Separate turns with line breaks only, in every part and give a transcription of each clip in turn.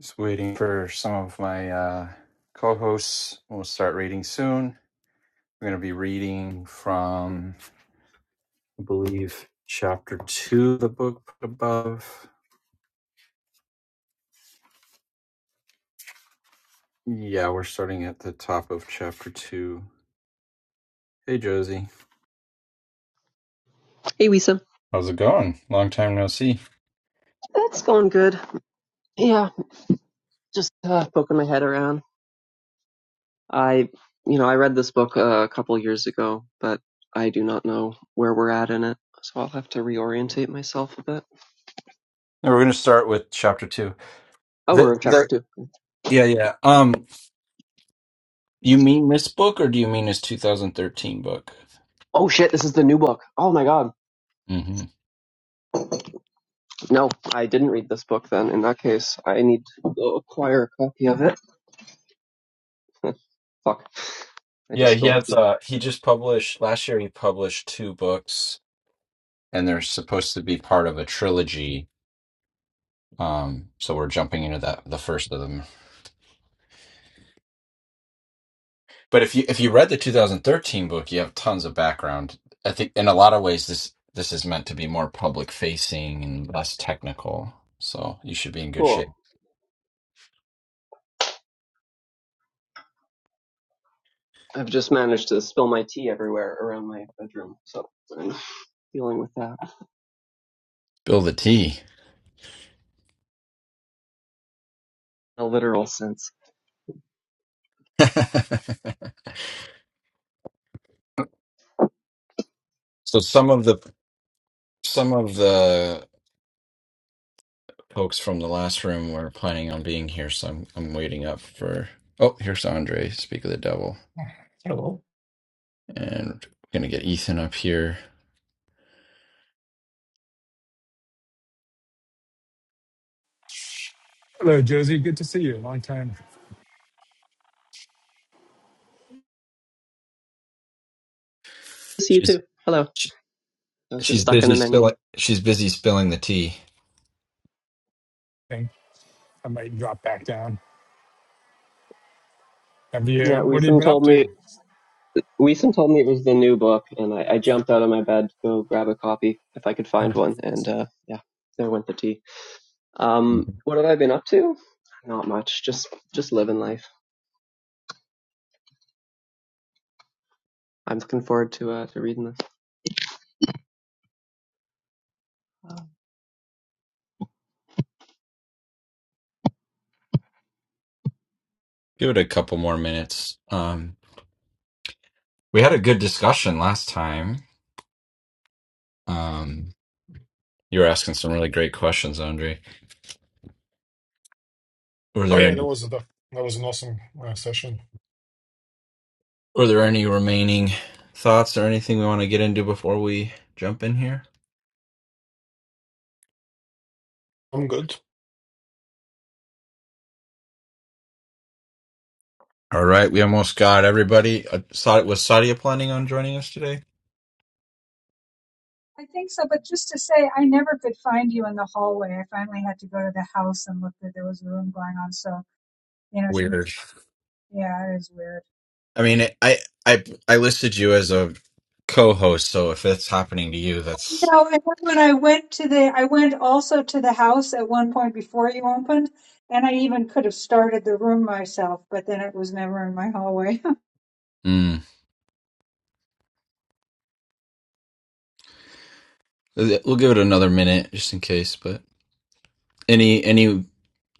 Just waiting for some of my uh, co hosts. We'll start reading soon. We're going to be reading from, I believe, chapter two of the book above. Yeah, we're starting at the top of chapter two. Hey, Josie.
Hey, Lisa.
How's it going? Long time no see.
That's going good. Yeah, just uh, poking my head around. I, you know, I read this book uh, a couple years ago, but I do not know where we're at in it, so I'll have to reorientate myself a bit.
Now We're going to start with chapter two.
Oh,
The,
we're in chapter
the,
two.
yeah, yeah. Um, you mean this book or do you mean his 2013 book?
Oh shit, this is the new book. Oh my god.
hmm
No, I didn't read this book then. In that case, I need to go acquire a copy of it. Fuck, I
Yeah,
just
he
spilled
has,
tea.
uh, he just published, last year he published two books and they're supposed to be part of a trilogy. Um, so we're jumping into that the first of them. But if you if you read the 2013 book, you have tons of background. I think in a lot of ways this this is meant to be more public facing and less technical. So you should be in good
Cool.
shape.
I've just managed to spill my tea everywhere around my bedroom, so I'm dealing with that
Bill the T.
in a literal sense.
so some of the some of the folks from the last room were planning on being here, so I'm I'm waiting up for. Oh, here's Andre, Speak of the Devil,
Hello.
and we're gonna get Ethan up here.
Hello, Josie. Good to see you. Long time.
See you
She's
too. Hello.
she,
I was just
she's
stuck in a
busy
menu.
spilling she's busy spilling the tea.
I think I might drop back down. Have
Yeah,
you? What have you
Weesum
been up
told
to?
me Weesum told me it was the new book, and I, I jumped out of my bed to go grab a copy if I could find one. And uh, yeah, there went the tea. Um,
Mhm.
what have I been up to? Not much. Just just living life. I'm looking forward to uh, to reading this. Um,
Give it a couple more minutes. Um, we had a good discussion last time. Um, You're asking some really great questions, Andre. Were
Oh
there
yeah, that
any,
was a, that was an awesome uh, session.
were there any remaining thoughts or anything we want to get into before we jump in here?
I'm good.
All right, we almost got everybody. Uh, Sa- Was Sadia planning on joining us today?
I think so, but just to say, I never could find you in the hallway. I finally had to go to the house and look that there was a room going on. So, you know, she may
Weird.
just, yeah, it is weird.
I mean, I I I listed you as a co-host, so if it's happening to you, that's
No, and then when I went to the, I went also to the house at one point before you opened, and I even could have started the room myself, but then it was never in my hallway.
mm. we'll give it another minute just in case. But any any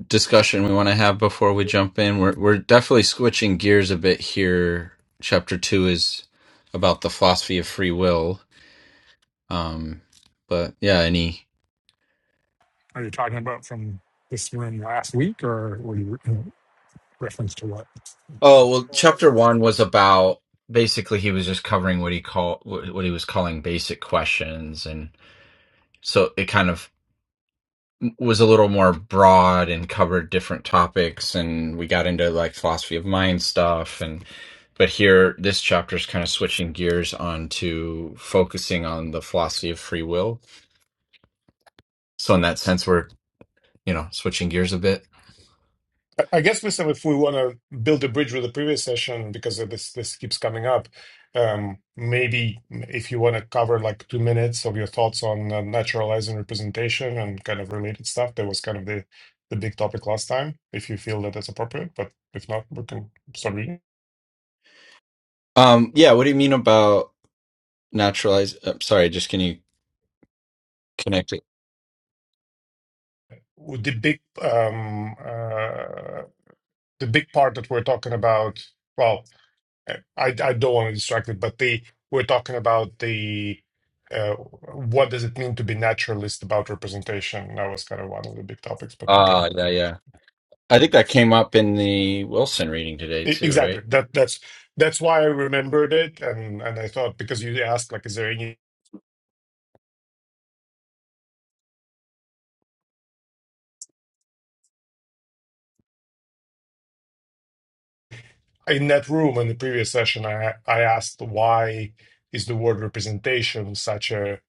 discussion we want to have before we jump in. We're we're definitely switching gears a bit here. Chapter two is about the philosophy of free will. Um, but yeah, any.
Are you talking about from this room last week, or were you in reference to what?
Oh well, chapter one was about basically he was just covering what he called what what he was calling basic questions, and so it kind of was a little more broad and covered different topics and we got into like philosophy of mind stuff and but here this chapter is kind of switching gears on to focusing on the philosophy of free will so in that sense we're you know switching gears a bit
I, I guess, listen, if we want to build a bridge with the previous session because of this this keeps coming up, um, maybe if you want to cover like two minutes of your thoughts on uh, naturalizing representation and kind of related stuff, that was kind of the the big topic last time. If you feel that that's appropriate, but if not, we can start reading.
um yeah what do you mean about naturalized uh, sorry just can you connect it
The big um, uh, the big part that we're talking about. Well. I, I don't want to distract it, but the we're talking about the uh, what does it mean to be naturalist about representation? That was kind of one of the big topics, but we can
ah yeah yeah i think that came up in the wilson reading today
e-
too right?
exactly that. That's that's why I remembered it, and and I thought because you asked like, is there any in that room in the previous session i i asked why is the word representation such a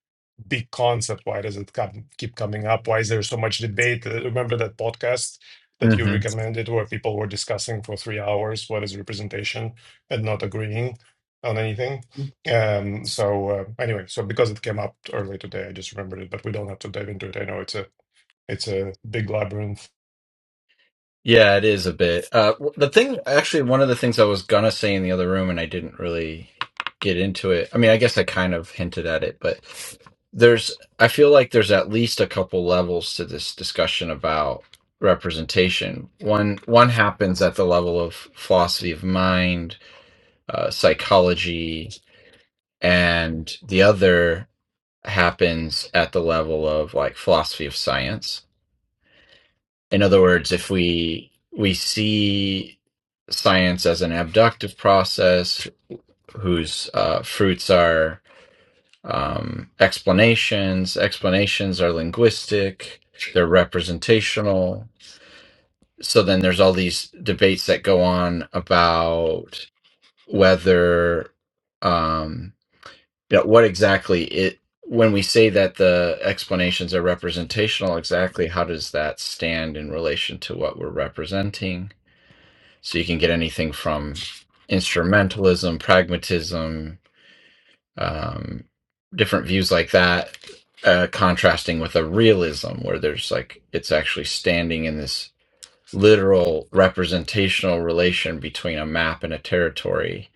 big concept why does it come, keep coming up why is there so much debate Uh, remember that podcast that you
hmm
recommended where people were discussing for three hours what is representation and not agreeing on anything um so uh, anyway so because it came up earlier today i just remembered it but we don't have to dive into it i know it's a it's a big labyrinth
Yeah, it is a bit. Uh, w- the thing, actually, one of the things I was gonna say in the other room, and I didn't really get into it. I mean, I guess I kind of hinted at it, but there's, I feel like there's at least a couple levels to this discussion about representation. One, one happens at the level of philosophy of mind, uh, psychology, and the other happens at the level of like philosophy of science. In other words, if we we see science as an abductive process whose uh, fruits are um, explanations, explanations are linguistic, they're representational. So then there's all these debates that go on about whether um, you know, what exactly it when we say that the explanations are representational, exactly how does that stand in relation to what we're representing? So you can get anything from instrumentalism, pragmatism, um, different views like that, uh, contrasting with a realism where there's like it's actually standing in this literal representational relation between a map and a territory.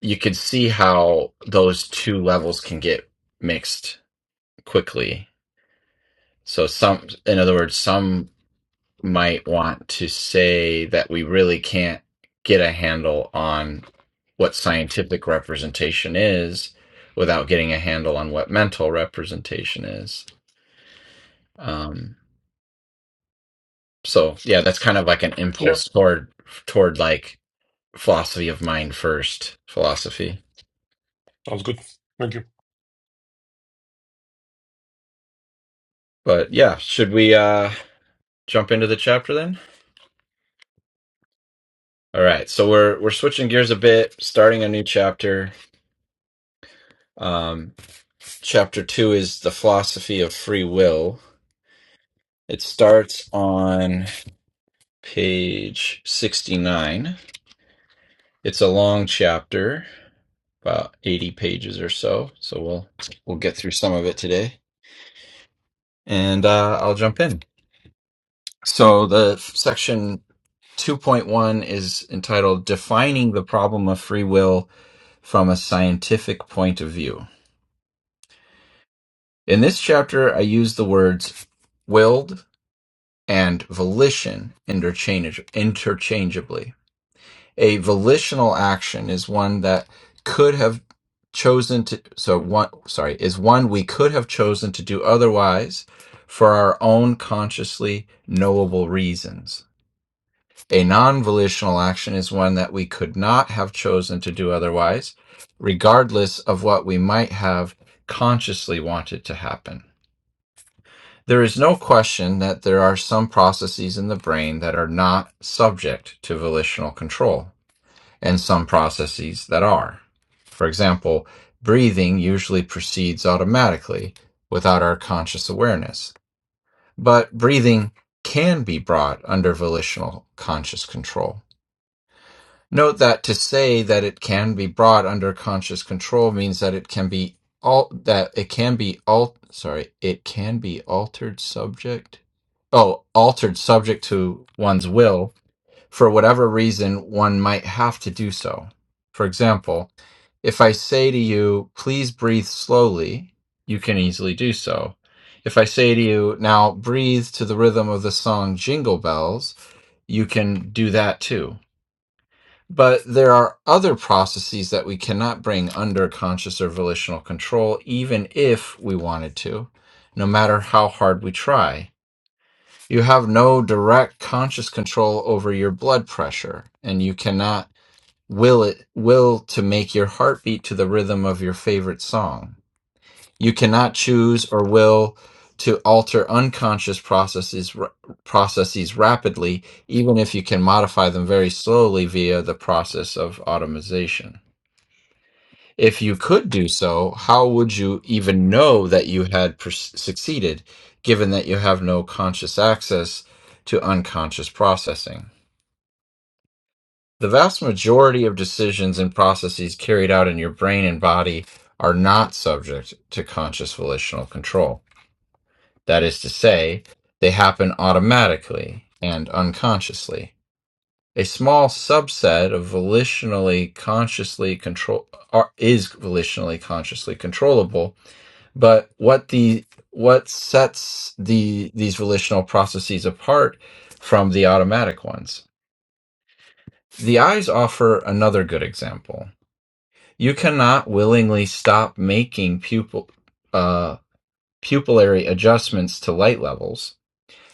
You could see how those two levels can get mixed quickly. So some, in other words, some might want to say that we really can't get a handle on what scientific representation is without getting a handle on what mental representation is. Um, so yeah, that's kind of like an
yeah
impulse toward toward like philosophy of mind first philosophy.
sounds good thank you
But yeah, should we uh jump into the chapter then? All right, so we're we're switching gears a bit, starting a new chapter. Um, chapter two is the philosophy of free will It starts on page 69. It's a long chapter, about 80 pages or so. So we'll we'll get through some of it today, and uh, I'll jump in. So the section 2.1 is entitled "Defining the Problem of Free Will from a Scientific Point of View." In this chapter, I use the words "willed" and "volition" interchange- interchangeably. A volitional action is one that could have chosen to so one sorry is one we could have chosen to do otherwise for our own consciously knowable reasons. A non-volitional action is one that we could not have chosen to do otherwise, regardless of what we might have consciously wanted to happen. There is no question that there are some processes in the brain that are not subject to volitional control and some processes that are. For example, breathing usually proceeds automatically without our conscious awareness, but breathing can be brought under volitional conscious control. Note that to say that it can be brought under conscious control means that it can be all that it can be all sorry, it can be altered subject. Oh, altered subject to one's will for whatever reason, one might have to do so. For example, if I say to you, please breathe slowly, you can easily do so. If I say to you, now breathe to the rhythm of the song Jingle Bells, you can do that too. But there are other processes that we cannot bring under conscious or volitional control, even if we wanted to, no matter how hard we try you have no direct conscious control over your blood pressure, and you cannot will it will to make your heart beat to the rhythm of your favorite song. You cannot choose or will to alter unconscious processes processes rapidly, even if you can modify them very slowly via the process of automation. If you could do so, how would you even know that you had per- succeeded, given that you have no conscious access to unconscious processing? The vast majority of decisions and processes carried out in your brain and body are not subject to conscious volitional control. That is to say, they happen automatically and unconsciously. A small subset of volitionally consciously control are, is volitionally consciously controllable But what the what sets the these relational processes apart from the automatic ones? The eyes offer another good example. You cannot willingly stop making pupil uh, pupillary adjustments to light levels.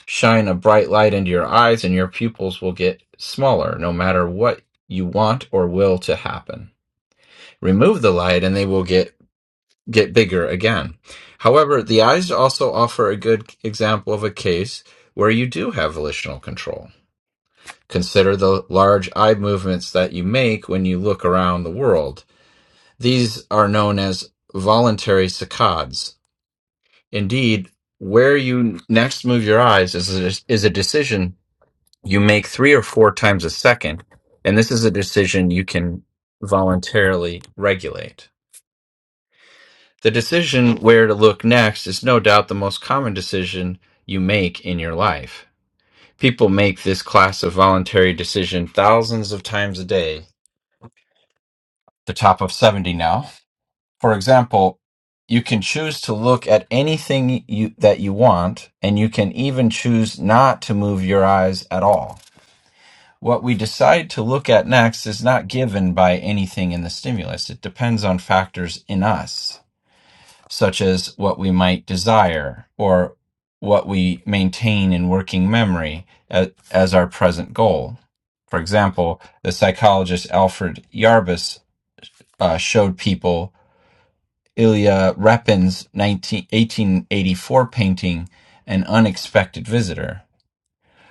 Shine a bright light into your eyes, and your pupils will get smaller, no matter what you want or will to happen. Remove the light, and they will get get bigger again. However, the eyes also offer a good example of a case where you do have volitional control. Consider the large eye movements that you make when you look around the world. These are known as voluntary saccades. Indeed, where you next move your eyes is a, is a decision you make three or four times a second, and this is a decision you can voluntarily regulate. The decision where to look next is no doubt the most common decision you make in your life. People make this class of voluntary decision thousands of times a day, the top of 70 now. For example, you can choose to look at anything you, that you want, and you can even choose not to move your eyes at all. What we decide to look at next is not given by anything in the stimulus. It depends on factors in us. such as what we might desire or what we maintain in working memory as, our present goal. For example, the psychologist Alfred Yarbus uh, showed people Ilya Repin's 19, 1884 painting, An Unexpected Visitor.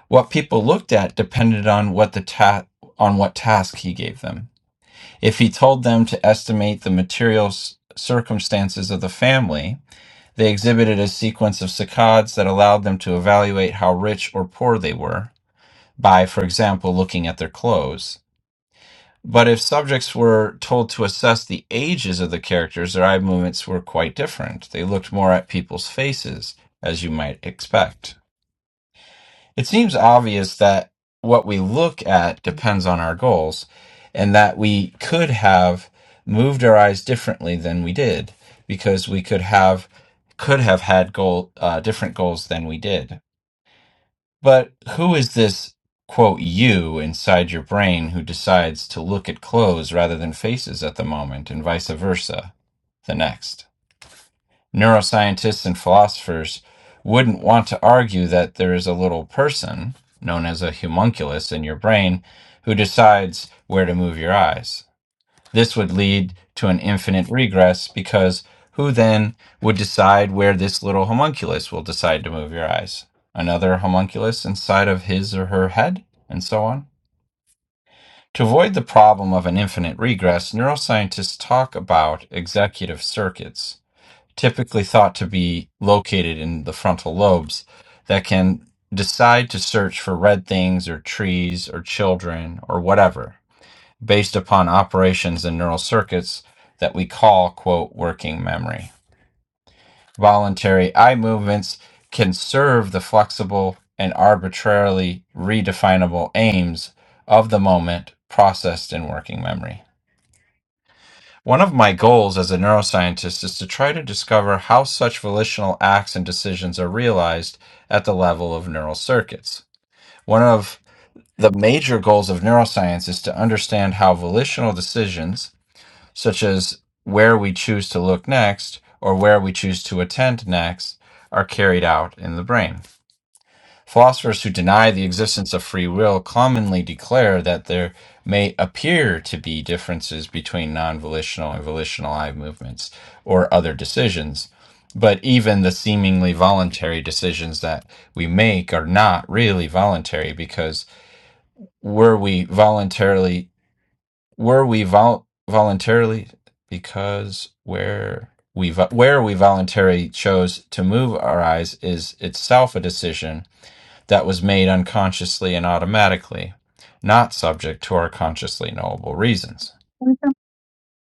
What people looked at depended on what the ta- on what task he gave them. If he told them to estimate the material circumstances of the family, they exhibited a sequence of saccades that allowed them to evaluate how rich or poor they were by, for example, looking at their clothes. But if subjects were told to assess the ages of the characters, their eye movements were quite different. They looked more at people's faces, as you might expect. It seems obvious that what we look at depends on our goals and that we could have moved our eyes differently than we did because we could have could have had goal uh, different goals than we did. But who is this quote you inside your brain who decides to look at clothes rather than faces at the moment and vice versa the next? neuroscientists and philosophers wouldn't want to argue that there is a little person known as a homunculus in your brain who decides where to move your eyes. This would lead to an infinite regress because who then would decide where this little homunculus will decide to move your eyes? Another homunculus inside of his or her head, and so on? To avoid the problem of an infinite regress, neuroscientists talk about executive circuits typically thought to be located in the frontal lobes that can decide to search for red things or trees or children or whatever based upon operations in neural circuits that we call quote working memory voluntary eye movements can serve the flexible and arbitrarily redefinable aims of the moment processed in working memory one of my goals as a neuroscientist is to try to discover how such volitional acts and decisions are realized at the level of neural circuits. One of the major goals of neuroscience is to understand how volitional decisions, such as where we choose to look next or where we choose to attend next, are carried out in the brain. Philosophers who deny the existence of free will commonly declare that there may appear to be differences between non volitional and volitional eye movements or other decisions, but even the seemingly voluntary decisions that we make are not really voluntary because were we voluntarily, were we vol- voluntarily, because where we vo- where we voluntarily chose to move our eyes is itself a decision that was made unconsciously and automatically, not subject to our consciously knowable reasons.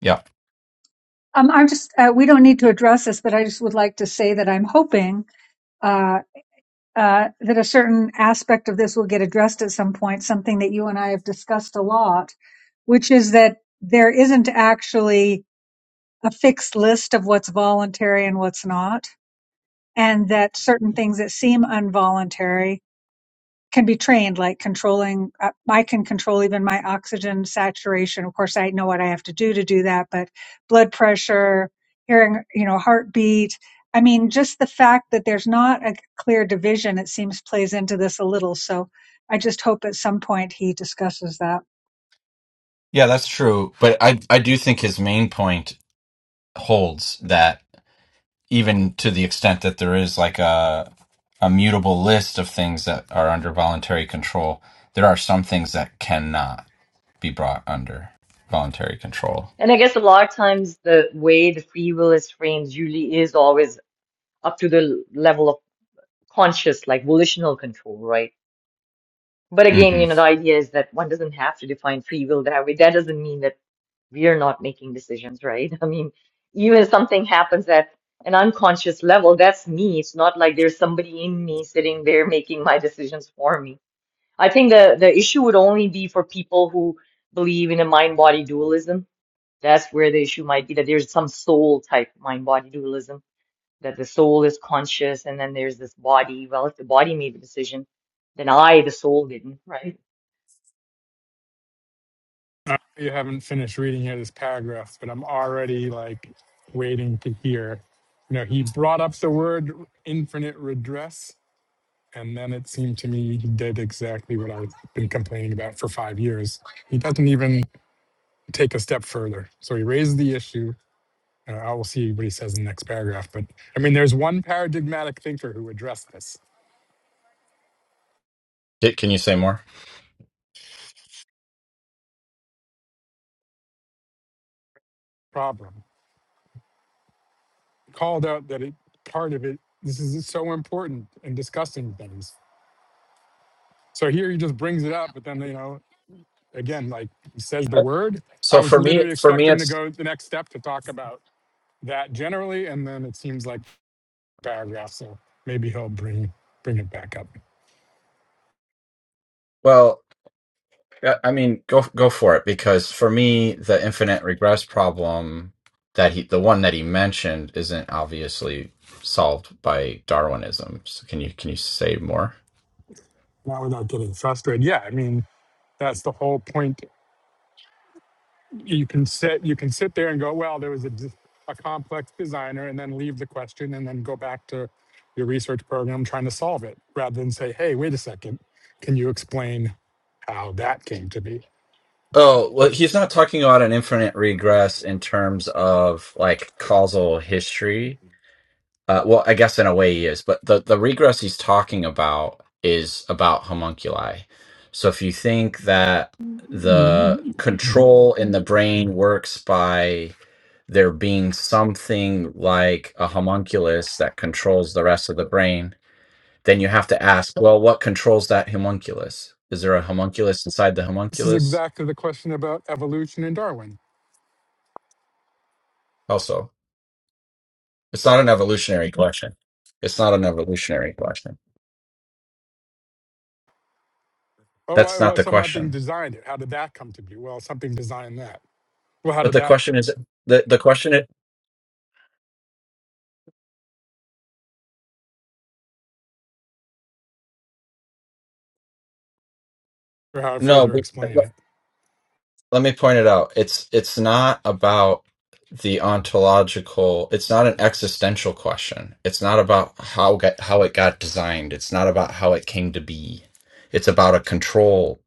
Yeah.
Um, I'm just, uh, we don't need to address this, but I just would like to say that I'm hoping, uh, uh, that a certain aspect of this will get addressed at some point, something that you and I have discussed a lot which is that there isn't actually a fixed list of what's voluntary and what's not, and that certain things that seem involuntary can be trained, like controlling. uh, I can control even my oxygen saturation. Of course, I know what I have to do to do that, but blood pressure, hearing, you know, heartbeat. I mean, just the fact that there's not a clear division, it seems, plays into this a little. So I just hope at some point he discusses that.
Yeah, that's true. But I I do think his main point holds that even to the extent that there is like a a mutable list of things that are under voluntary control, there are some things that cannot be brought under voluntary control.
And I guess a lot of times the way the free will is framed usually is always up to the level of conscious, like volitional control, right? But again, you
Mhm.
know, the idea is that one doesn't have to define free will that way. That doesn't mean that we are not making decisions, right? I mean, even if something happens at an unconscious level, that's me. It's not like there's somebody in me sitting there making my decisions for me. I think the the issue would only be for people who believe in a mind-body dualism that's where the issue might be that there's some soul type mind body dualism, that the soul is conscious and then there's this body. Well, if the body made the decision, then I, the soul, didn't, right?
Uh, you haven't finished reading here this paragraph, but I'm already like waiting to hear. You know, he brought up the word infinite redress, and then it seemed to me he did exactly what I've been complaining about for five years. He doesn't even take a step further. So he raised the issue. Uh, I will see what he says in the next paragraph. But I mean, there's one paradigmatic thinker who addressed this
Can you say more?
problem, called out that it part of it. This is so important in discussing things. So here he just brings it up, but then you know, again, like he says the
Uh,
word. I
So
was
for me,
literally
for me,
expecting him to
it's
go the next step to talk about that generally, and then it seems like paragraph. So maybe he'll bring bring it back up.
well. Yeah, I mean, go go for it because for me, the infinite regress problem that he, the one that he mentioned, isn't obviously solved by Darwinism. So can you can you say more?
Not without getting frustrated. Yeah, I mean, that's the whole point you can sit you can sit there and go well there was a, d- a complex designer and then leave the question and then go back to your research program trying to solve it rather than say hey wait a second can you explain how that came to be
Oh, well, he's not talking about an infinite regress in terms of like causal history. Uh, well, I guess in a way he is, but the, the regress he's talking about is about homunculi. So if you think that the control in the brain works by there being something like a homunculus that controls the rest of the brain, then you have to ask, well, what controls that homunculus? Is there a homunculus inside the
this is
homunculus?
exactly the question about evolution and darwin
Also. It's not an evolutionary question. It's not an evolutionary question.
oh why-
That's not
well
the
something
question.
designed it how did that come to be well something designed that well how
But
did
the
that
question is the the question is
or how to
no.
further
But
explain it
let me point it out. It's it's not about the ontological. It's not an existential question. It's not about how get, how it got designed. It's not about how it came to be. It's about a control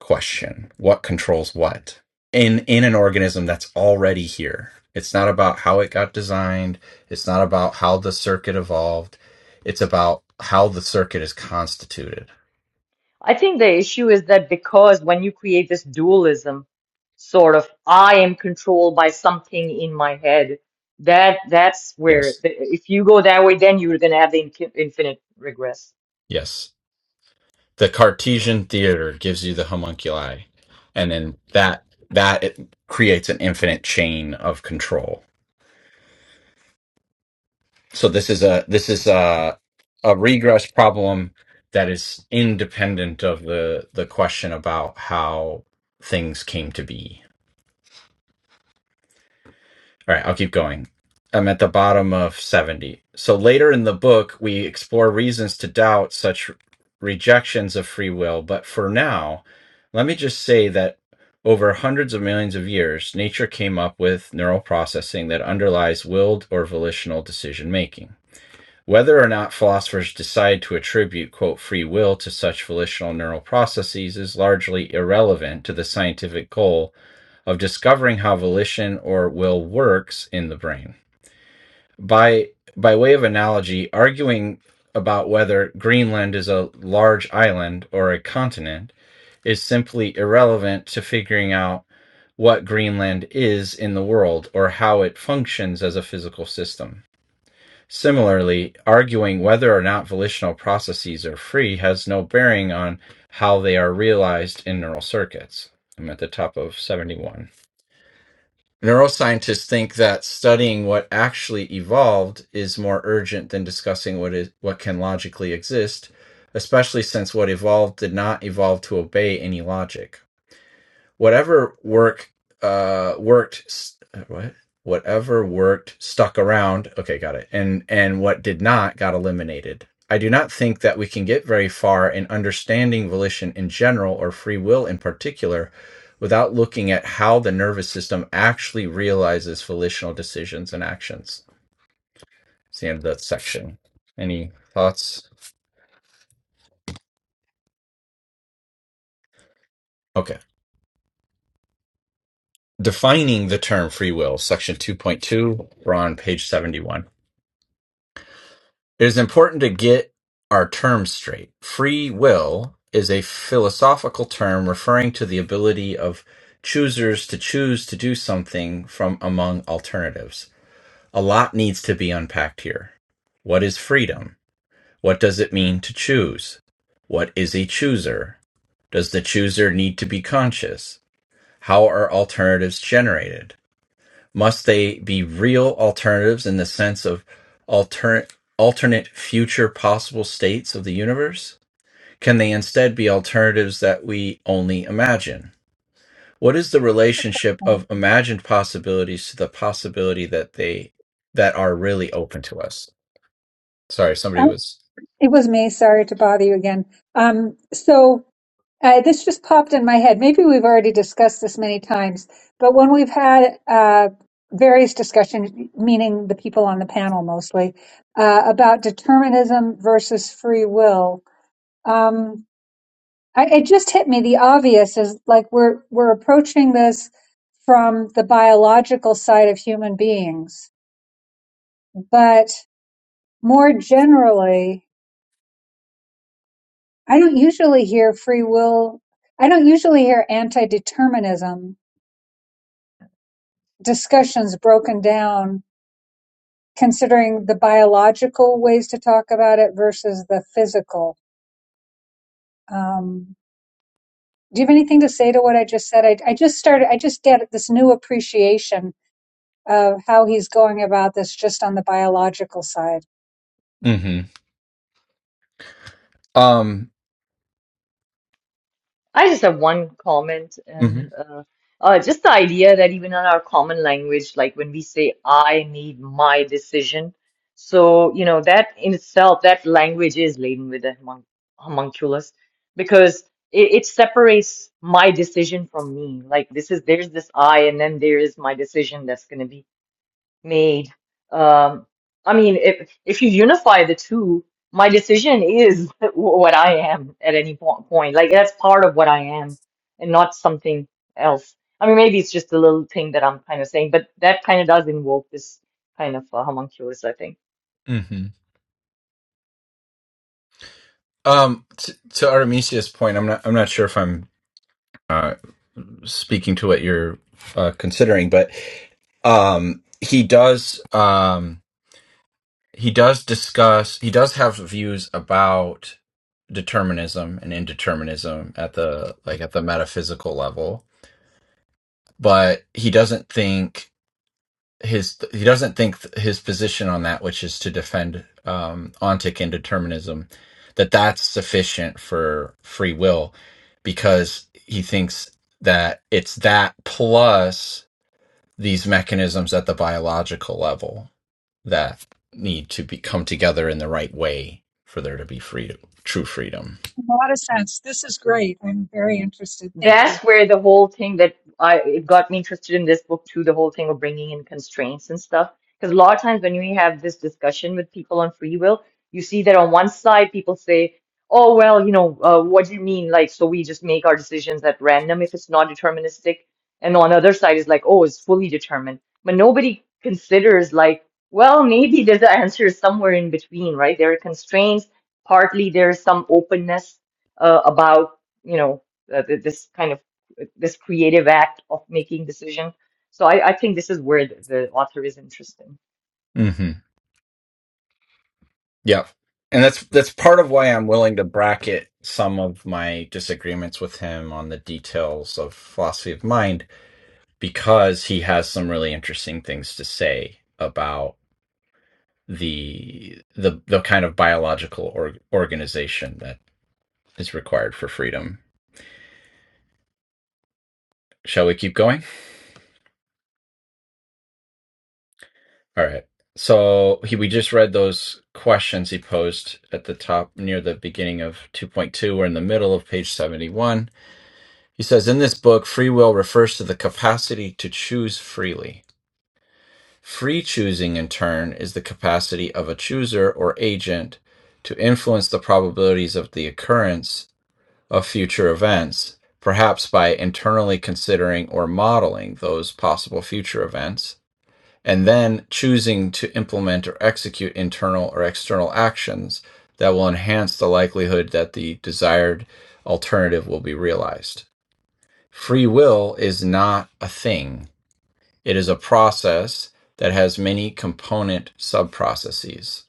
question what controls what in in an organism that's already here it's not about how it got designed it's not about how the circuit evolved it's about how the circuit is constituted
I think the issue is that because when you create this dualism, sort of, I am controlled by something in my head, that that's where,
yes
the, if you go that way, then you're going to have the in infinite regress.
yes the Cartesian theater gives you the homunculi, and then that that it creates an infinite chain of control. So this is a this is a a regress problem that is independent of the the question about how things came to be. All right, I'll keep going. I'm at the bottom of 70. So later in the book, we explore reasons to doubt such rejections of free will. But for now, let me just say that over hundreds of millions of years, nature came up with neural processing that underlies willed or volitional decision making. Whether or not philosophers decide to attribute, quote, free will to such volitional neural processes is largely irrelevant to the scientific goal of discovering how volition or will works in the brain. By by way of analogy, arguing about whether Greenland is a large island or a continent is simply irrelevant to figuring out what Greenland is in the world or how it functions as a physical system. Similarly, arguing whether or not volitional processes are free has no bearing on how they are realized in neural circuits. I'm at the top of 71. Neuroscientists think that studying what actually evolved is more urgent than discussing what is what can logically exist, especially since what evolved did not evolve to obey any logic whatever work uh worked uh, what whatever worked stuck around okay got it and and what did not got eliminated i do not think that we can get very far in understanding volition in general or free will in particular without looking at how the nervous system actually realizes volitional decisions and actions it's the end of that section any thoughts okay defining the term free will section 2.2 we're on page 71 It is important to get our terms straight. Free will is a philosophical term referring to the ability of choosers to choose to do something from among alternatives. A lot needs to be unpacked here. What is freedom? What does it mean to choose? What is a chooser? Does the chooser need to be conscious? How are alternatives generated? Must they be real alternatives in the sense of alter- alternate future possible states of the universe? Can they instead be alternatives that we only imagine? What is the relationship of imagined possibilities to the possibility that they that are really open to us? Sorry, somebody was
It was me. Sorry to bother you again. Um, so uh, this just popped in my head. Maybe we've already discussed this many times, but when we've had uh, various discussions, meaning the people on the panel mostly, uh, about determinism versus free will, um, I, it just hit me. The obvious is like we're we're approaching this from the biological side of human beings, but more generally I don't usually hear free will, I don't usually hear anti determinism discussions broken down, considering the biological ways to talk about it versus the physical. Um, do you have anything to say to what I just said? I, I just started, I just get this new appreciation of how he's going about this just on the biological side.
hmm Um
I just have one comment,
mhm.
and uh, uh, just the idea that even in our common language, like when we say, I need my decision, so, you know, that in itself, that language is laden with a homun- homunculus because it, it separates my decision from me. Like, this is, there's this I, and then there is my decision that's going to be made. Um, I mean, if if you unify the two, my decision is what I am at any po- point. Like that's part of what I am, and not something else. I mean, maybe it's just a little thing that I'm kind of saying, but that kind of does invoke this kind of uh, homunculus, I think.
hmm Um, t- to Artemisia's point, I'm not. I'm not sure if I'm uh, speaking to what you're uh, considering, but um, he does. Um, he does discuss. He does have views about determinism and indeterminism at the like at the metaphysical level, but he doesn't think his he doesn't think th- his position on that, which is to defend um, ontic indeterminism, that that's sufficient for free will, because he thinks that it's that plus these mechanisms at the biological level that need to be come together in the right way for there to be freedom, true freedom.
A lot of sense. This is great. I'm very interested. Thank
That's
you.
where the whole thing that I it got me interested in this book too, the whole thing of bringing in constraints and stuff. Because a lot of times when we have this discussion with people on free will, you see that on one side people say, "Oh well, you know, uh, what do you mean? Like, so we just make our decisions at random if it's not deterministic." And on the other side is like, "Oh, it's fully determined." But nobody considers like, well, maybe there's an answer somewhere in between, right? There are constraints. Partly there's some openness uh, about you know uh, th- this kind of this creative act of making decision. So I, I think this is where the, the author is interesting.
Mm-hmm. Yeah. And that's that's part of why I'm willing to bracket some of my disagreements with him on the details of philosophy of mind because he has some really interesting things to say about the the the kind of biological or, organization that is required for freedom. Shall we keep going? All right. So he, we just read those questions he posed at the top near the beginning of 2.2. We're in the middle of page 71 He says in this book, free will refers to the capacity to choose freely. Free choosing, in turn, is the capacity of a chooser or agent to influence the probabilities of the occurrence of future events, perhaps by internally considering or modeling those possible future events, and then choosing to implement or execute internal or external actions that will enhance the likelihood that the desired alternative will be realized. Free will is not a thing, it is a process that has many component subprocesses.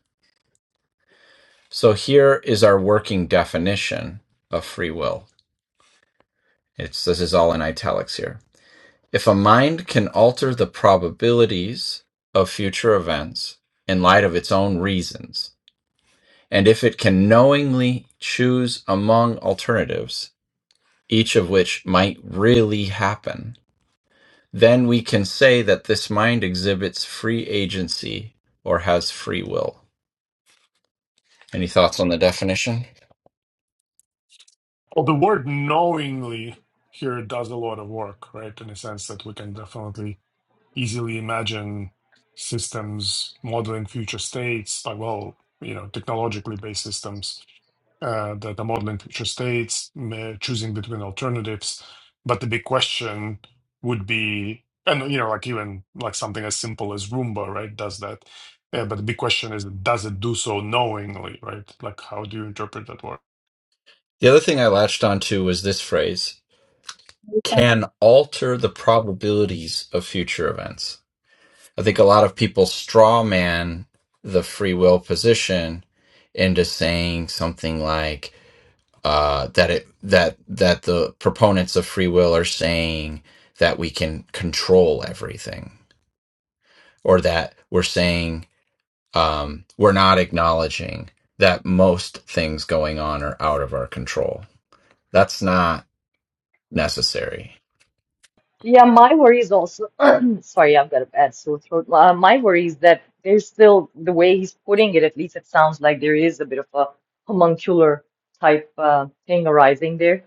So here is our working definition of free will. It's this is all in italics here. If a mind can alter the probabilities of future events in light of its own reasons, and if it can knowingly choose among alternatives, each of which might really happen, Then we can say that this mind exhibits free agency or has free will. Any thoughts on the definition?
Well, the word knowingly here does a lot of work, right? In the sense that we can definitely easily imagine systems modeling future states, like, well, you know, technologically based systems uh, that are modeling future states, ma- choosing between alternatives. But the big question would be, and, you know, like even like something as simple as Roomba, right, does that. Yeah, but the big question is, does it do so knowingly, right? Like, how do you interpret that word?
The other thing I latched onto was this phrase
Lisa?
can alter the probabilities of future events. I think a lot of people straw man the free will position into saying something like uh, that it that that the proponents of free will are saying that we can control everything or that we're saying um, we're not acknowledging that most things going on are out of our control. That's not necessary.
Yeah, my worry is also, sorry, I've got a bad sore throat. Uh, my worry is that there's still, the way he's putting it, at least it sounds like there is a bit of a homuncular type uh, thing arising there.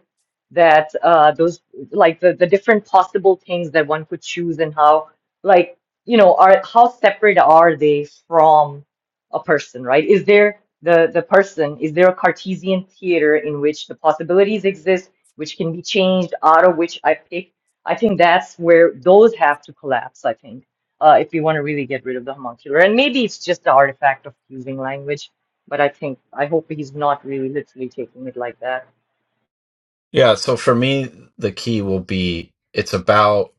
That uh, those, like the, the different possible things that one could choose and how, like, you know, are how separate are they from a person, right? Is there the the person, is there a Cartesian theater in which the possibilities exist, which can be changed, out of which I pick? I think that's where those have to collapse, I think, uh, if we want to really get rid of the homuncular. And maybe it's just the artifact of using language, but I think, I hope he's not really literally taking it like that.
Yeah. So for me, the key will be it's about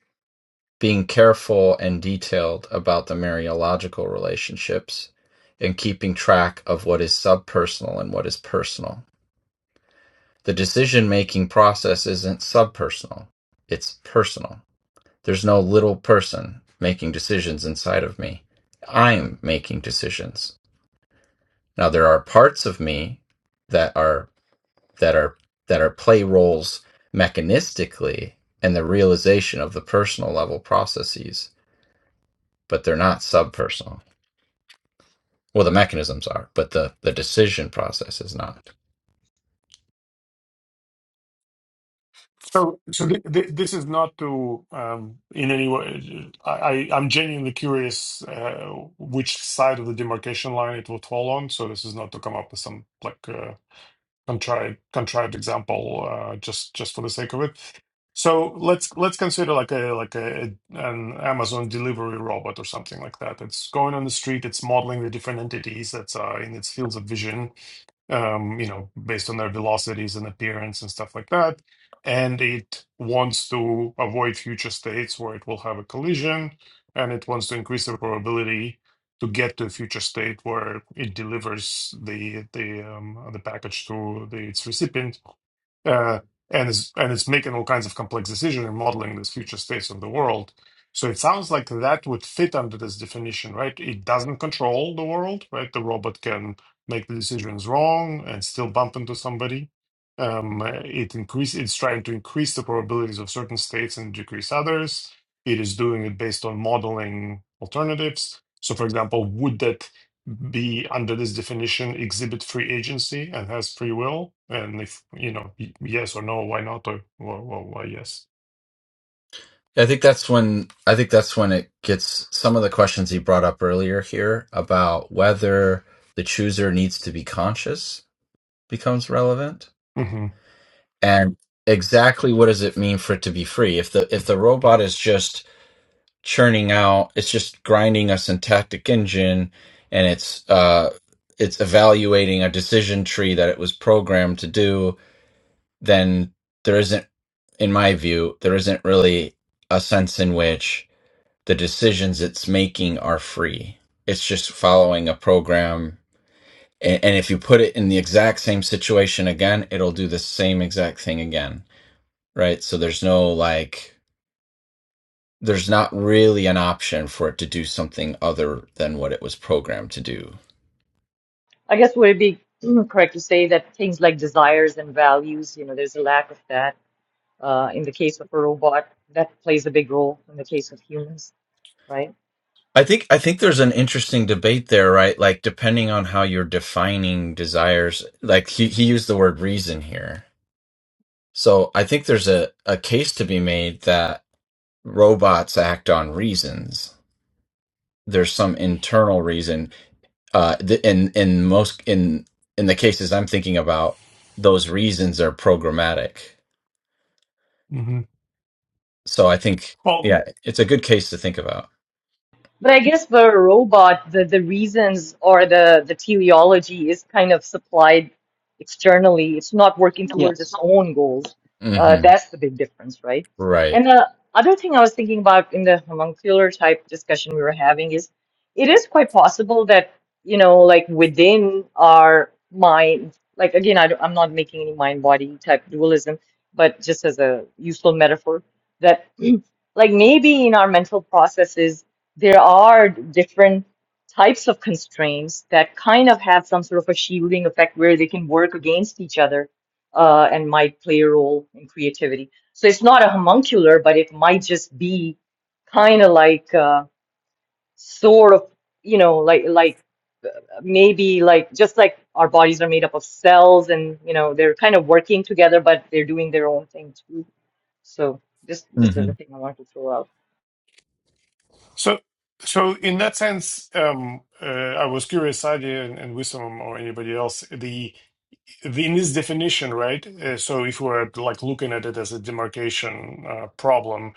being careful and detailed about the mariological relationships and keeping track of what is subpersonal and what is personal. The decision making process isn't subpersonal, it's personal. There's no little person making decisions inside of me. I'm making decisions Now there are parts of me that are that are that are play roles mechanistically and the realization of the personal level processes, but they're not subpersonal. Well, the mechanisms are, but the the decision process is not.
So, so th- th- this is not to um, in any way. I, I- I'm genuinely curious uh, which side of the demarcation line it will fall on. So this is not to come up with some like. uh, contrived contrived example uh, just just for the sake of it. So let's let's consider like a like a an Amazon delivery robot or something like that. It's going on the street. It's modeling the different entities that are in its fields of vision. Um, you know, based on their velocities and appearance and stuff like that. And it wants to avoid future states where it will have a collision, and it wants to increase the probability to get to a future state where it delivers the the um, the package to the, its recipient uh, and is and it's making all kinds of complex decisions and modeling this future states of the world. So it sounds like that would fit under this definition, right? It doesn't control the world, right? The robot can make the decisions wrong and still bump into somebody. Um, it increase it's trying to increase the probabilities of certain states and decrease others. It is doing it based on modeling alternatives. So, for example, would that be under this definition exhibit free agency and has free will and if you know yes or no why not or why, why, why yes
I think that's when I think that's when it gets some of the questions he brought up earlier here about whether the chooser needs to be conscious becomes relevant
hmm
and exactly what does it mean for it to be free if the if the robot is just churning out it's just grinding a syntactic engine and it's uh it's evaluating a decision tree that it was programmed to do then there isn't in my view there isn't really a sense in which the decisions it's making are free it's just following a program and, and if you put it in the exact same situation again it'll do the same exact thing again right so there's no like there's not really an option for it to do something other than what it was programmed to do.
I guess would it be mm, correct to say that things like desires and values, you know, there's a lack of that. Uh, in the case of a robot, that plays a big role in the case of humans, right?
I think I think there's an interesting debate there, right? Like depending on how you're defining desires, like he, he used the word reason here. So I think there's a, a case to be made that robots act on reasons. There's some internal reason uh, th- in in most in in the cases I'm thinking about, those reasons are programmatic.
hmm
So I think,
well
yeah, it's a good case to think about.
But I guess for a robot, the, the reasons or the, the teleology is kind of supplied externally. It's not working
yeah,
towards its own goals. Uh,
hmm
that's the big difference, right?
Right.
And the other thing I was thinking about in the homuncular type discussion we were having is it is quite possible that, you know, like within our mind, like again, I don't, I'm not making any mind body type dualism, but just as a useful metaphor, that like maybe in our mental processes, there are different types of constraints that kind of have some sort of a shielding effect where they can work against each other uh, and might play a role in creativity. So it's not a homuncular, but it might just be kind of like uh, sort of, you know, like like maybe like just like our bodies are made up of cells and you know they're kind of working together, but they're doing their own thing too. So just just as a
hmm
thing I wanted to throw out.
so so in that sense um uh, i was curious Sadia and, and wisdom or anybody else the, the in this definition right uh, so if we're like looking at it as a demarcation uh, problem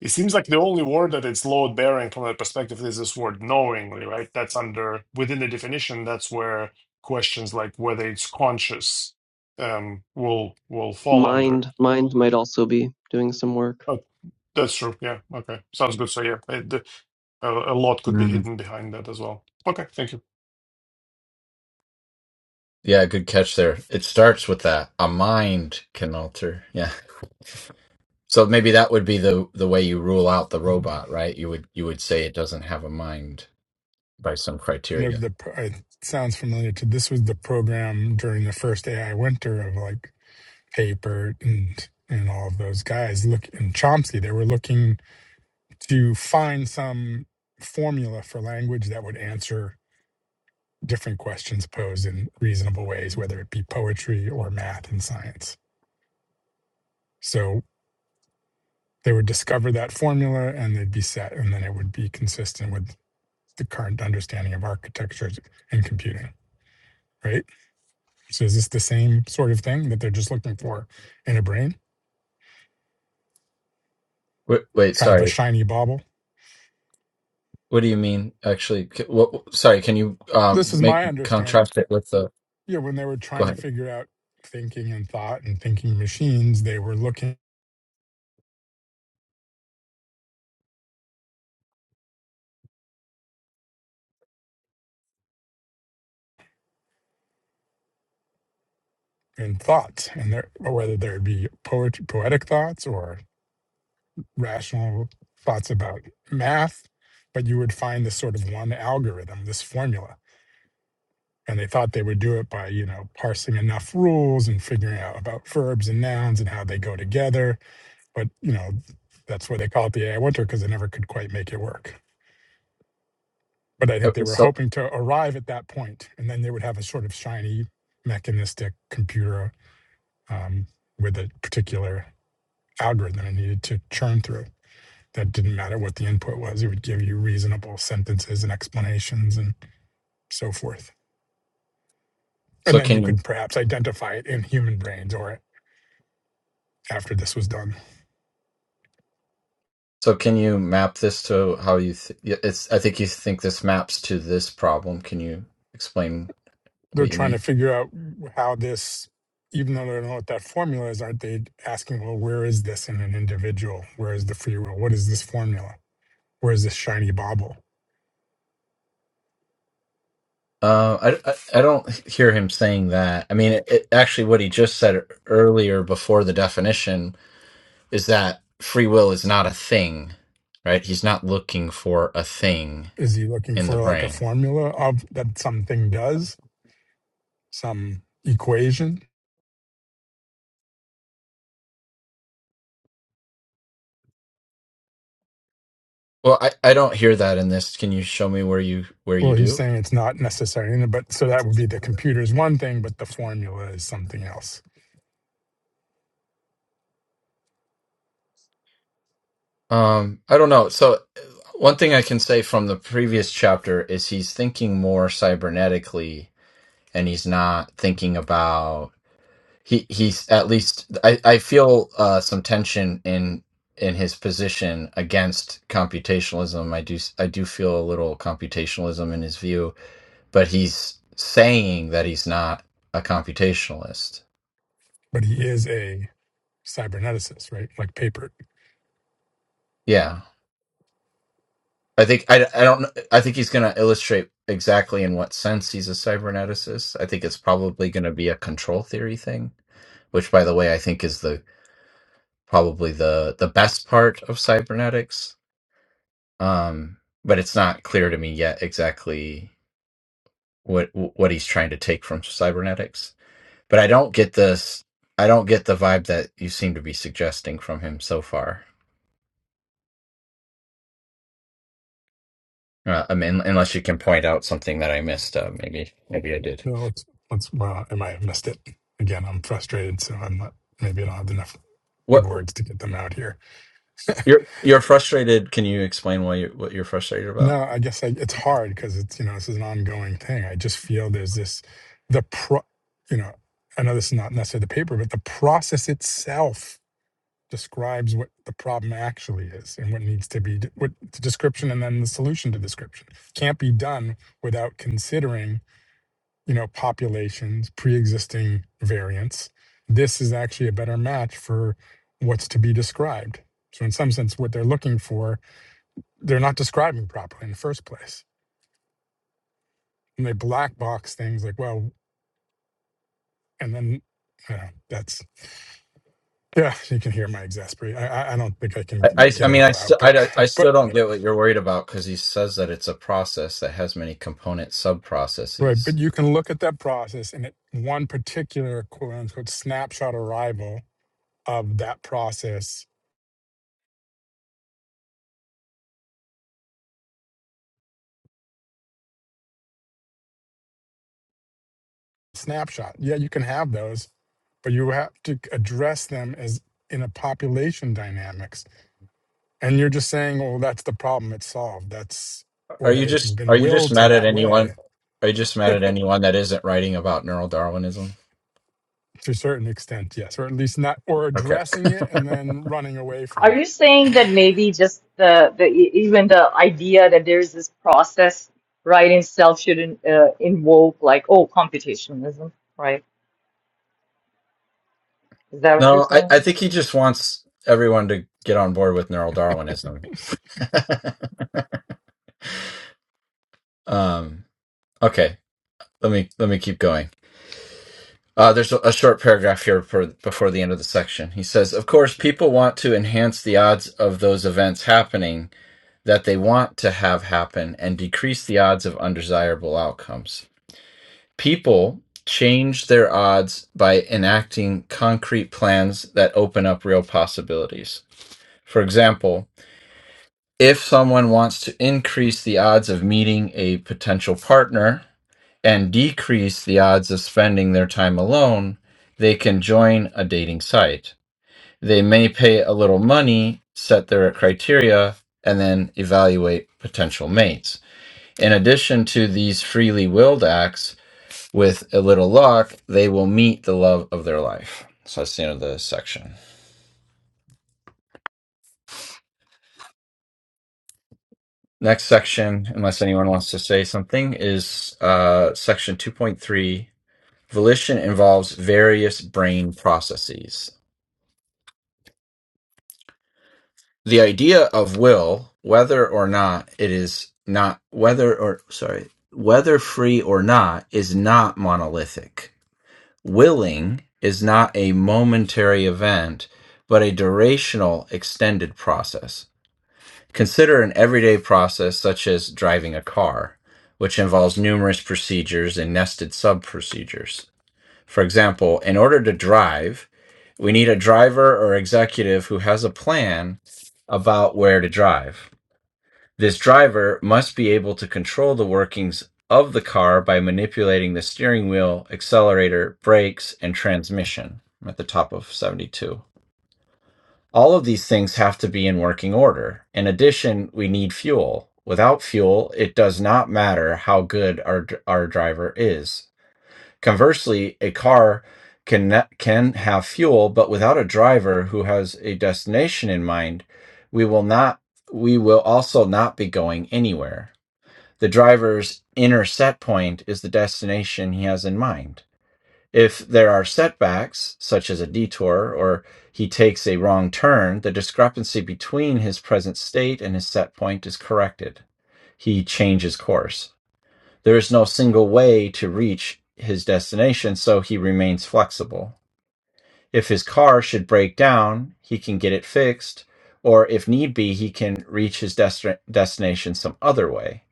It seems like the only word that it's load bearing from that perspective is this word knowingly, right? That's under within the definition. That's where questions like whether it's conscious um, will will fall under.
mind mind might also be doing some work.
But that's true. Yeah. Okay. Sounds good. So yeah, it, the- a, a lot could be
hmm
hidden behind that as well. Okay. Thank you.
Yeah, good catch there. It starts with that. A mind can alter. Yeah. So maybe that would be the the way you rule out the robot, right? You would you would say it doesn't have a mind by some
One
criteria.
of the pro- it sounds familiar to this was the program during the first ai winter of like Papert and and all of those guys look and Chomsky, they were looking to find some formula for language that would answer different questions posed in reasonable ways, whether it be poetry or math and science. So they would discover that formula and they'd be set, and then it would be consistent with the current understanding of architecture and computing, right? So is this the same sort of thing that they're just looking for in a brain?
Wait, wait,
Kind of a
sorry.
shiny bauble?
What do you mean? Actually, c- what, sorry, can you uh
This is
make
my understanding
contrast it with the?
Yeah, when they were
Go
trying to
ahead.
figure out thinking and thought and thinking machines, they were looking in thoughts and there, or whether there be poet, poetic thoughts or rational thoughts about math, but you would find this sort of one algorithm, this formula. And they thought they would do it by, you know, parsing enough rules and figuring out about verbs and nouns and how they go together. But, you know, that's why they call it the AI winter because they never could quite make it work. But I
Uh,
think they were
So,
hoping to arrive at that point, and then they would have a sort of shiny mechanistic computer um, with a particular algorithm it needed to churn through. That didn't matter what the input was; it would give you reasonable sentences and explanations and so forth. And
so
then you
can you?
could perhaps identify it in human brains or after this was done.
So can you map this to how you th- yeah, it's I think you think this maps to this problem. Can you explain
They're
what you
trying to
mean?
figure out how this even though they don't know what that formula is, aren't they asking, well, where is this in an individual? Where is the free will? What is this formula? Where's this shiny bauble?
Uh, I, I I don't hear him saying that. I mean, it, it, actually, what he just said e-, earlier before the definition is that free will is not a thing, right? He's not looking for a thing
Is he looking
in the
for like a
brain.
formula of that something does, some equation?
Well, I, I don't hear that in this. Can you show me where you where you
Well, he's
do?
saying it's not necessary, but so that would be the computer is one thing, but the formula is something else.
Um, I don't know. So uh, one thing I can say from the previous chapter is he's thinking more cybernetically and he's not thinking about he he's at least I, I feel uh, some tension in in his position against computationalism. I do s- I do feel a little computationalism in his view, but he's saying that he's not a computationalist.
But he is a cyberneticist, right? Like paper.
Yeah. I think I, I don't kn- I think he's going to illustrate exactly in what sense he's a cyberneticist. I think it's probably going to be a control theory thing, which by the way I think is the probably the the best part of cybernetics. Um but it's not clear to me yet exactly what what he's trying to take from cybernetics. But I don't get this I don't get the vibe that you seem to be suggesting from him so far. Uh, I mean, unless you can point out something that I missed, uh, maybe maybe I did.
No, let's let's. Well, I might have missed it. Again, I'm frustrated, so I'm not. Maybe I don't have enough good
What?
words to get them out here.
You're you're frustrated. Can you explain why you what you're frustrated about?
No, I guess I, it's hard because it's you know this is an ongoing thing. I just feel there's this the pro, you know, I know this is not necessarily the paper, but the process itself describes what the problem actually is and what needs to be d- what the description and then the solution to description can't be done without considering you know populations, pre-existing variants. This is actually a better match for what's to be described. So in some sense, what they're looking for, they're not describing properly in the first place and they black box things like well and then i don't know that's yeah you can hear my exasperation. I, I I don't think i
I,
can
I,
get
I
it
mean, I
all out
still I,
but
don't- I
but
still don't get what you're worried about because he says that it's a process that has many component sub
right but
processes.
you can look at that process and at one particular quote unquote snapshot arrival of that process snapshot yeah you can have those but you have to address them as in a population dynamics and you're just saying well that's the problem it's solved that's or
Are you
that it's
just are
been
you just
willed to
mad at
that
anyone?
way
Are you just mad at anyone that isn't writing about neural Darwinism?
to a certain extent, yes, or at least not, or
Okay.
addressing it and then running away from
Are
it.
you saying that maybe just the, the e- even the idea that there is this process right in itself shouldn't uh, invoke like oh computationalism, right? Is that what you're
No, I,
saying?
I think he just wants everyone to get on board with neural Darwinism. um, okay, let me let me keep going. Uh, there's a, a short paragraph here for before the end of the section. He says, "Of course, people want to enhance the odds of those events happening that they want to have happen and decrease the odds of undesirable outcomes. People change their odds by enacting concrete plans that open up real possibilities. For example." if someone wants to increase the odds of meeting a potential partner and decrease the odds of spending their time alone, they can join a dating site. They may pay a little money, set their criteria, and then evaluate potential mates. In addition to these freely willed acts, with a little luck, they will meet the love of their life. So that's the end of the section. Next section, unless anyone wants to say something, is uh, section 2.3 Volition involves various brain processes. The idea of will, whether or not it is not whether or sorry, whether free or not is not monolithic. Willing is not a momentary event, but a durational extended process. Consider an everyday process such as driving a car, which involves numerous procedures and nested sub procedures. For example, in order to drive, we need a driver or executive who has a plan about where to drive. This driver must be able to control the workings of the car by manipulating the steering wheel, accelerator, brakes, and transmission. I'm at the top of 72. All of these things have to be in working order. In addition, we need fuel. Without fuel, it does not matter how good our, our driver is Conversely, a car can can have fuel, but without a driver who has a destination in mind, we will not we will also not be going anywhere. The driver's inner set point is the destination he has in mind. If there are setbacks, such as a detour or he takes a wrong turn, the discrepancy between his present state and his set point is corrected. He changes course. There is no single way to reach his destination, so he remains flexible. If his car should break down, he can get it fixed, or if need be, he can reach his desti- destination some other way.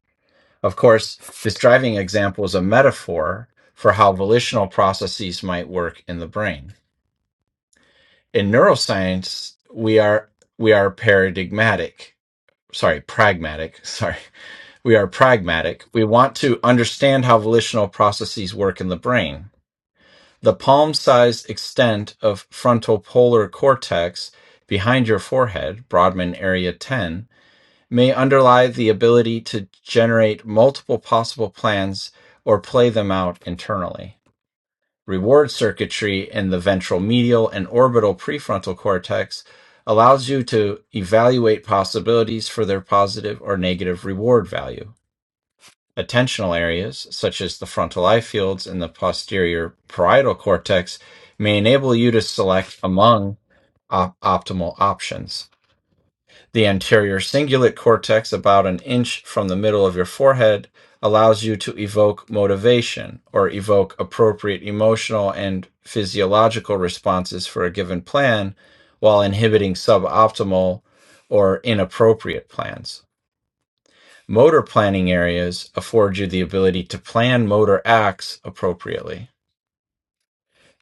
Of course, this driving example is a metaphor for how volitional processes might work in the brain. In neuroscience, we are we are paradigmatic, sorry, pragmatic, sorry. We are pragmatic. We want to understand how volitional processes work in the brain The palm-sized extent of frontopolar cortex behind your forehead (Brodmann area 10) may underlie the ability to generate multiple possible plans or play them out internally. Reward circuitry in the ventral medial and orbital prefrontal cortex allows you to evaluate possibilities for their positive or negative reward value. Attentional areas, such as the frontal eye fields and the posterior parietal cortex, may enable you to select among op- optimal options. The anterior cingulate cortex, about an inch from the middle of your forehead, allows you to evoke motivation or evoke appropriate emotional and physiological responses for a given plan while inhibiting suboptimal or inappropriate plans. Motor planning areas afford you the ability to plan motor acts appropriately.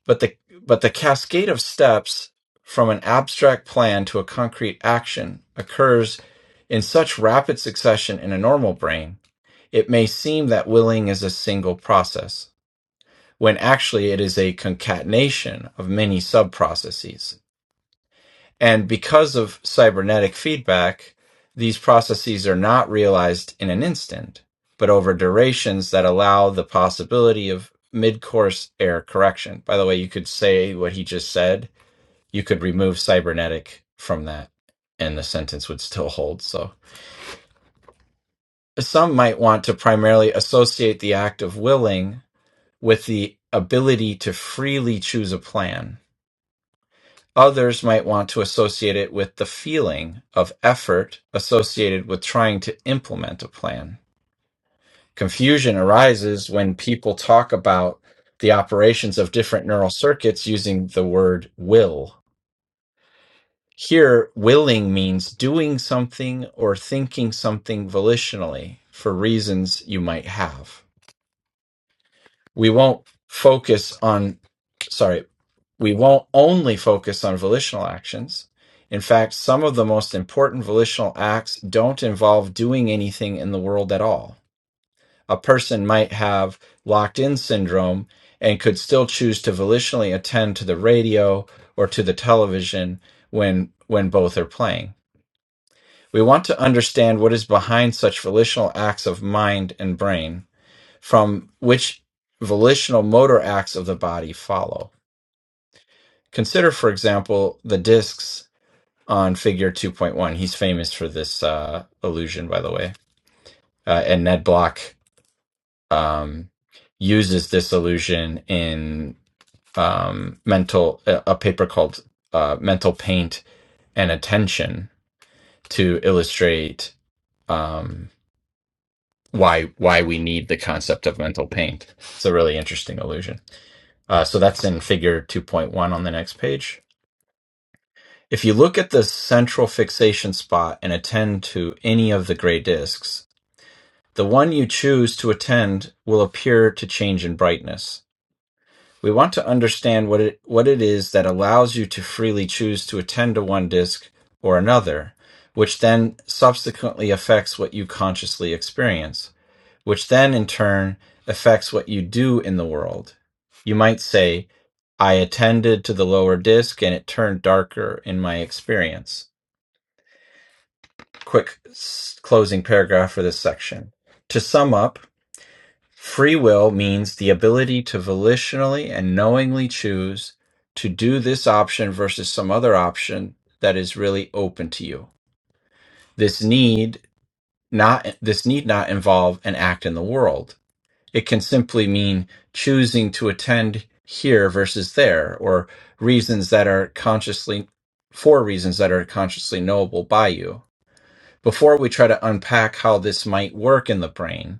But the but the cascade of steps from an abstract plan to a concrete action occurs in such rapid succession in a normal brain, it may seem that willing is a single process, when actually it is a concatenation of many sub processes. And because of cybernetic feedback, these processes are not realized in an instant, but over durations that allow the possibility of mid course error correction. By the way, you could say what he just said, you could remove cybernetic from that, and the sentence would still hold. So some might want to primarily associate the act of willing with the ability to freely choose a plan Others might want to associate it with the feeling of effort associated with trying to implement a plan. Confusion arises when people talk about the operations of different neural circuits using the word will. Here, willing means doing something or thinking something volitionally for reasons you might have. We won't focus on, sorry, We won't only focus on volitional actions. In fact, some of the most important volitional acts don't involve doing anything in the world at all. A person might have locked in syndrome and could still choose to volitionally attend to the radio or to the television when, when both are playing. We want to understand what is behind such volitional acts of mind and brain, from which volitional motor acts of the body follow. Consider, for example, the discs on Figure 2.1. He's famous for this uh, illusion, by the way. Uh, and Ned Block um, uses this illusion in um, mental a a paper called uh, "Mental Paint and Attention" to illustrate um, why why we need the concept of mental paint. It's a really interesting illusion. Uh, so that's in Figure 2.1 on the next page. If you look at the central fixation spot and attend to any of the gray discs, The one you choose to attend will appear to change in brightness. We want to understand what it, what it is that allows you to freely choose to attend to one disc or another, which then subsequently affects what you consciously experience, which then in turn affects what you do in the world. You might say, I attended to the lower disc and it turned darker in my experience. Quick closing paragraph for this section. To sum up, Free will means the ability to volitionally and knowingly choose to do this option versus some other option that is really open to you. This need not this need not involve an act in the world. It can simply mean choosing to attend here versus there or reasons that are consciously for reasons that are consciously knowable by you. Before we try to unpack how this might work in the brain,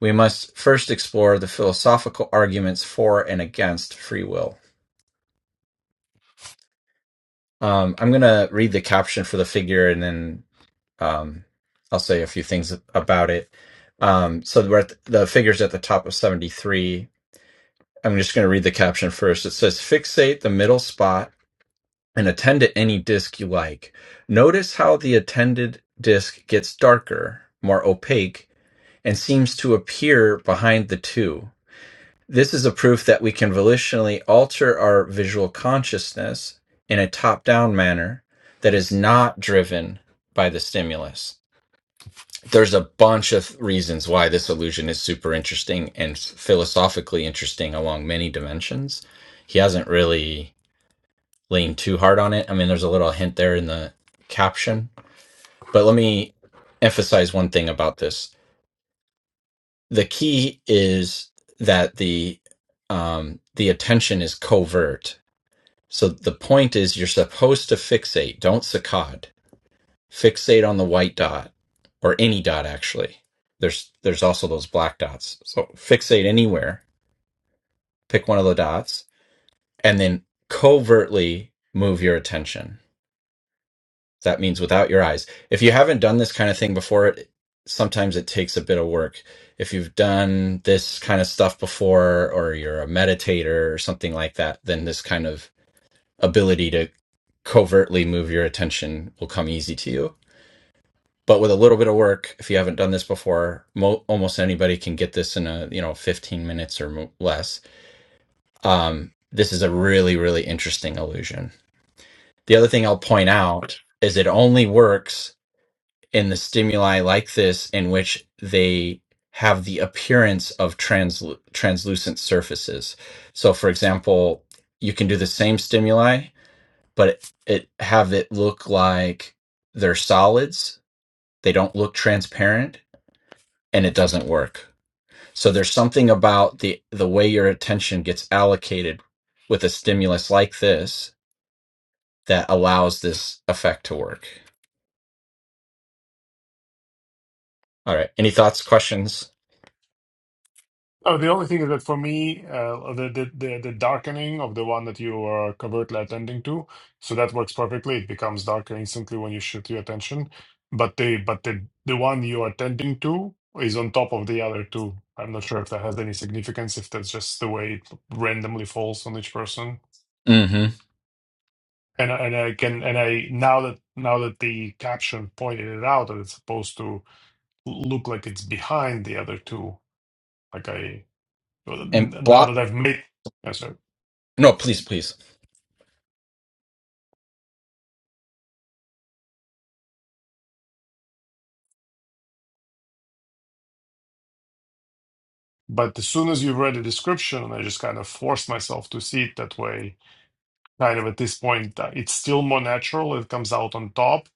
we must first explore the philosophical arguments for and against free will. Um, I'm going to read the caption for the figure and then um, I'll say a few things about it. Um, so we're at the, the figure's at the top of 73. I'm just going to read the caption first. It says, Fixate the middle spot and attend to any disc you like. Notice how the attended disc gets darker, more opaque, and seems to appear behind the two. This is a proof that we can volitionally alter our visual consciousness in a top down manner that is not driven by the stimulus. There's a bunch of reasons why this illusion is super interesting and philosophically interesting along many dimensions. He hasn't really leaned too hard on it. I mean, there's a little hint there in the caption, but let me emphasize one thing about this. The key is that the um, the attention is covert So the point is you're supposed to fixate, don't saccade. Fixate on the white dot or any dot actually. There's there's also those black dots. So fixate anywhere, pick one of the dots and then covertly move your attention. That means without your eyes. If you haven't done this kind of thing before, it sometimes it takes a bit of work. If you've done this kind of stuff before or you're a meditator or something like that, then this kind of ability to covertly move your attention will come easy to you. But with a little bit of work, if you haven't done this before, mo- almost anybody can get this in a you know 15 minutes or mo- less. Um, this is a really really interesting illusion. The other thing I'll point out is it only works in the stimuli like this in which they have the appearance of trans- translucent surfaces. So, for example, you can do the same stimuli but it, it have it look like they're solids they don't look transparent and it doesn't work so there's something about the the way your attention gets allocated with a stimulus like this that allows this effect to work all right any thoughts questions
Oh, the only thing is that for me, uh, the, the the the darkening of the one that you are covertly attending to, so that works perfectly. It becomes darker instantly when you shift your attention. But the but the the one you are attending to is on top of the other two. I'm not sure if that has any significance, if that's just the way it randomly falls on each person.
hmm
And I- and I can and I now that now that the caption pointed it out that it's supposed to look like it's behind the other two, like I
and
now
block
that I've made. Yes, sir.
no please please
But as soon as you've read the description, I just kind of forced myself to see it that way. Kind of at this point, uh, it's still more natural. It comes out on top.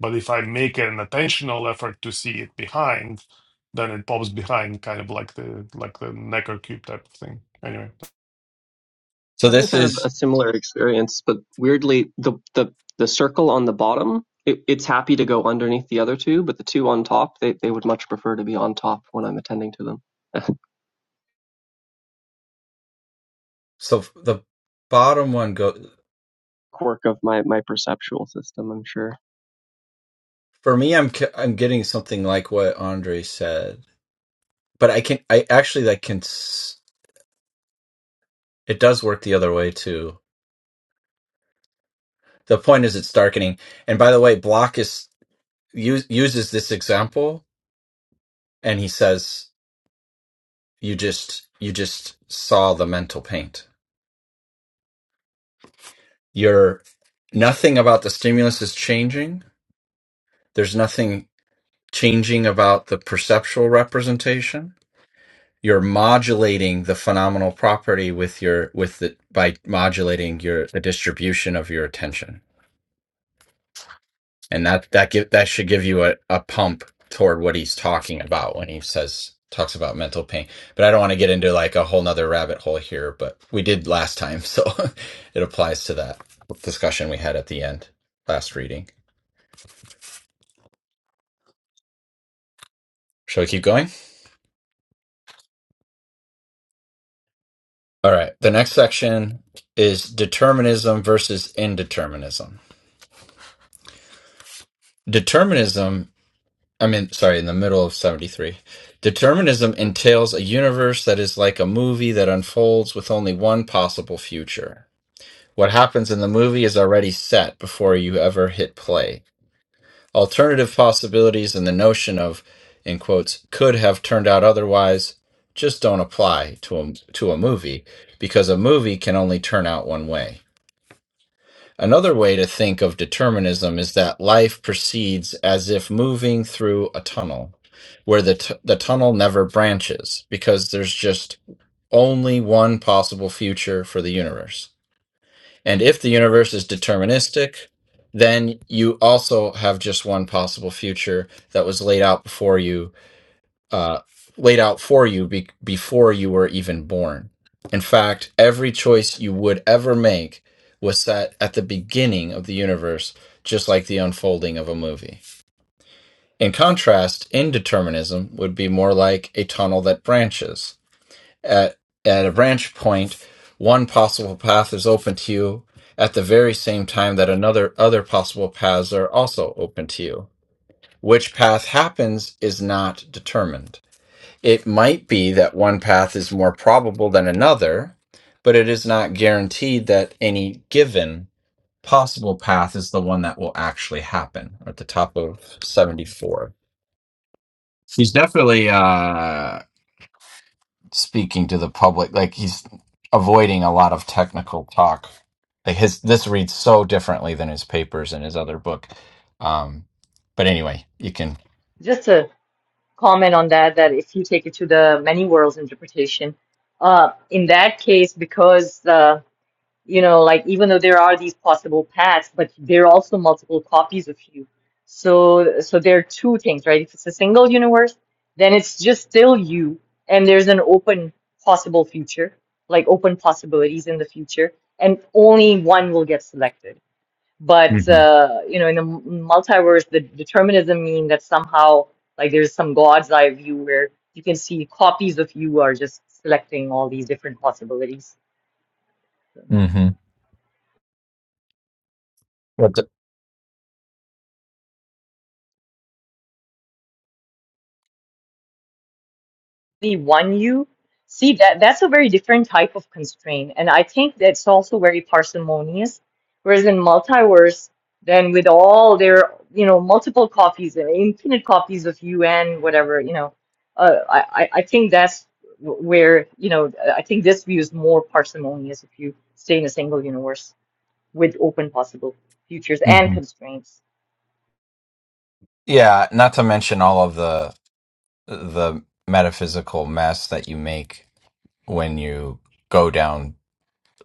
But if I make an attentional effort to see it behind, then it pops behind, kind of like the like the Necker cube type of thing. Anyway.
so
having
this
kind of
is
a similar experience, but weirdly, the the the circle on the bottom, it, it's happy to go underneath the other two, but the two on top, they they would much prefer to be on top when I'm attending to them.
so the bottom one go
Quirk of my my perceptual system, I'm sure.
for me i'm c- i'm getting something like what andre said but i can i actually like can s- It does work the other way too. The point is, it's darkening. And by the way, Block is use, uses this example, and he says, "You just you just saw the mental paint. You're nothing about the stimulus is changing. There's nothing changing about the perceptual representation. You're modulating the phenomenal property with your with the by modulating your the distribution of your attention." and that that give that should give you a, a pump toward what he's talking about when he says talks about mental pain but i don't want to get into like a whole nother rabbit hole here but we did last time so it applies to that discussion we had at the end last reading shall we keep going all right the next section is determinism versus indeterminism determinism i mean sorry in the middle of 73 Determinism entails a universe that is like a movie that unfolds with only one possible future. What happens in the movie is already set before you ever hit play. Alternative possibilities and the notion of, in quotes, could have turned out otherwise just don't apply to a, to a movie because a movie can only turn out one way. Another way to think of determinism is that life proceeds as if moving through a tunnel where the, t- the tunnel never branches because there's just only one possible future for the universe. And if the universe is deterministic, then you also have just one possible future that was laid out before you, uh, laid out for you be- before you were even born. In fact, every choice you would ever make was set at the beginning of the universe, just like the unfolding of a movie. In contrast, indeterminism would be more like a tunnel that branches at, at a branch point, one possible path is open to you at the very same time that another other possible paths are also open to you. Which path happens is not determined. It might be that one path is more probable than another, but it is not guaranteed that any given possible path is the one that will actually happen. At the top of 74. He's definitely uh speaking to the public. Like he's avoiding a lot of technical talk. Like his this reads so differently than his papers in his other book. Um, but anyway, you can.
Just to comment on that, that if you take it to the many worlds interpretation, uh, in that case, because uh, you know, like even though there are these possible paths, but there are also multiple copies of you. So, so there are two things, right? If it's a single universe, then it's just still you, and there's an open possible future, like open possibilities in the future, and only one will get selected. But
hmm
uh, you know, in the m- multiverse, the determinism mean that somehow, like there's some God's eye view where you can see copies of you are just selecting all these different possibilities.
hmm What the,
really want you. See that that's a very different type of constraint, and I think that's also very parsimonious. Whereas in multiverse, then with all their you know multiple copies, uh, infinite copies of you and whatever you know, uh, I I I think that's wh- where you know I think this view is more parsimonious if you stay in a single universe with open possible futures and
hmm
constraints.
Yeah, not to mention all of the the metaphysical mess that you make when you go down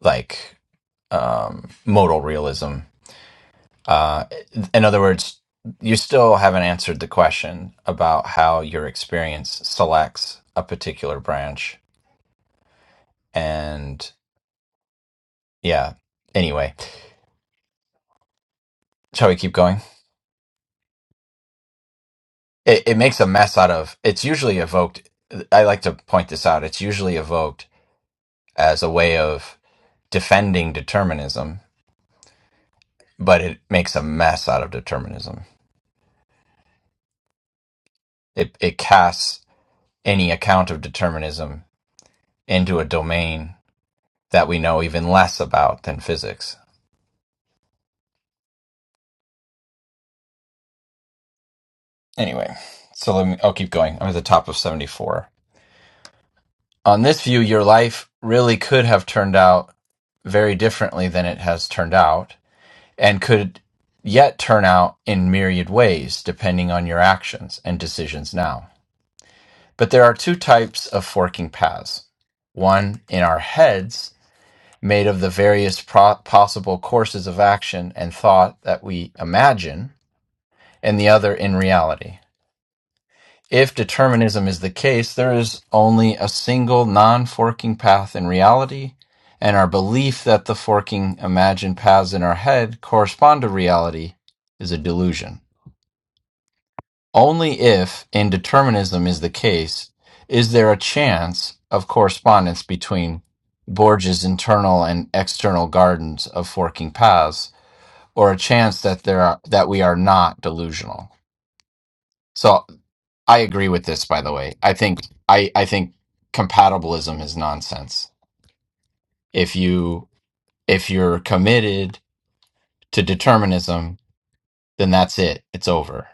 like um modal realism Uh, in other words, you still haven't answered the question about how your experience selects a particular branch. And yeah, anyway, shall we keep going? It, it makes a mess out of it's usually evoked. I like to point this out. It's usually evoked as a way of defending determinism, but it makes a mess out of determinism. It, it casts any account of determinism into a domain that we know even less about than physics Anyway, so let me, I'll keep going. I'm at the top of 74. On this view, your life really could have turned out very differently than it has turned out, and could yet turn out in myriad ways depending on your actions and decisions now. But there are two types of forking paths one in our heads, made of the various pro- possible courses of action and thought that we imagine, and the other in reality. If determinism is the case, there is only a single non forking path in reality, and our belief that the forking imagined paths in our head correspond to reality is a delusion. Only if indeterminism is the case is there a chance of correspondence between Borges' internal and external gardens of forking paths, or a chance that there are, that we are not delusional. So I agree with this, by the way. I think I, I think compatibilism is nonsense. If you if you're committed to determinism, then that's it. It's over.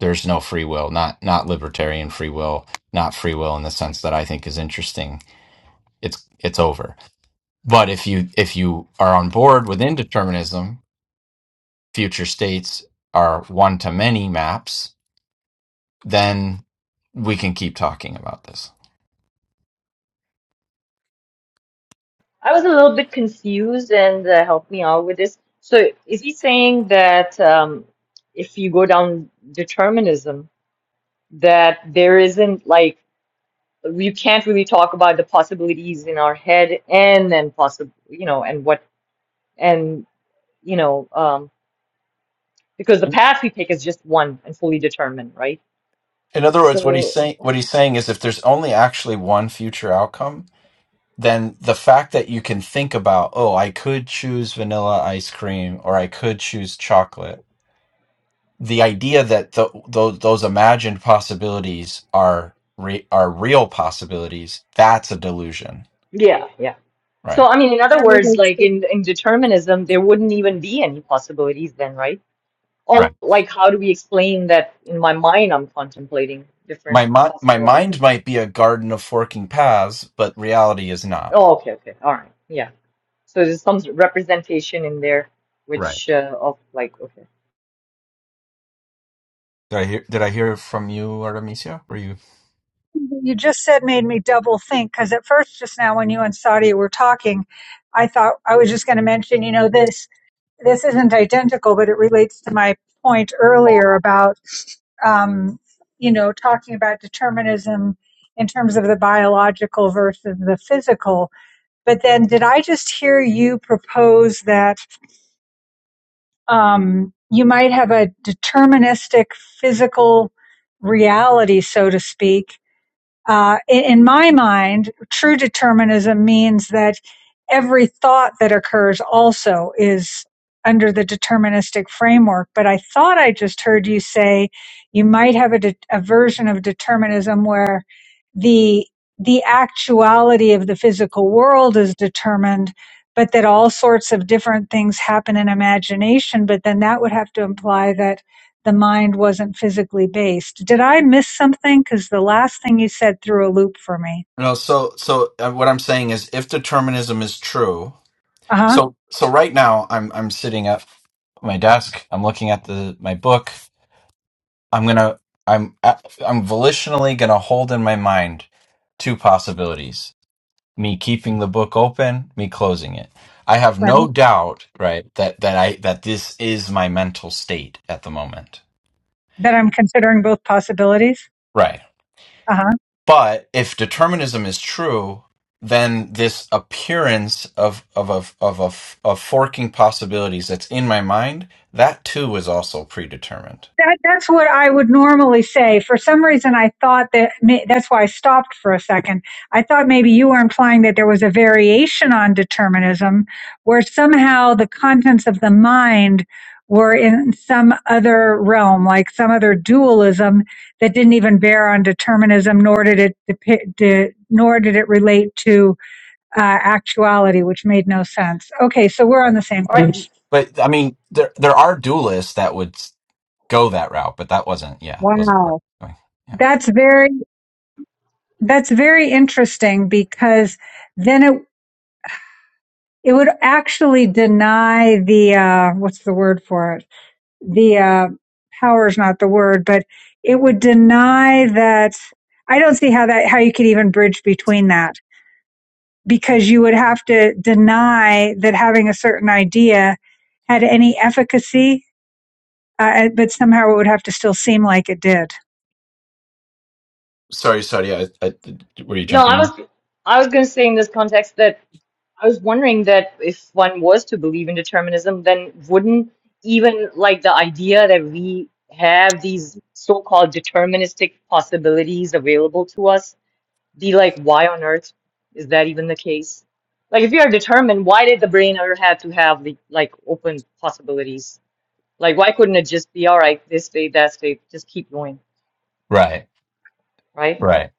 There's no free will, not not libertarian free will, not free will in the sense that I think is interesting. It's it's over. But if you if you are on board with indeterminism, future states are one to many maps, then we can keep talking about this.
I was a little bit confused and uh, help me out with this. So is he saying that um, if you go down determinism, that there isn't like you can't really talk about the possibilities in our head and then possible, you know, and what and you know, um, because the
Mm,
path we take is just one and fully determined, right?
In other words, what he's
So
saying what he's saying is if there's only actually one future outcome, then the fact that you can think about, oh, I could choose vanilla ice cream or I could choose chocolate the idea that th- those those imagined possibilities are re- are real possibilities that's a delusion
yeah, yeah. So
right
I mean, in other
That
words,
relates. to
like in in determinism, there wouldn't even be any possibilities then, right?
Right.
all like how do we explain that in my mind I'm contemplating different
my mi- my
possible
mind
outcomes.
might be a garden of forking paths but reality is not
Oh, okay, okay, all right, yeah. So there's some representation in there,
Right.
which uh, of like okay,
did i hear did i hear from you artemisia were you
you just said made me double think because at first just now when you and Saudi were talking, I thought I was just going to mention, you know, this this isn't identical, but it relates to my point earlier about um, you know, talking about determinism in terms of the biological versus the physical. But then, did I just hear you propose that um, you might have a deterministic physical reality, so to speak, uh, in, in my mind, true determinism means that every thought that occurs also is under the deterministic framework. But I thought I just heard you say you might have a, de- a version of determinism where the the actuality of the physical world is determined, but that all sorts of different things happen in imagination. But then that would have to imply that the mind wasn't physically based. Did I miss something? Because the last thing you said threw a loop for me.
no so so uh, what i'm saying is if determinism is true
Uh huh.
so so right now i'm i'm sitting at my desk i'm looking at the my book I'm gonna I'm uh, I'm volitionally gonna hold in my mind two possibilities: me keeping the book open, me closing it. I have
Right.
no doubt, right, that that I that this is my mental state at the moment.
That I'm considering both possibilities.
Right.
Uh huh.
But if determinism is true, then this appearance of of of of of, of forking possibilities that's in my mind, that too is also predetermined.
That, that's what I would normally say. For some reason, I thought that may, that's why I stopped for a second. I thought maybe you were implying that there was a variation on determinism where somehow the contents of the mind were in some other realm, like some other dualism that didn't even bear on determinism, nor did it depi- de, nor did it relate to uh, actuality, which made no sense. Okay, so we're on
Right.
the same
all right.
page.
But I mean, there there are duelists that would s- go that route, but that wasn't, yeah, wasn't where
Wow,
I was going. Yeah.
that's very That's very interesting because then it it would actually deny the uh, what's the word for it? The uh, power is not the word, but it would deny that. I don't see how that how you could even bridge between that because you would have to deny that having a certain idea had any efficacy, uh, uh, but somehow it would have to still seem like it did.
Sorry, sorry. I, I, were you
No,
jumping
I was
in?
I was gonna say in this context that I was wondering that if one was to believe in determinism, then wouldn't even like the idea that we have these so-called deterministic possibilities available to us the like why on earth is that even the case? Like if you are determined, why did the brain ever have to have the like open possibilities? Like why couldn't it just be all right, this state, that state, just keep going,
Right,
right?
right.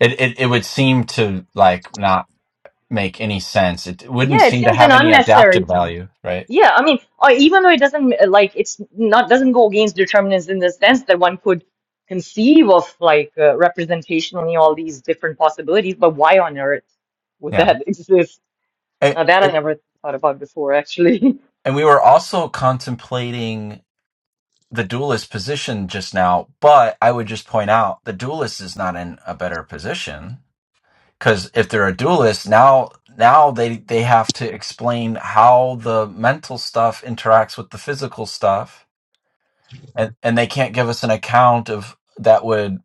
It, it it would seem to like not make any sense. It wouldn't
Yeah, it
seem to
seems an
have any
unnecessary
adaptive
thing.
value, right?
Yeah, I mean, or even though it doesn't uh, like it's not doesn't go against determinism in the sense that one could conceive of like uh, representationally all these different possibilities, but why on earth would
Yeah.
that exist?
It,
Now that I
it,
never thought about before, actually.
and we were also contemplating. the duelist position just now, but I would just point out the duelist is not in a better position because if they're a duelist now, now they they have to explain how the mental stuff interacts with the physical stuff, and and they can't give us an account of that would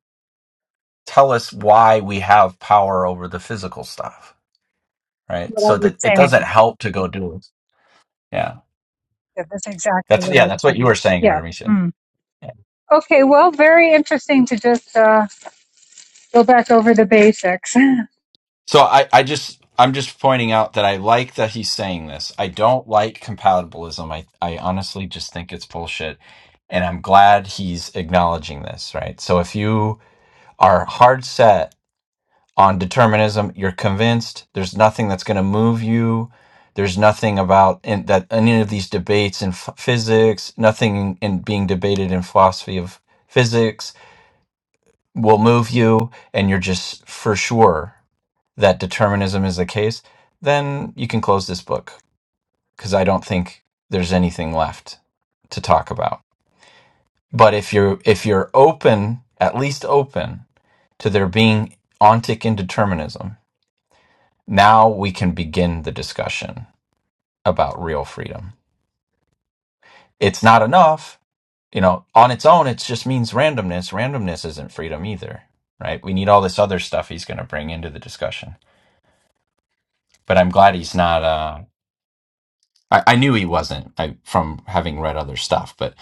tell us why we have power over the physical stuff, right?
What I
So
was
that it doesn't
saying.
help to go duelist. Yeah,
Yeah, that's exactly
that's
what I
yeah,
was
that's what you
saying.
were saying,
Yeah.
Artemisia.
Mm. Okay, well, very interesting to just uh, go back over the basics. I
So I, I just I'm just pointing out that I like that he's saying this. I don't like compatibilism. I, I honestly just think it's bullshit. And I'm glad he's acknowledging this, right? So if you are hard set on determinism, you're convinced there's nothing that's going to move you. There's nothing about in, that any of these debates in f- physics, nothing in being debated in philosophy of physics will move you, and you're just for sure that determinism is the case, then you can close this book because I don't think there's anything left to talk about. But if you're if you're open, at least open to there being ontic indeterminism, now we can begin the discussion about real freedom. It's not enough, you know, on its own it just means randomness. Randomness isn't freedom either, right? We need all this other stuff he's going to bring into the discussion. But I'm glad he's not uh I, I knew he wasn't I, from having read other stuff, but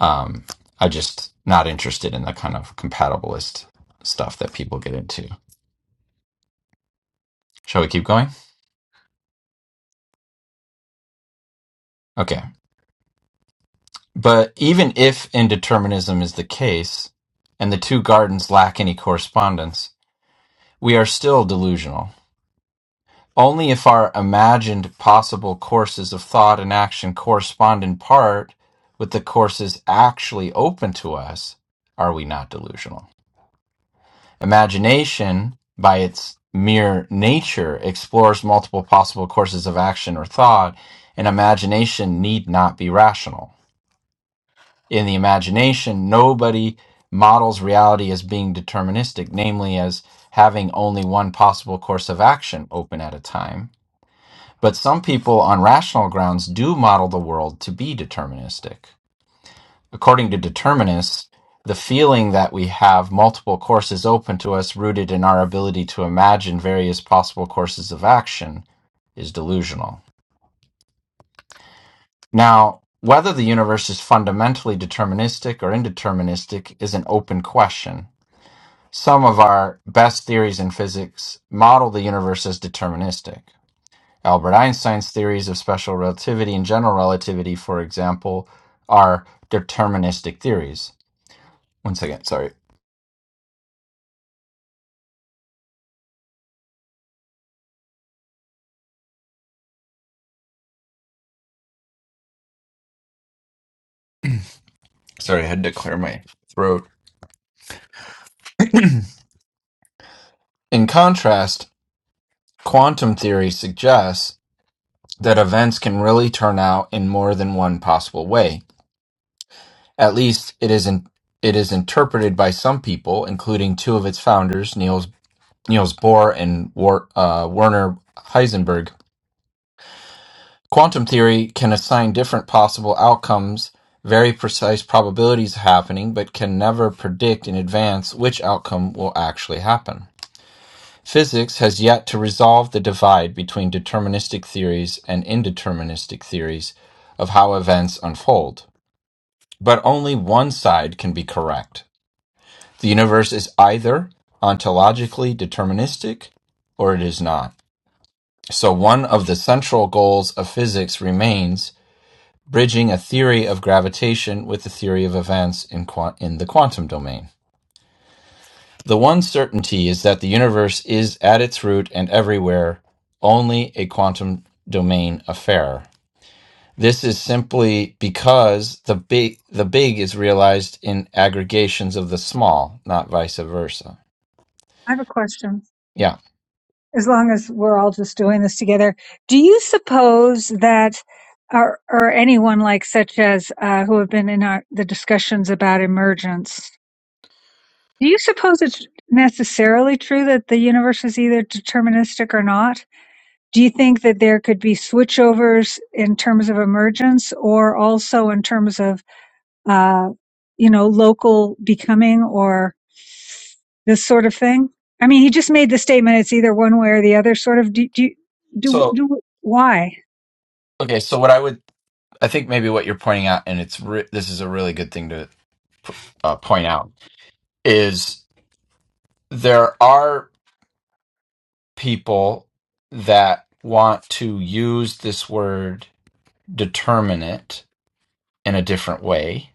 um, I just not interested in the kind of compatibilist stuff that people get into. Shall we keep going? Okay. But even if indeterminism is the case, and the two gardens lack any correspondence, we are still delusional. Only if our imagined possible courses of thought and action correspond in part with the courses actually open to us are we not delusional. Imagination, by its mere nature, explores multiple possible courses of action or thought, and imagination need not be rational. In the imagination, nobody models reality as being deterministic, namely, as having only one possible course of action open at a time. But some people on rational grounds do model the world to be deterministic. According to determinists, the feeling that we have multiple courses open to us rooted in our ability to imagine various possible courses of action is delusional. Now, whether the universe is fundamentally deterministic or indeterministic is an open question. Some of our best theories in physics model the universe as deterministic. Albert Einstein's theories of special relativity and general relativity, for example, are deterministic theories. One second, sorry. Sorry, I had to clear my throat. In contrast, quantum theory suggests that events can really turn out in more than one possible way. At least it is in, it is interpreted by some people, including two of its founders, Niels Niels Bohr and War, uh, Werner Heisenberg. Quantum theory can assign different possible outcomes, very precise probabilities of happening, but can never predict in advance which outcome will actually happen. Physics has yet to resolve the divide between deterministic theories and indeterministic theories of how events unfold. But only one side can be correct. The universe is either ontologically deterministic or it is not. So, one of the central goals of physics remains bridging a theory of gravitation with the theory of events in, qua- in the quantum domain. The one certainty is that the universe is at its root and everywhere only a quantum domain affair. This is simply because the big the big is realized in aggregations of the small, not vice versa.
have a question.
Yeah.
As long as we're all just doing this together, do you suppose that, or, or anyone like such as uh, who have been in our, the discussions about emergence, do you suppose it's necessarily true that the universe is either deterministic or not? Do you think that there could be switchovers in terms of emergence or also in terms of, uh, you know, local becoming or this sort of thing? I mean, he just made the statement it's either one way or the other sort of do do do,
So
do why?
okay, so what I would I think maybe what you're pointing out and it's re- this is a really good thing to uh, point out is there are people that want to use this word determinate in a different way.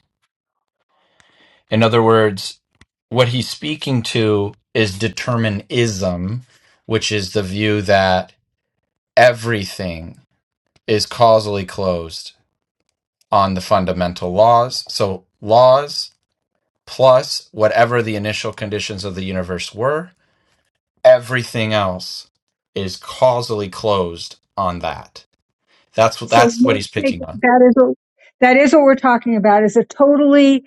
In other words, what he's speaking to is determinism, which is the view that everything is causally closed on the fundamental laws. So, laws plus whatever the initial conditions of the universe were, everything else is causally closed on that. That's what
So
that's what
we'll
he's
take
picking on.
that is what that is what we're talking about is a totally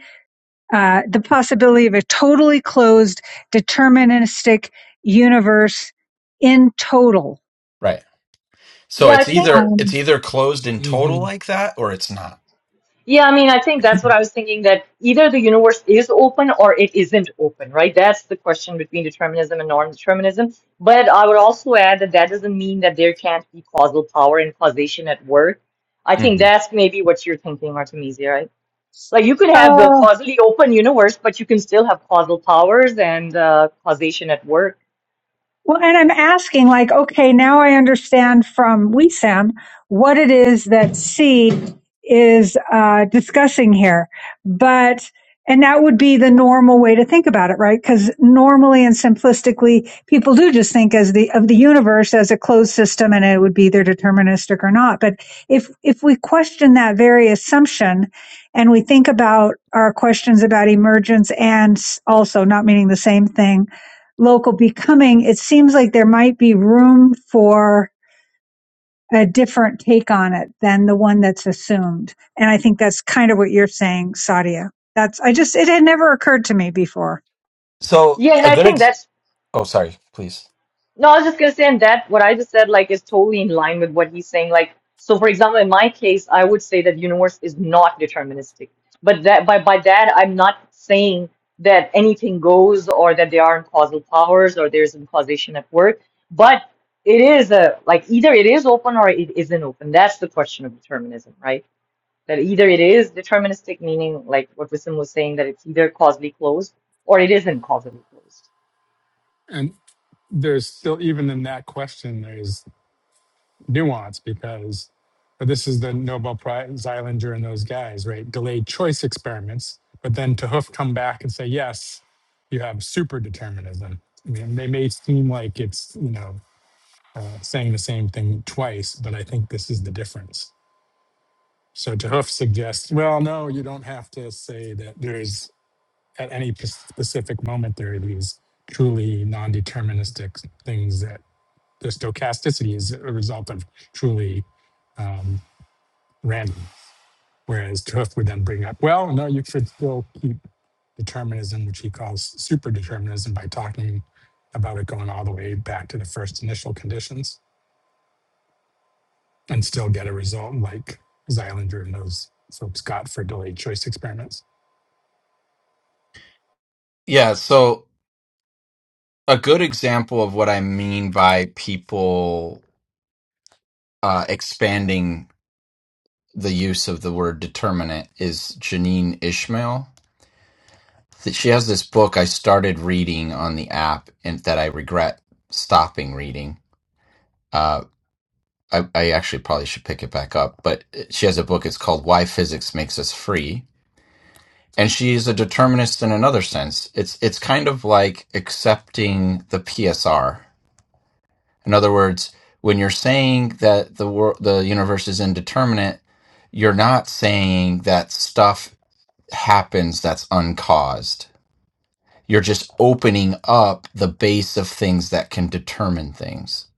uh, the possibility of a totally closed deterministic universe in total.
Right. So
Yeah, I
it's
think.
either
Um,
it's either closed in total
hmm
like that or it's not.
Yeah, I mean, I think that's what I was thinking that either the universe is open or it isn't open, right? That's the question between determinism and non-determinism. But I would also add that that doesn't mean that there can't be causal power and causation at work. I think
Mm-hmm.
that's maybe what you're thinking, Artemisia, right? Like you could have a
uh,
causally open universe, but you can still have causal powers and uh, causation at work.
Well, and I'm asking, like, okay, now I understand from WeSam what it is that C is uh, discussing here. But, and that would be the normal way to think about it, right? Because normally and simplistically, people do just think as the, of the universe as a closed system and it would be either deterministic or not. But if, if we question that very assumption and we think about our questions about emergence and s- also not meaning the same thing, local becoming, it seems like there might be room for a different take on it than the one that's assumed. And I think that's kind of what you're saying, Sadia. That's, I just, it had never occurred to me before.
So
Yeah, and
a
I
good
think
ex-
that's
oh sorry, please.
No, I was just gonna say, and that what I just said, like, is totally in line with what he's saying. Like, so for example, in my case, I would say that universe is not deterministic. But that by by that, I'm not saying that anything goes or that there aren't causal powers or there isn't causation at work. But it is a like either it is open or it isn't open. That's the question of determinism, right? That either it is deterministic, meaning like what Wisdom was saying, that it's either causally closed or it isn't causally closed.
And there's still, even in that question, there's nuance because this is the Nobel Prize, Zeilinger and those guys, right? Delayed choice experiments. But then to Hoof come back and say, yes, you have super determinism. I mean, they may seem like it's, you know, uh, saying the same thing twice, but I think this is the difference. So to Hoof suggests, well, no, you don't have to say that there's at any p- specific moment there are these truly non-deterministic things that the stochasticity is a result of truly um, random whereas Tuff would then bring up well no you could still keep determinism which he calls superdeterminism by talking about it going all the way back to the first initial conditions and still get a result like Zeilinger and those folks got for delayed choice experiments
Yeah, so a good example of what I mean by people uh, expanding the use of the word determinant is Janine Ishmael. That She has this book I started reading on the app and that I regret stopping reading. Uh, I, I actually probably should pick it back up, but uh, she has a book. It's called Why Physics Makes Us Free. And she is a determinist in another sense. It's it's kind of like accepting the PSR In other words, when you're saying that the world, the universe is indeterminate, you're not saying that stuff happens that's uncaused. You're just opening up the base of things that can determine things.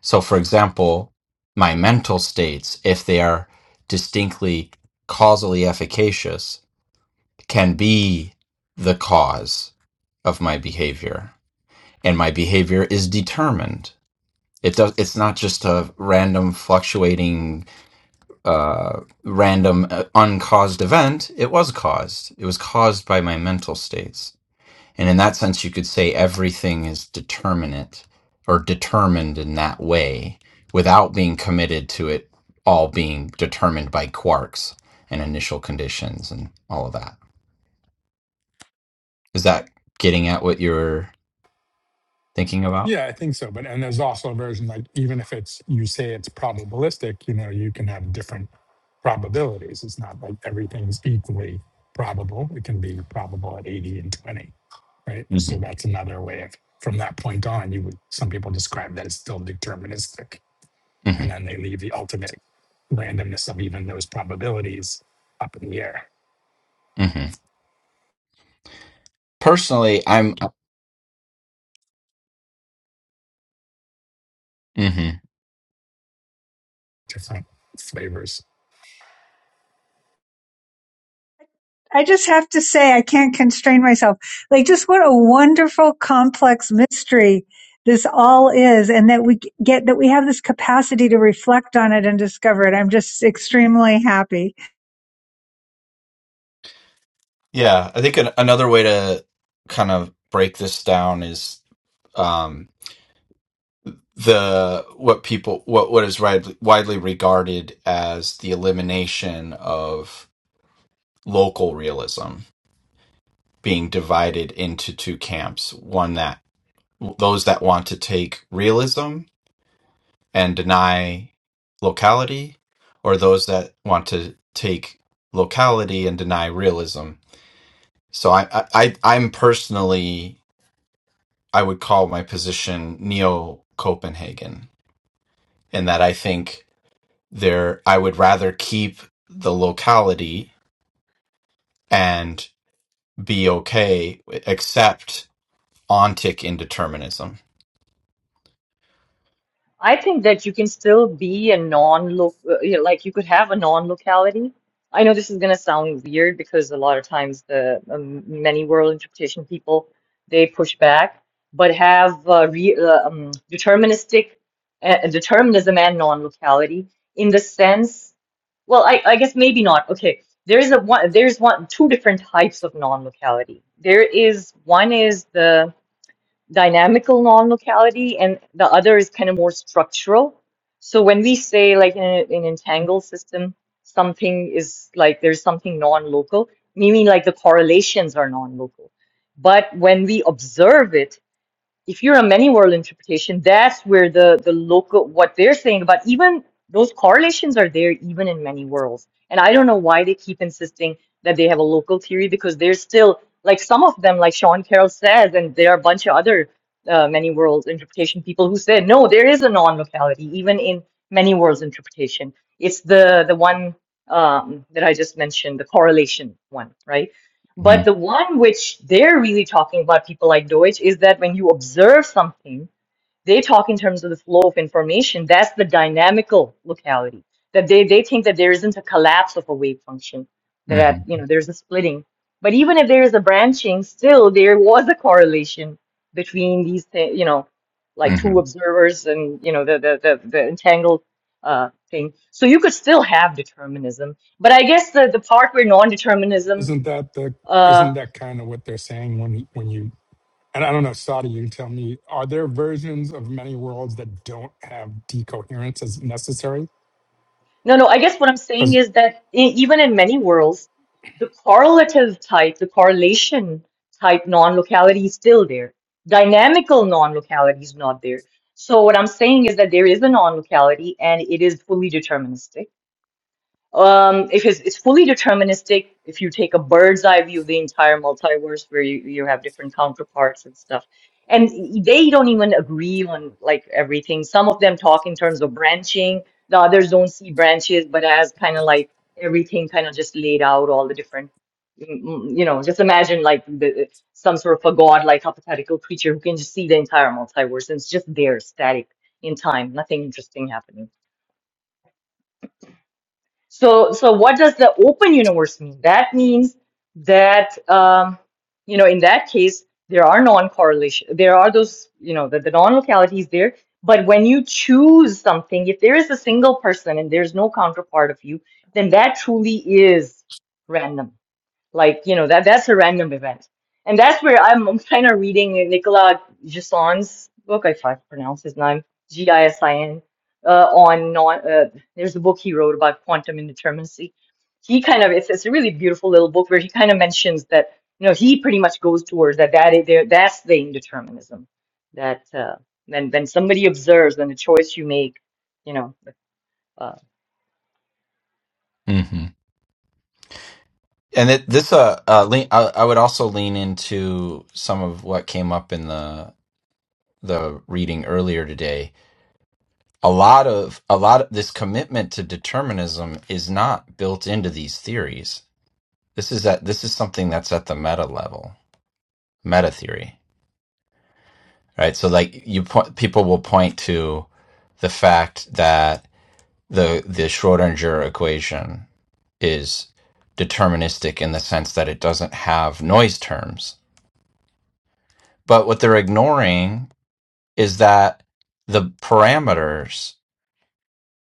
So, for example, my mental states, if they are distinctly causally efficacious, can be the cause of my behavior. And my behavior is determined It does. It's not just a random fluctuating, uh, random uh, uncaused event. It was caused. It was caused by my mental states. And in that sense, you could say everything is determinate or determined in that way without being committed to it all being determined by quarks and initial conditions and all of that. Is that getting at what you're thinking about?
Yeah, I think so. But and there's also a version like even if it's you say it's probabilistic, you know, you can have different probabilities. It's not like everything's equally probable. It can be probable at 80 and 20, right?
hmm
So that's another way of from that point on, you would some people describe that as still deterministic.
hmm
And then they leave the ultimate randomness of even those probabilities up in the air,
hmm Personally, I'm. mhm.
different flavors.
I just have to say, I can't constrain myself. Like, just what a wonderful, complex mystery this all is, and that we get that we have this capacity to reflect on it and discover it. I'm just extremely happy.
Yeah, I think an, another way to kind of break this down is um, the what people what what is widely, widely regarded as the elimination of local realism being divided into two camps, one that those that want to take realism and deny locality or those that want to take locality and deny realism. So I, I I- I'm personally I would call my position neo Copenhagen, in that I think there I would rather keep the locality and be okay, except ontic indeterminism.
I think that you can still be a non-loc, uh, you know, like you could have a non-locality. I know this is going to sound weird because a lot of times the um, many world interpretation people they push back, but have uh, re, uh, um, deterministic uh, determinism and non-locality in the sense. Well, I, I guess maybe not. Okay, there is a one. There's one two different types of non-locality. There is one is the dynamical non-locality and the other is kind of more structural. So when we say like in a- an entangled system, something is like there's something non-local, meaning like the correlations are non-local. But when we observe it, if you're a many world interpretation, that's where the the local what they're saying about even those correlations are there even in many worlds. And I don't know why they keep insisting that they have a local theory because there's still like some of them, like Sean Carroll says, and there are a bunch of other uh, many worlds interpretation people who said no, there is a non-locality even in many worlds interpretation. It's the the one um, that I just mentioned, the correlation one, right?
hmm
But the one which they're really talking about, people like Deutsch, is that when you observe something, they talk in terms of the flow of information. That's the dynamical locality. That they, they think that there isn't a collapse of a wave function, that at,
hmm
you know there's a splitting. But even if there is a branching, still there was a correlation between these thi- you know, like two
hmm
observers and you know the the the, the entangled uh, thing. So you could still have determinism. But I guess the, the part where non-determinism
Isn't that the
uh,
isn't that kind of what they're saying when when you and I don't know, Sada, you can tell me, are there versions of many worlds that don't have decoherence as necessary?
No, no, I guess what I'm saying
Because
is that e- even in many worlds, the correlative type, the correlation type non locality is still there. Dynamical non locality is not there. So, what I'm saying is that there is a non locality and it is fully deterministic. Um, if it's, it's fully deterministic, if you take a bird's eye view of the entire multiverse where you, you have different counterparts and stuff, and they don't even agree on like everything. Some of them talk in terms of branching, the others don't see branches, but as kind of like everything kind of just laid out, all the different, mm, mm, you know, just imagine like the, some sort of a god-like hypothetical creature who can just see the entire multiverse and it's just there, static in time, nothing interesting happening. So, so what does the open universe mean? That means that um, you know, in that case, there are non-correlation. There are those, you know, the, the non-locality is there. But when you choose something, if there is a single person and there's no counterpart of you, then that truly is random. Like, you know, that that's a random event. And that's where I'm, I'm kind of reading Nicolas Gislin's book, if I can't pronounce his name, G-I-S-I-N, uh, on non, uh, there's a book he wrote about quantum indeterminacy. He kind of, it's, it's a really beautiful little book where he kind of mentions that, you know, he pretty much goes towards that, that is there, that's the indeterminism that, uh, when, when somebody observes, when the choice you make, you know, uh,
hmm And it, this, uh, uh lean, I, I would also lean into some of what came up in the the reading earlier today. A lot of a lot of this commitment to determinism is not built into these theories This is at this is something that's at the meta level, meta theory, right? So like you point, people will point to the fact that the the Schrodinger equation is deterministic in the sense that it doesn't have noise terms. But what they're ignoring is that the parameters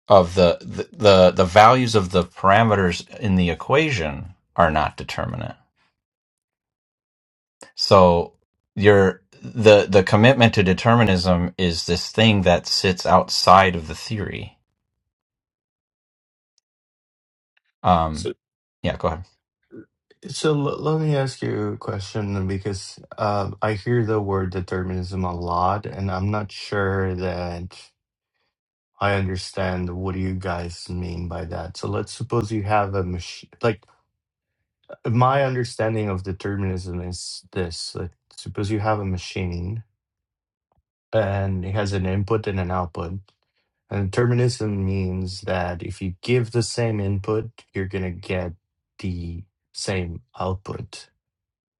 of the the the, the values of the parameters in the equation are not determinate So your the the commitment to determinism is this thing that sits outside of the theory.
So,
Um, yeah, go ahead.
so l- let me ask you a question because uh, I hear the word determinism a lot, and I'm not sure that I understand what do you guys mean by that. So let's suppose you have a machine. Like my understanding of determinism is this: like, suppose you have a machine and it has an input and an output. And determinism means that if you give the same input, you're gonna get the same output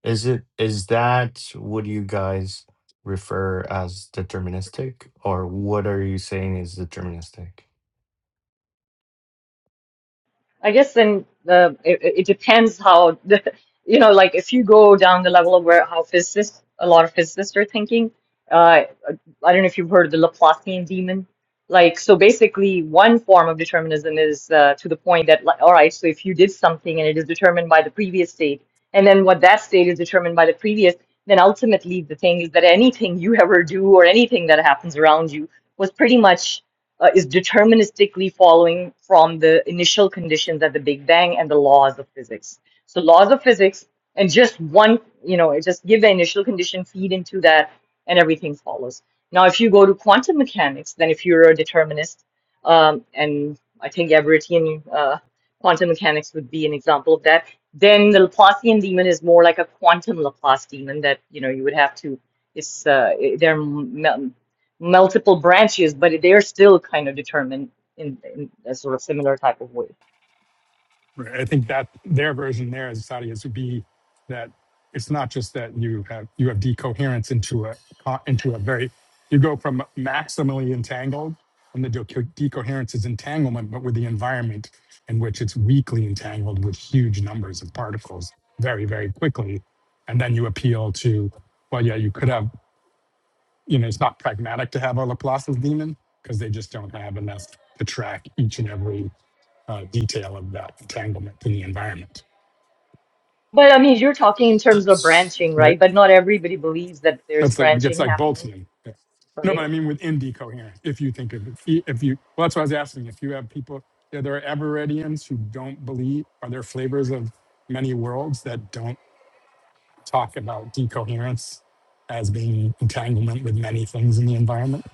Is it is that what you guys refer as deterministic, or what are you saying is deterministic?
I guess then uh, it, it depends how you know, like if you go down the level of where how physicists, a lot of physicists are thinking. Uh, I don't know if you've heard of the Laplacian demon. Like, so basically, one form of determinism is uh, to the point that, like, all right, so if you did something and it is determined by the previous state, and then what that state is determined by the previous, then ultimately the thing is that anything you ever do or anything that happens around you was pretty much uh, is deterministically following from the initial conditions at the Big Bang and the laws of physics. So laws of physics and just one, you know, just give the initial condition, feed into that, and everything follows. Now, if you go to quantum mechanics, then if you're a determinist, um, and I think Everettian uh, quantum mechanics would be an example of that, then the Laplacian demon is more like a quantum Laplace demon that, you know, you would have to, it's, uh, they're multiple branches, but they're still kind of determined in, in a sort of similar type of way.
I think that their version there, as Sadi is, to be that it's not just that you have you have decoherence into a co- into a very you go from maximally entangled, and the deco- decoherence is entanglement, but with the environment in which it's weakly entangled with huge numbers of particles very very quickly, and then you appeal to well, yeah, you could have. you know, it's not pragmatic to have a Laplace's demon because they just don't have enough to track each and every uh, detail of that entanglement in the environment,
But I mean, you're talking in terms of branching,
right?
right? But not everybody believes that there's
That's like, it gets
branching
like
happening,
Boltzmann. Yeah. No, but
right?
I mean within decoherence, if you think of it, i- if you, well, that's what I was asking. If you have people, yeah, there are Everettians who don't believe, are there flavors of many worlds that don't talk about decoherence as being entanglement with many things in the environment?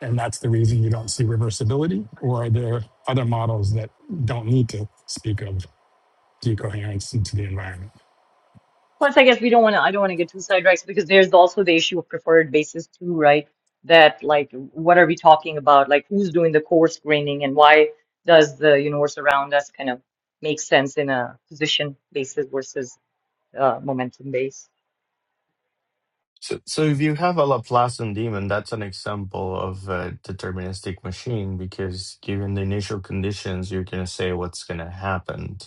And that's the reason you don't see reversibility. Or are there other models that don't need to speak of decoherence into the environment?
Plus, I guess we don't want to, I don't want to get too sidetracked because there's also the issue of preferred basis too, right? That like, what are we talking about? Like, who's doing the core graining, and why does the universe around us kind of make sense in a position basis versus uh, momentum base?
So, so if you have a Laplacian demon, that's an example of a deterministic machine because given the initial conditions, you're going to say what's going to happen,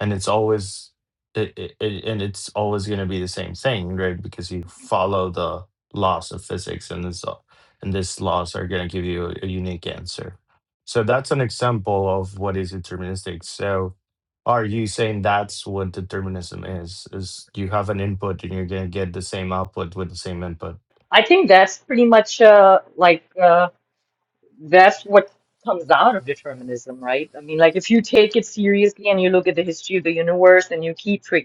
and it's always it, it, it- and it's always going to be the same thing, right? Because you follow the laws of physics, and this and these laws are going to give you a, a unique answer. So that's an example of what is deterministic. So are you saying that's what determinism is? Is you have an input and you're going to get the same output with the same input?
I think that's pretty much uh, like uh, that's what comes out of determinism, right? I mean, like if you take it seriously and you look at the history of the universe and you keep tra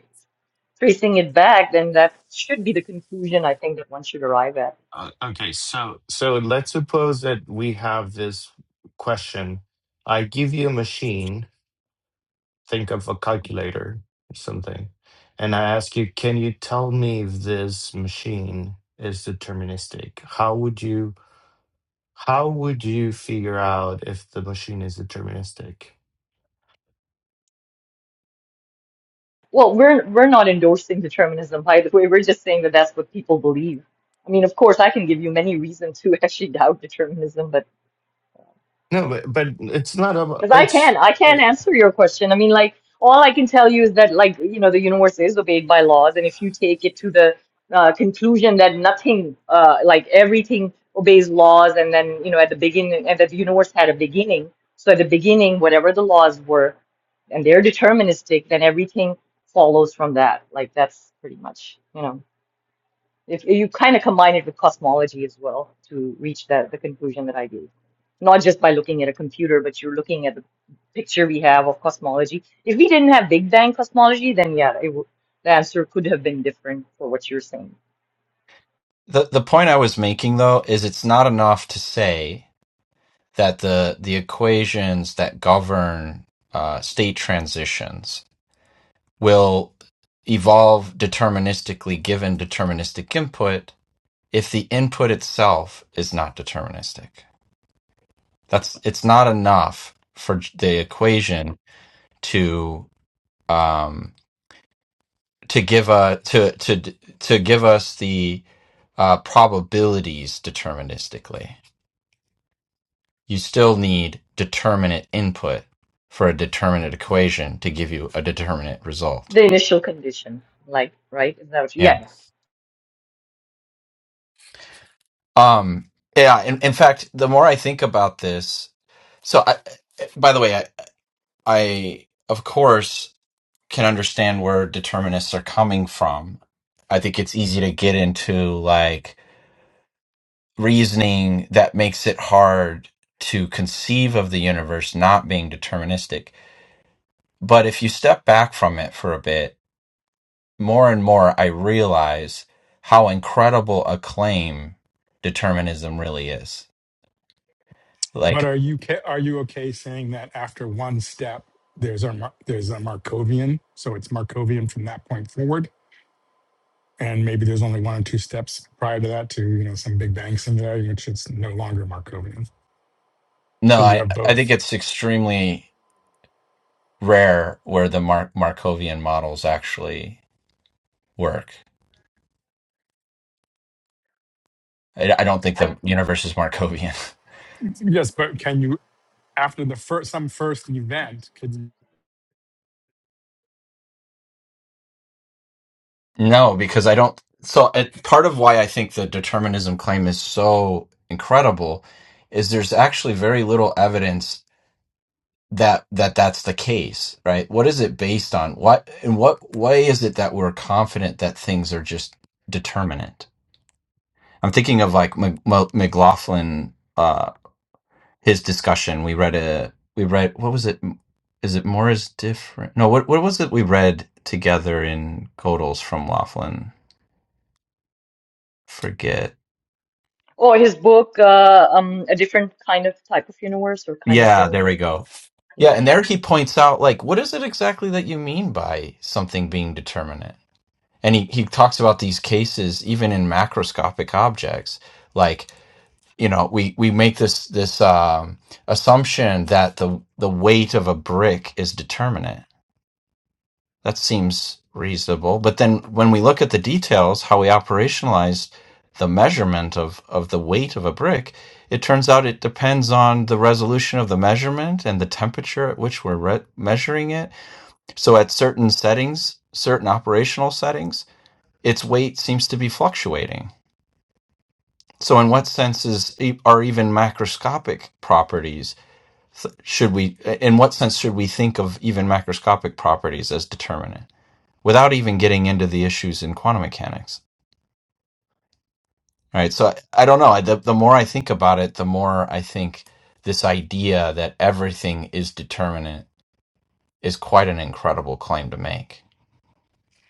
tracing it back, then that should be the conclusion I think that one should arrive at.
Uh, okay, so So let's suppose that we have this question. I give you a machine, think of a calculator or something, and I ask you, can you tell me if this machine is deterministic? How would you how would you figure out if the machine is deterministic?
Well, we're we're not endorsing determinism, by the way. We're just saying that that's what people believe. I mean, of course, I can give you many reasons to actually doubt determinism, but
No, but, but it's not about
Because I
it's
can, I can answer your question. I mean, like, all I can tell you is that, like, you know, the universe is obeyed by laws, and if you take it to the uh, conclusion that nothing, uh, like everything obeys laws, and then, you know, at the beginning, and that the universe had a beginning, so at the beginning, whatever the laws were, and they're deterministic, then everything follows from that. Like, that's pretty much, you know. If you kind of combine it with cosmology as well to reach the, the conclusion that I gave, not just by looking at a computer, but you're looking at the picture we have of cosmology. If we didn't have Big Bang cosmology, then yeah, it w the answer could have been different for what you're saying.
the The point I was making though is it's not enough to say that the the equations that govern uh, state transitions will evolve deterministically given deterministic input if the input itself is not deterministic. That's it's not enough for the equation to um, to give a to to to give us the uh, probabilities deterministically. You still need determinate input for a determinate equation to give you a determinate result.
The initial condition, like, right? Is that what you,
Yeah.
yeah. yeah.
Um. Yeah. In, in fact, the more I think about this, so I, by the way, I, I of course can understand where determinists are coming from. I think it's easy to get into like reasoning that makes it hard to conceive of the universe not being deterministic. But if you step back from it for a bit, more and more I realize how incredible a claim determinism really is.
But
Like,
are you ca- are you okay saying that after one step there's a Mar- there's a Markovian, so it's Markovian from that point forward, and maybe there's only one or two steps prior to that to you know some big bang similarity, which it's no longer Markovian.
no,
So you
I,
have
I think
both.
it's extremely rare where the Mar- Markovian models actually work. I, I don't think
I,
the universe is Markovian.
Yes, but can you after the first some first event could you,
No, because I don't. So it, part of why I think the determinism claim is so incredible is there's actually very little evidence that that that's the case, right? What is it based on? What in what way is it that we're confident that things are just determinate? I'm thinking of like Mc- Mc- McLaughlin, uh, his discussion. We read a we read what was it? Is it more is different? No, what what was it we read together in Godels from Laughlin? Forget
or his book, uh, um, A Different Kind of Type of Universe or Kind of
Yeah, there
Universe.
we go. Yeah,
Yeah.
and there he points out like what is it exactly that you mean by something being determinate? And he, he talks about these cases even in macroscopic objects. Like, you know, we, we make this this um, assumption that the the weight of a brick is determinate that seems reasonable. But then when we look at the details, how we operationalized the measurement of, of the weight of a brick, it turns out it depends on the resolution of the measurement and the temperature at which we're re- measuring it. So at certain settings, certain operational settings, its weight seems to be fluctuating. So in what sense is, e, are even macroscopic properties should we in what sense should we think of even macroscopic properties as determinant? without even getting into the issues in quantum mechanics. All right. So I, I don't know. I, the, the more I think about it, the more I think this idea that everything is determinate is quite an incredible claim to make.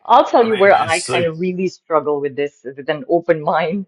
I'll tell
I
you
mean,
where I
it's
kind
like,
of really struggle with this with an open mind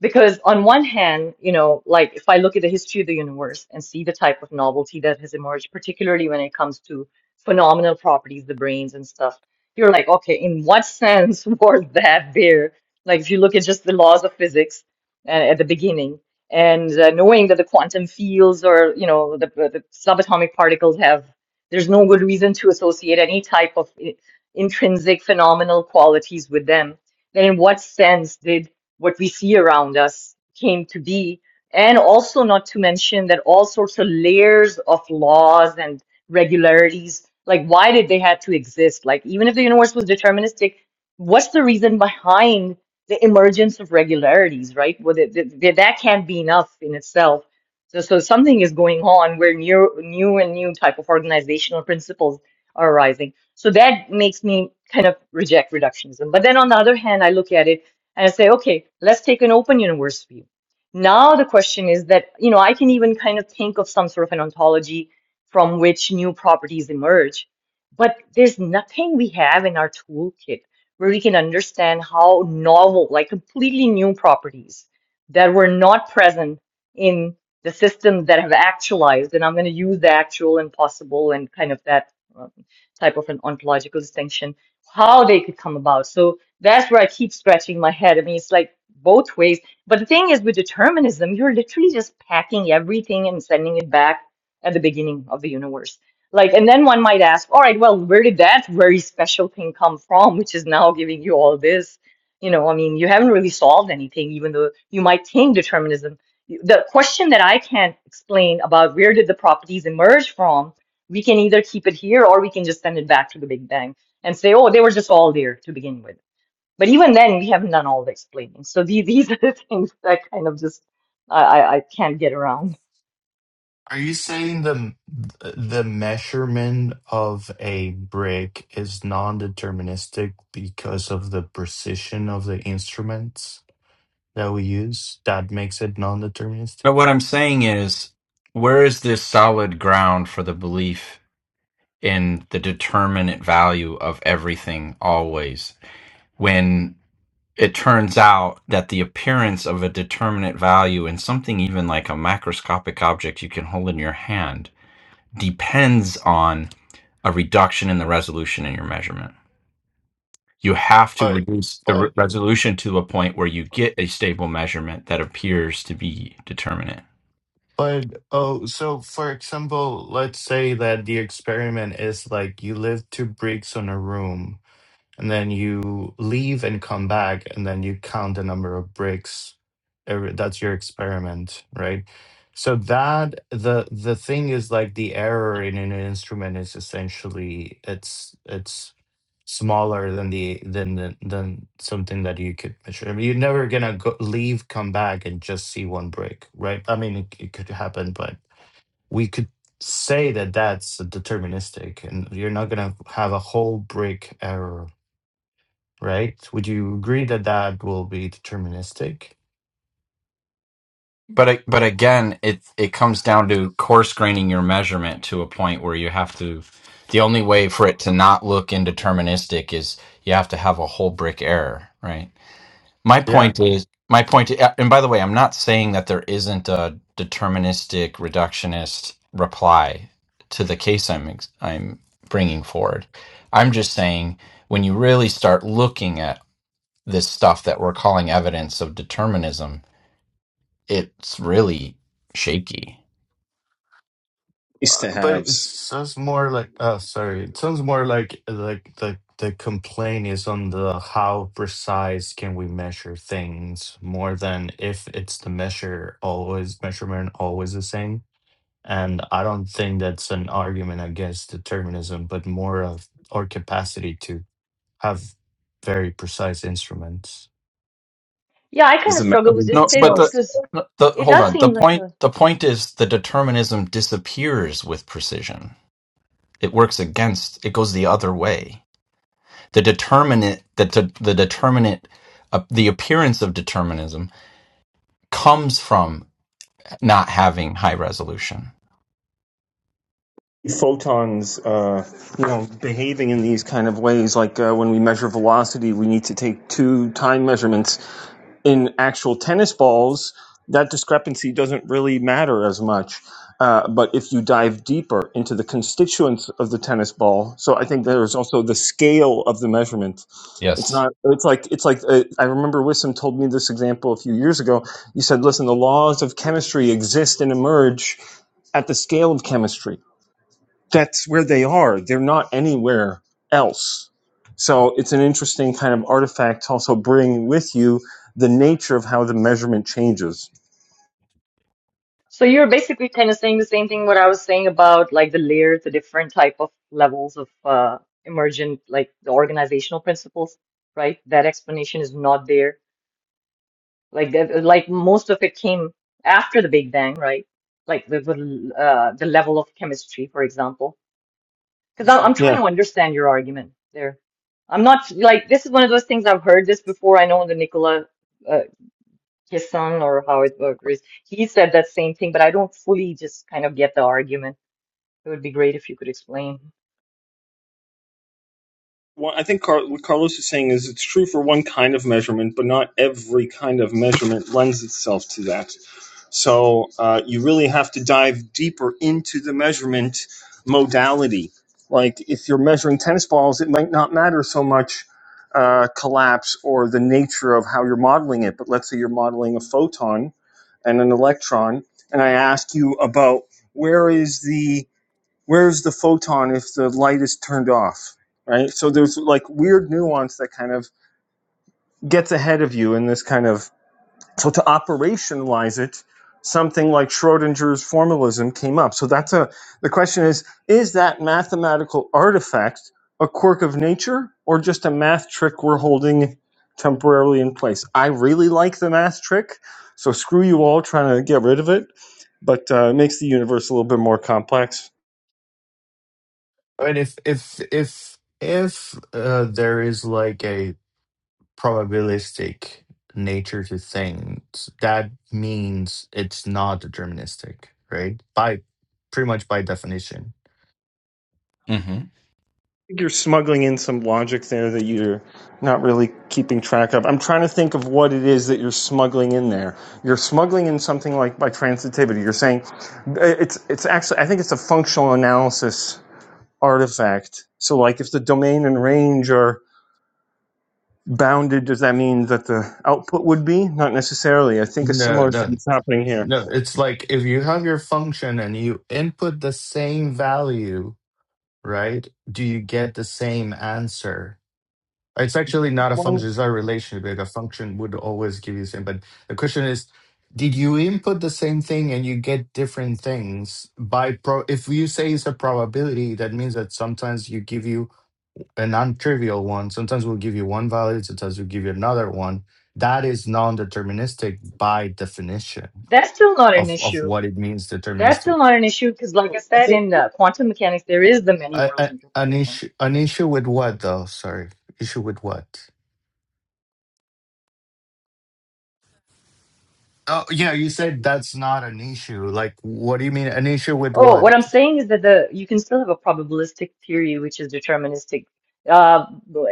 Because on one hand, you know, like if I look at the history of the universe and see the type of novelty that has emerged, particularly when it comes to phenomenal properties, the brains and stuff, you're like, okay, in what sense was that there? Like if you look at just the laws of physics uh, at the beginning and uh, knowing that the quantum fields or, you know, the, the subatomic particles have, there's no good reason to associate any type of i- intrinsic phenomenal qualities with them then in what sense did what we see around us came to be. And also, not to mention that all sorts of layers of laws and regularities, like why did they have to exist? Like, even if the universe was deterministic, what's the reason behind the emergence of regularities, right? Well, th th th- that can't be enough in itself. So, so something is going on where new, new and new type of organizational principles are arising. So that makes me kind of reject reductionism. But then on the other hand, I look at it and I say, okay, let's take an open universe view. Now the question is that, you know, I can even kind of think of some sort of an ontology from which new properties emerge, but there's nothing we have in our toolkit where we can understand how novel, like completely new properties that were not present in the systems that have actualized. And I'm going to use the actual and possible and kind of that um, type of an ontological distinction, how they could come about. So that's where I keep scratching my head. I mean, it's like both ways. But the thing is, with determinism, you're literally just packing everything and sending it back at the beginning of the universe. Like, and then one might ask, all right, well, where did that very special thing come from, which is now giving you all this? You know, I mean, you haven't really solved anything, even though you might think determinism. The question that I can't explain about where did the properties emerge from, we can either keep it here or we can just send it back to the Big Bang and say, oh, they were just all there to begin with but even then, we haven't done all the explaining. So these these are the things that kind of just I I, I can't get around.
are you saying the the measurement of a brick is non-deterministic because of the precision of the instruments that we use? That makes it
But what
non-deterministic.
I'm saying is, where is this solid ground for the belief in the determinate value of everything always when it turns out that the appearance of a determinate value in something even like a macroscopic object you can hold in your hand depends on a reduction in the resolution in your measurement. You have to
But
reduce the re-
but
resolution to a point where you get a stable measurement that appears to be determinate.
but oh, so for example, let's say that the experiment is like you live two bricks on a room and then you leave and come back and then you count the number of bricks every, that's your experiment right so that the the thing is like the error in an instrument is essentially it's it's smaller than the than the, than something that you could measure I mean, you're never gonna go, leave come back and just see one break, right i mean it, it could happen but we could say that that's deterministic and you're not gonna have a whole break error right? Would you agree that that will be deterministic?
But a- but again, it it comes down to coarse graining your measurement to a point where you have to. The only way for it to not look indeterministic is you have to have a whole brick error, right? My
Yeah,
point is my point. uh, And by the way, I'm not saying that there isn't a deterministic reductionist reply to the case I'm ex- I'm bringing forward. I'm just saying when you really start looking at this stuff that we're calling evidence of determinism it's really shaky.
nice to
uh, but it
haves
sounds more like oh, sorry, it sounds more like like the the complaint is on the how precise can we measure things more than if it's the measure always measurement always the same. And I don't think that's an argument against determinism, but more of our capacity to have very precise instruments.
Yeah, I kind
is the
of struggle with
magazine
this
No,
too
but
itself.
the
because
no, the
it
hold
does
on. The
seem like
point
a.
the point is the determinism disappears with precision. It works against. It goes the other way. The determinant the the, the determinant uh, the appearance of determinism comes from not having high resolution.
Photons, uh, you know, behaving in these kind of ways, like uh, when we measure velocity, we need to take two time measurements in actual tennis balls, that discrepancy doesn't really matter as much. Uh, but if you dive deeper into the constituents of the tennis ball, so I think there's also the scale of the measurement. It's
Yes.
not. It's like it's like uh, I remember Wissam told me this example a few years ago. You said, "Listen, the laws of chemistry exist and emerge at the scale of chemistry." that's where they are. They're not anywhere else. So it's an interesting kind of artifact to also bring with you the nature of how the measurement changes.
So you're basically kind of saying the same thing what I was saying about like the layers, the different type of levels of uh, emergent, like the organizational principles, right? That explanation is not there. Like that, like most of it came after the Big Bang, right? Like the the, uh, the level of chemistry, for example Because I'm, I'm trying
Yeah.
to understand your argument there. I'm not like this is one of those things I've heard this before. I know the Nicola uh, Kisson or how it or is. He said that same thing, but I don't fully just kind of get the argument. It would be great if you could explain.
Well, I think Car- what Carlos is saying is it's true for one kind of measurement, but not every kind of measurement lends itself to that. So uh, you really have to dive deeper into the measurement modality. Like if you're measuring tennis balls, it might not matter so much uh, collapse or the nature of how you're modeling it. But let's say you're modeling a photon and an electron, and I ask you about where is the where is the photon if the light is turned off, right? So there's like weird nuance that kind of gets ahead of you in this kind of so to operationalize it, something like Schrodinger's formalism came up. So that's a the question is is that mathematical artifact a quirk of nature or just a math trick we're holding temporarily in place? I really like the math trick, so screw you all trying to get rid of it, but uh, it makes the universe a little bit more complex.
I mean, if if if if uh, there is like a probabilistic nature to things, that means it's not deterministic, right? By pretty much by definition.
hmm
think you're smuggling in some logic there that you're not really keeping track of. I'm trying to think of what it is that you're smuggling in there. You're smuggling in something like by transitivity. You're saying uh, it's it's actually I think it's a functional analysis artifact. So like if the domain and range are bounded, does that mean that the output would be? Not necessarily. I think a
No,
similar thing
no,
is happening here.
no. It's like if you have your function and you input the same value, right? Do you get the same answer? It's actually not a
One
function, it's not a relationship. A function would always give you the same. But the question is, did you input the same thing and you get different things by pro if you say it's a probability, that means that sometimes you give you a non-trivial one, sometimes we'll give you one value, sometimes we'll give you another one. That is non-deterministic by definition
That's still not an
of, of
issue.
what it means
That's
deterministic.
still not an issue because, like I
I
said,
think
in uh, quantum mechanics, there is the many
I,
worlds
I, an
interpretation.
issue an issue with what though? Sorry. Issue with what? Oh, yeah, you said that's not an issue. Like, what do you mean? An issue with
Oh,
what?
what I'm saying is that the you can still have a probabilistic theory, which is deterministic, uh,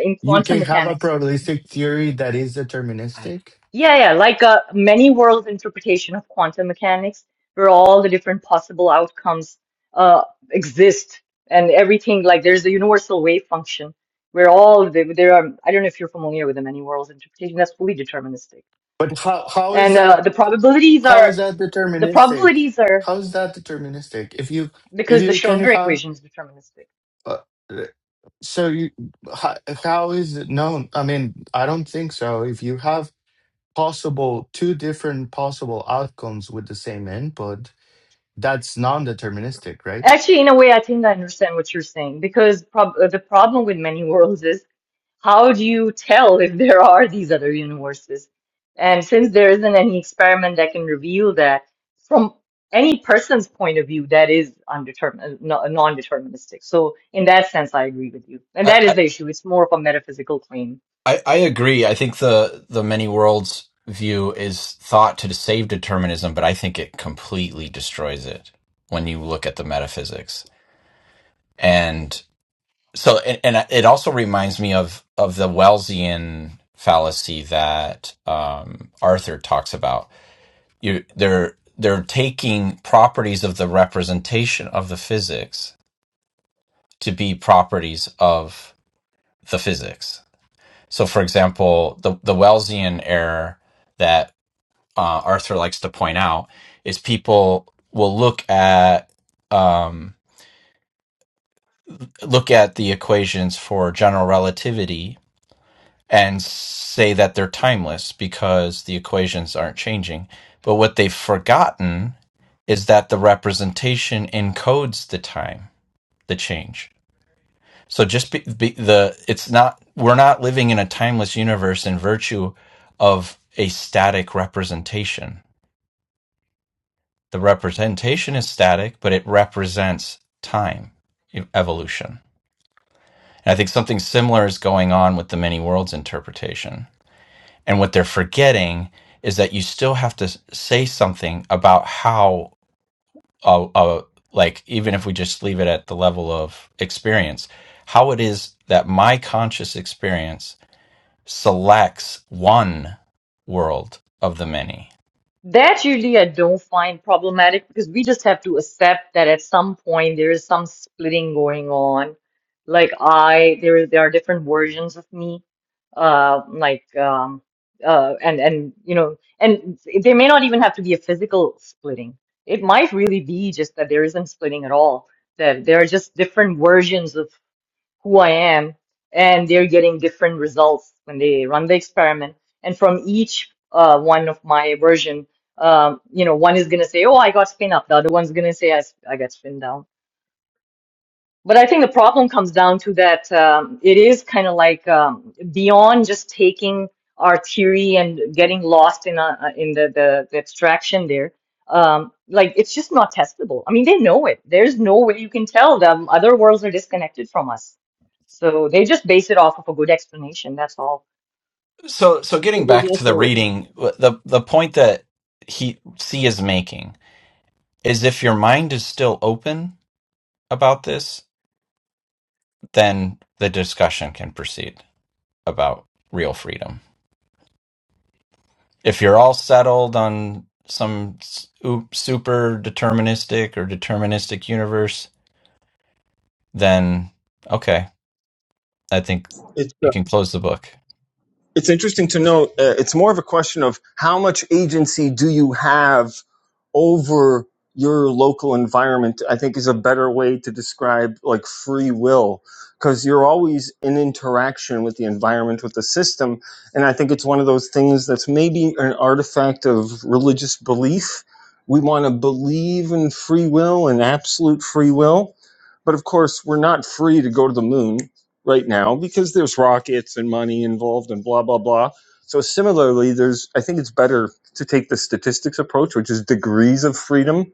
in
You
quantum
can have a
mechanics.
probabilistic theory that is deterministic,
Yeah, yeah, like a many worlds interpretation of quantum mechanics, where all the different possible outcomes uh, exist and everything. Like there's the universal wave function, where all the there are. I don't know if you're familiar with the many worlds interpretation. That's fully deterministic,
but how how is
and uh,
that
the probabilities
how is
are
that
the
deterministic?
probabilities are
How is that deterministic? If you if
because the
you can
Schrödinger
have
equation is deterministic.
uh, so you how, how is it known? I mean, I don't think so. If you have possible two different possible outcomes with the same input, That's non-deterministic, right?
Actually, in a way, I think I understand what you're saying because prob uh, the problem with many worlds is how do you tell if there are these other universes? And since there isn't any experiment that can reveal that from any person's point of view, that is undetermined, non-deterministic. So in that sense, I agree with you. And that is the issue. It's more of a metaphysical claim.
I, I agree. I think the the many worlds view is thought to save determinism, but I think it completely destroys it when you look at the metaphysics. And so, and, and it also reminds me of of the Wellesian fallacy that um, Arthur talks about. You they're they're taking properties of the representation of the physics to be properties of the physics. So, for example, the the Wellesian error that uh, Arthur likes to point out is people will look at um, look at the equations for general relativity and say that they're timeless because the equations aren't changing. But what they've forgotten is that the representation encodes the time, the change. So just be, be the it's not we're not living in a timeless universe in virtue of a static representation The representation is static, but it represents time e- evolution. And I think something similar is going on with the many worlds interpretation. And what they're forgetting is that you still have to say something about how, uh, uh, like, even if we just leave it at the level of experience, how it is that my conscious experience selects one world of the many
That usually I don't find problematic because we just have to accept that at some point there is some splitting going on. Like I, there is- there are different versions of me, uh, like um, uh, and and you know, and there may not even have to be a physical splitting. It might really be just that there isn't splitting at all. That there are just different versions of who I am, and they're getting different results when they run the experiment. And from each uh, one of my version, um, you know, one is gonna say, "Oh, I got spin up," the other one's gonna say, "I, s- I got spin down." But I think the problem comes down to that um, it is kind of like um, beyond just taking our theory and getting lost in uh, uh, in the, the, the abstraction there. Um, like it's just not testable. I mean, they know it. There's no way you can tell them other worlds are disconnected from us. So they just base it off of a good explanation. That's all.
So, so
it
getting
was
back to the
also
reading, the the point that he C is making is if your mind is still open about this, then the discussion can proceed about real freedom. If you're all settled on some s- u- super deterministic or deterministic universe, then okay, I think
it's uh,
you can close the book.
it's interesting to note uh, it's more of a question of how much agency do you have over your local environment i think is a better way to describe like free will because you're always in interaction with the environment with the system and i think it's one of those things that's maybe an artifact of religious belief we want to believe in free will and absolute free will but of course we're not free to go to the moon right now because there's rockets and money involved and blah blah blah. So similarly, there's I think it's better to take the statistics approach, which is degrees of freedom.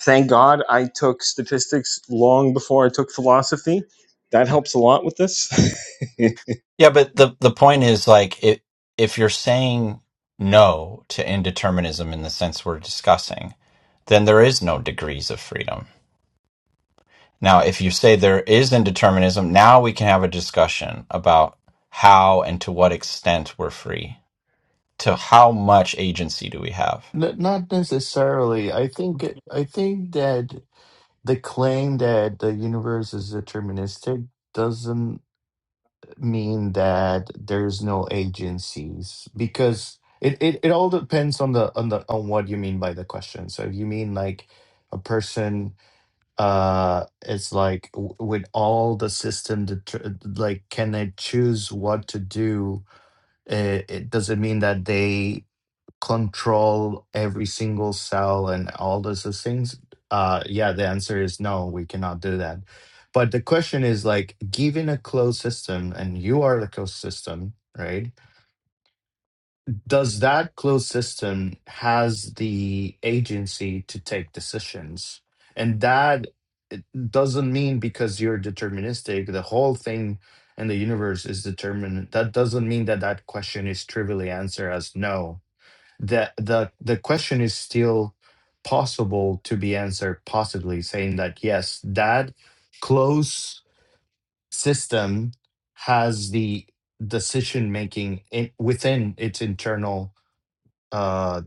Thank God I took statistics long before I took philosophy. That helps a lot with this.
Yeah, but the the point is like it, if you're saying no to indeterminism in the sense we're discussing then there is no degrees of freedom. Now, if you say there is indeterminism, now we can have a discussion about how and to what extent we're free. To how much agency do we have?
N- Not necessarily. I think I think that the claim that the universe is deterministic doesn't mean that there's no agencies because it, it, it all depends on the on the on what you mean by the question so if you mean like a person uh it's like w- with all the system det- like can they choose what to do it, it does it mean that they control every single cell and all those those things? Uh, yeah, the answer is no, we cannot do that. But the question is like, given a closed system, and you are the closed system, right? Does that closed system has the agency to take decisions? And that it doesn't mean because you're deterministic, the whole thing and the universe is determined. That doesn't mean that that question is trivially answered as no the the the question is still possible to be answered possibly saying that yes that close system has the decision making in, within its internal uh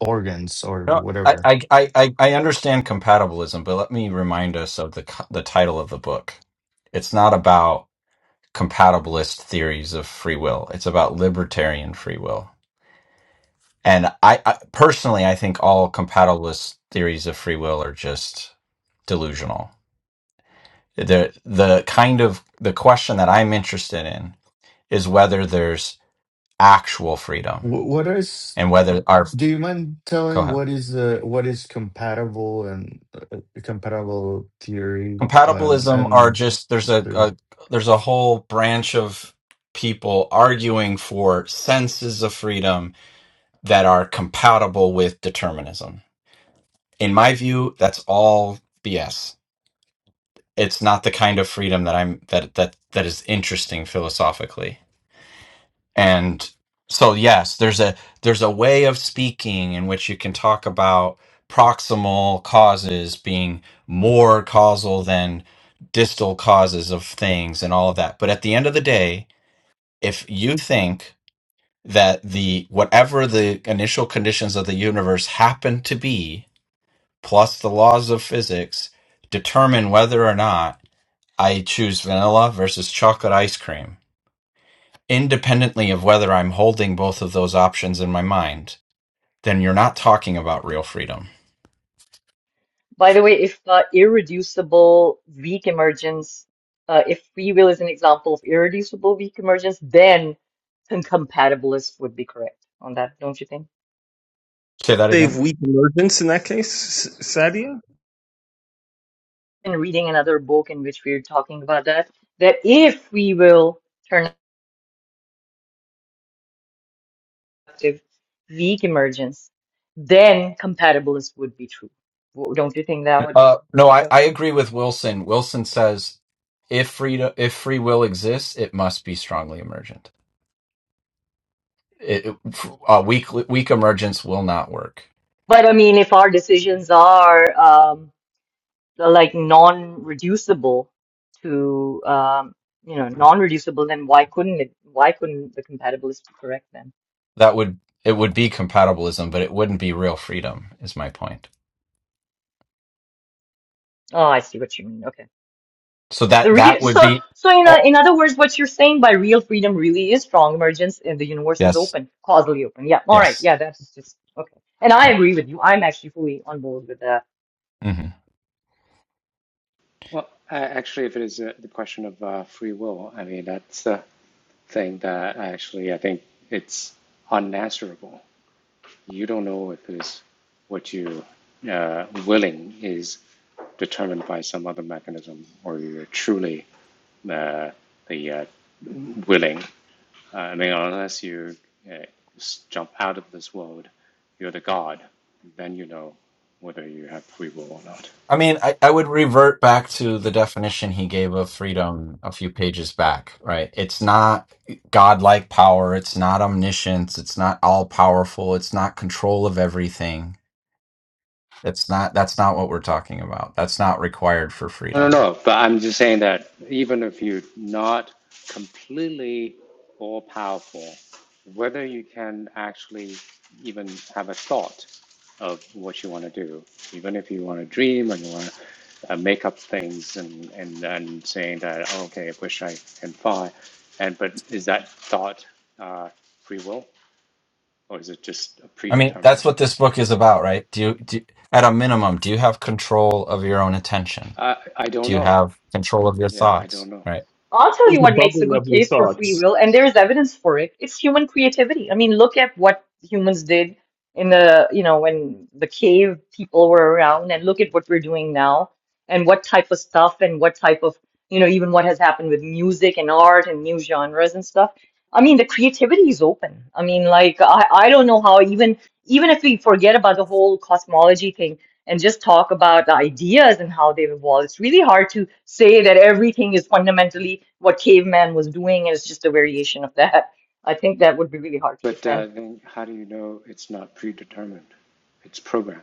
organs or
No, I,
whatever
I, I, I I understand compatibilism, but let me remind us of the co- the title of the book. It's not about compatibilist theories of free will. It's about libertarian free will. And I, I personally, I think all compatibilist theories of free will are just delusional the the kind of the question that I'm interested in is whether there's actual freedom
Wh- what is
and whether our
do you mind
go
telling
ahead
what is the what is compatible and uh, compatible theory um
compatibilism are
and
just there's a, a there's a whole branch of people arguing for senses of freedom that are compatible with determinism. In my view, that's all BS. It's not the kind of freedom that I'm that that that is interesting philosophically and so yes there's a there's a way of speaking in which you can talk about proximal causes being more causal than distal causes of things and all of that but at the end of the day if you think that the whatever the initial conditions of the universe happen to be plus the laws of physics determine whether or not i choose vanilla versus chocolate ice cream independently of whether I'm holding both of those options in my mind, then you're not talking about real freedom.
By the way, if uh, irreducible weak emergence, uh, if free will is an example of irreducible weak emergence, then incompatibilists would be correct on that, don't you think?
Say that
Save
again.
weak emergence in that case, S- Sadia.
And reading another book in which we're talking about that, that if free will turn out to weak emergence, then compatibilists would be true. W- Don't you think that would
Uh, no, I,
go?
I agree with Wilson. Wilson says if freedom, if free will exists, it must be strongly emergent. It, it- f- uh, weak weak emergence will not work.
But I mean, if our decisions are um, like non-reducible to um, you know non-reducible, then why couldn't it? Why couldn't the compatibilist be correct then?
That would it would be compatibilism, but it wouldn't be real freedom. Is my point.
Oh, I see what you mean. Okay,
So
the
that
real
that would
so
be.
so in o-
Oh,
in other words, what you're saying by real freedom really is strong emergence, and the universe is
yes.
open, causally open. Yeah, all right,
Yes.
yeah, that's just okay. And I
Yeah.
agree with you. I'm actually fully on board with that.
mm-hmm.
Well, uh, actually, if it is uh, the question of uh, free will, I mean, that's the thing that actually I think it's unanswerable. You don't know if it's what you uh, willing is determined by some other mechanism, or you're truly uh, the uh, willing. Uh, I mean, unless you uh, jump out of this world, you're the god, then you know whether you have free will or not.
I mean, I, I would revert back to the definition he gave of freedom a few pages back, right? It's not godlike power. It's not omniscience. It's not all powerful. It's not control of everything. It's not, that's not what we're talking about. That's not required for
No, no,
freedom.
no. But I'm just saying that even if you're not completely all powerful, whether you can actually even have a thought of what you want to do, even if you want to dream and you want to uh, make up things and, and, and saying that, oh, okay, I wish I can fly. And, but is that thought uh, free will or is it just a
I mean,
predetermined?
that's what this book is about, right? Do you, do, at a minimum, do you have control of your own attention?
I, I don't
Do you
know.
have control of your
Yeah, I
thoughts,
don't know.
right?
I'll tell
Close
you
The
what makes a
bubble
good
of your
case for free
thoughts
will, and there is evidence for it. It's human creativity. I mean, look at what humans did in the, you know, when the cave people were around, and look at what we're doing now, and what type of stuff, and what type of, you know, even what has happened with music and art and new genres and stuff. I mean, the creativity is open. I mean, like I, I don't know how even even if we forget about the whole cosmology thing, and just talk about the ideas and how they've evolved. It's really hard to say that everything is fundamentally what caveman was doing and it's just a variation of that. I think that would be really hard to
But
defend.
uh, then, how do you know it's not predetermined? It's programmed.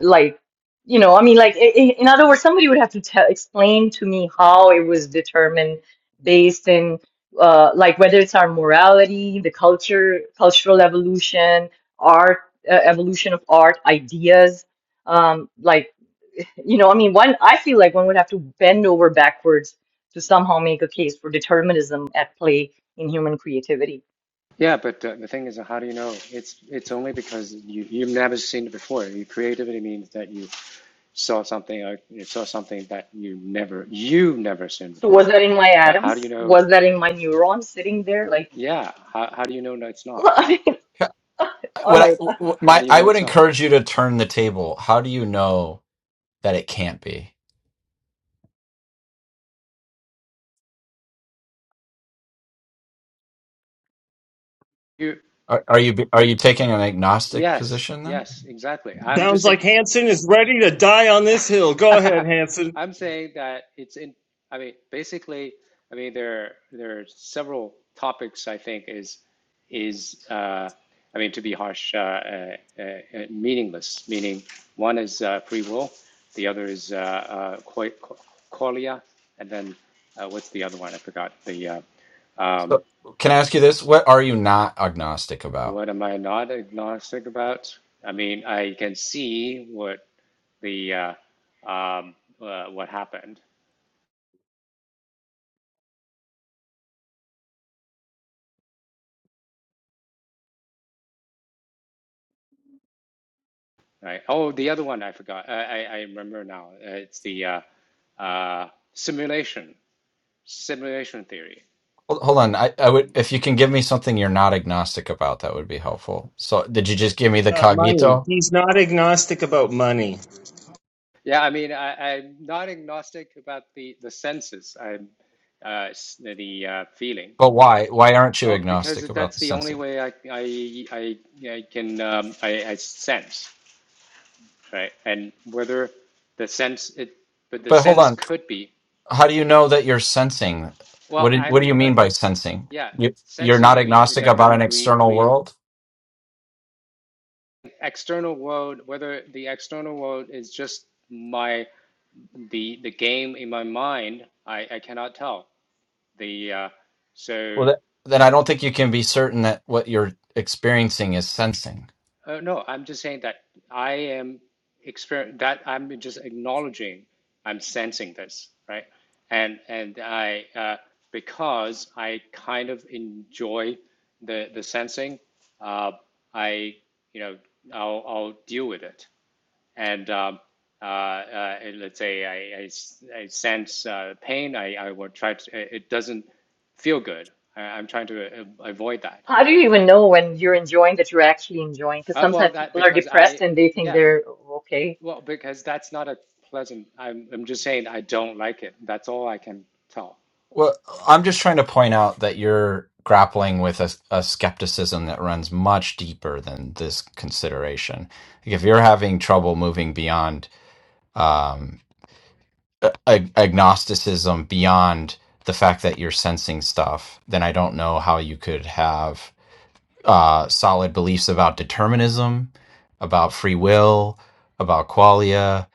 Like, you know, I mean, like, i- i- in other words, somebody would have to tell, explain to me how it was determined based in, uh, like, whether it's our morality, the culture, cultural evolution, art, uh, evolution of art, ideas. Um, like, You know, I mean, one, I feel like one would have to bend over backwards to somehow make a case for determinism at play in human creativity.
Yeah, but uh, the thing is, how do you know? It's it's only because you you've never seen it before. Your creativity means that you saw something or you saw something that you never you've never seen
So was
before.
that in my
But how do
atoms?
you know?
Was that in my neurons sitting there? Like,
Yeah, how how do you know that it's not?
I mean,
Yeah,
all
What
right.
I,
How,
what
how
my,
do you
I
know
would
it's not?
encourage you to turn the table. How do you know? that it can't be.
You
Are, are you are you taking an agnostic
yes,
position then?
yes, exactly. I'm just
sounds
saying.
like Hanson is ready to die on this hill. Go ahead, Hanson.
I'm saying that it's in, I mean, basically, I mean, there there are several topics I think is is uh, I mean, to be harsh, uh, uh, uh, meaningless. Meaning, one is uh, free will, the other is uh, uh, koi- ko- kolia, and then uh, what's the other one? I forgot. The uh, um,
So can I ask you this? What are you not agnostic about?
what am I not agnostic about? I mean, I can see what the uh, um, uh, what happened, Right. Oh, the other one I forgot. I, I, remember now. Uh, it's the uh, uh, simulation, simulation theory.
Hold, hold on. I, I would
And
if you can give me something you're not agnostic about, that would be helpful. So did you just give me the
Uh, money.
cognito?
He's not agnostic about money.
yeah, I mean, I, I'm not agnostic about the, the senses. I'm uh, the uh, feeling.
But why? Why aren't you
Oh,
agnostic
because
about
that's
the
the only
senses?
way I I I, I can um, I, I sense, right? And whether the sense it, but the
But hold
sense
on.
could be.
How do you know that you're sensing?
Well,
What do, what do you
I'm uh,
mean by sensing?
yeah
You, you're
sensing.
not
I mean,
agnostic
okay,
about an
I'm re,
external
re
world?
external world whether the external world is just my the the game in my mind i i cannot tell the uh,
Well,
so
that, then I don't think you can be certain that what you're experiencing is sensing.
uh, no i'm just saying that i am exper that i'm just acknowledging i'm sensing this right and and i uh, because i kind of enjoy the the sensing uh, i you know i'll i'll deal with it and um, uh, uh, let's say I I, I sense uh, pain, I, I will try to, it doesn't feel good. I, I'm trying to uh, avoid that.
How do you even know when you're enjoying that you're actually enjoying? Because
Uh, well,
sometimes
that
people are
because
depressed
I,
and they think
yeah,
they're okay.
well, because that's not a pleasant, I'm, I'm just saying I don't like it. That's all I can tell.
Well, I'm just trying to point out that you're grappling with a, a skepticism that runs much deeper than this consideration. Like if you're having trouble moving beyond um, a- ag- agnosticism, beyond the fact that you're sensing stuff, then I don't know how you could have. uh, solid beliefs about determinism, about free will, about qualia.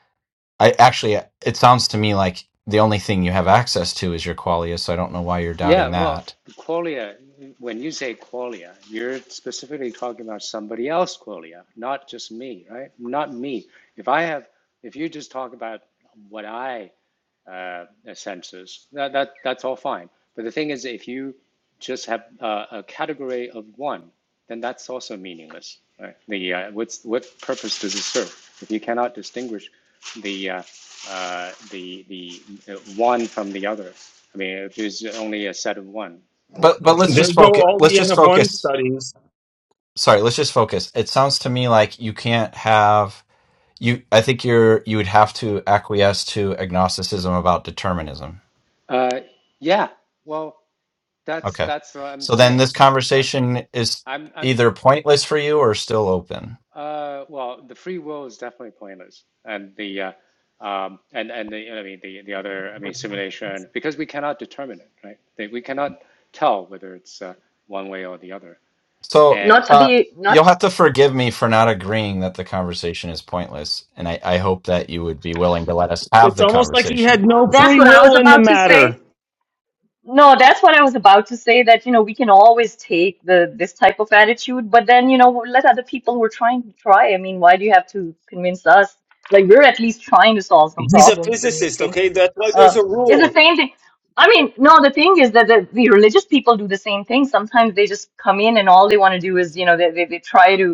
I actually, it sounds to me like the only thing you have access to is your qualia, so I don't know why you're
Yeah,
doubting
well,
that.
qualia, when you say qualia, you're specifically talking about somebody else qualia, not just me, right? Not me. If I have, if you just talk about what I uh, uh, sensors. That, that, that's all fine. But the thing is, if you just have uh, a category of one, then that's also meaningless. Right? The uh, what's what purpose does it serve? If you cannot distinguish the uh, uh, the the uh, one from the other, I mean, if there's only a set of one,
But but let's
There
just
go
focus.
all
Let's
the N
just
of one
focus.
studies
Sorry, let's just focus. It sounds to me like you can't have you. I think you're you would have to acquiesce to agnosticism about determinism.
uh, yeah. Well, that's
Okay,
that's what I'm
so then
saying.
this
I,
conversation is
I'm I'm
either pointless for you or still open.
Uh, well, the free will is definitely pointless, and the uh, um, and and the you know, I mean the the other I mean simulation because we cannot determine it, right? They, we cannot tell whether it's uh, one way or the other.
So
And
Not to
uh,
be,
you'll
not,
have to forgive me for not agreeing that the conversation is pointless, and I, I hope that you would be willing to let us have
It's
the
almost like he had
conversation.
no
that's
free
what I was
will in the
about to say.
matter.
No, that's what I was about to say that, you know, we can always take the this type of attitude, but then, you know, let other people who are trying to try. I mean, why do you have to convince us? Like we're at least trying to solve some
He's a
problems and we
physicist,
think
okay? That's why
uh
there's a
it's the
rule.
same thing. I mean, no, the thing is that the, the religious people do the same thing. Sometimes they just come in and all they want to do is, you know, they, they they try to,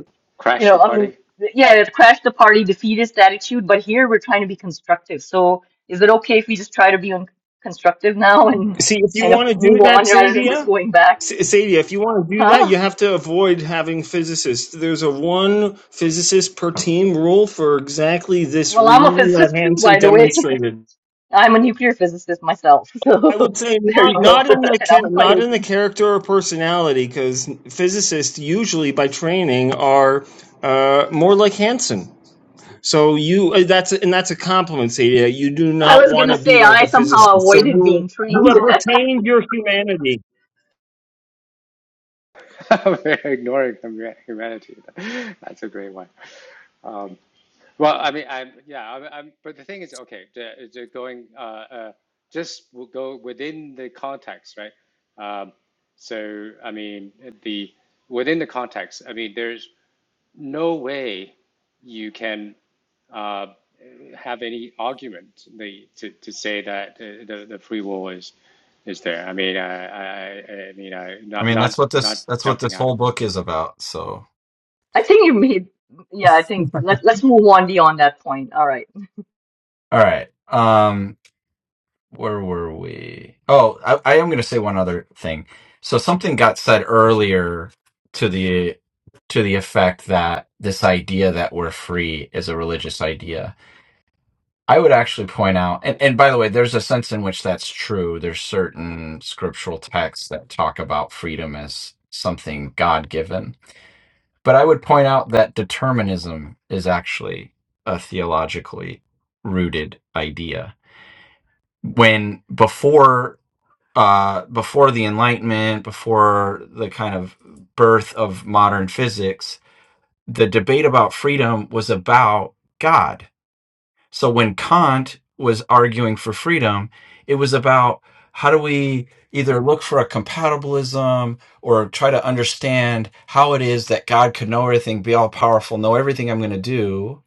you
crash
know,
the
I mean,
party,
yeah, it's crash the party, defeatist attitude, but here we're trying to be constructive. So is it okay if we just try to be un constructive now and
See, if you
kind of
want to do
move
that,
on rather than just
Sadia,
going back.
S- Sadia, if you want to do that,
Huh?
you have to avoid having physicists. There's a one physicist per team rule for exactly this
Well, I'm a
reason that
physicist too,
Hansen
by the way.
demonstrated.
I'm a nuclear physicist myself,
I
so
would say
there you
not
go.
not in the
And
cha-
I'm quite
not in the
open.
character or personality, because physicists usually by training are uh, more like Hansen. So you uh, that's and that's a compliment, Sadia. You do
I
not
was
want
gonna
to be
say
like
I
a physicist.
somehow
So
avoided
you
being
you
trained.
have retained your humanity.
We're ignoring hum- humanity. That's a great one. Um, Well, I mean, I'm yeah, I'm, I'm but the thing is, okay, the, the going uh, uh, just w- go within the context, right? Um, so, I mean, the within the context, I mean, there's no way you can uh, have any argument the, to to say that uh, the the free will is is there. I mean, I I, I I mean, I
I
not
mean, that's
not
what
not
this that's what
jumping
this
out of.
whole
it.
book is about. So,
I think you made, yeah, I think let, let's move on beyond that point. All right.
all right, um, where were we? Oh, I, I am going to say one other thing. So something got said earlier to the to the effect that this idea that we're free is a religious idea I would actually point out, and, and by the way, there's a sense in which that's true. There's certain scriptural texts that talk about freedom as something God given. But I would point out that determinism is actually a theologically rooted idea. When before uh, before the Enlightenment, before the kind of birth of modern physics, the debate about freedom was about God so when Kant was arguing for freedom, it was about how do we either look for a compatibilism or try to understand how it is that God could know everything, be all powerful, know everything I'm going to do.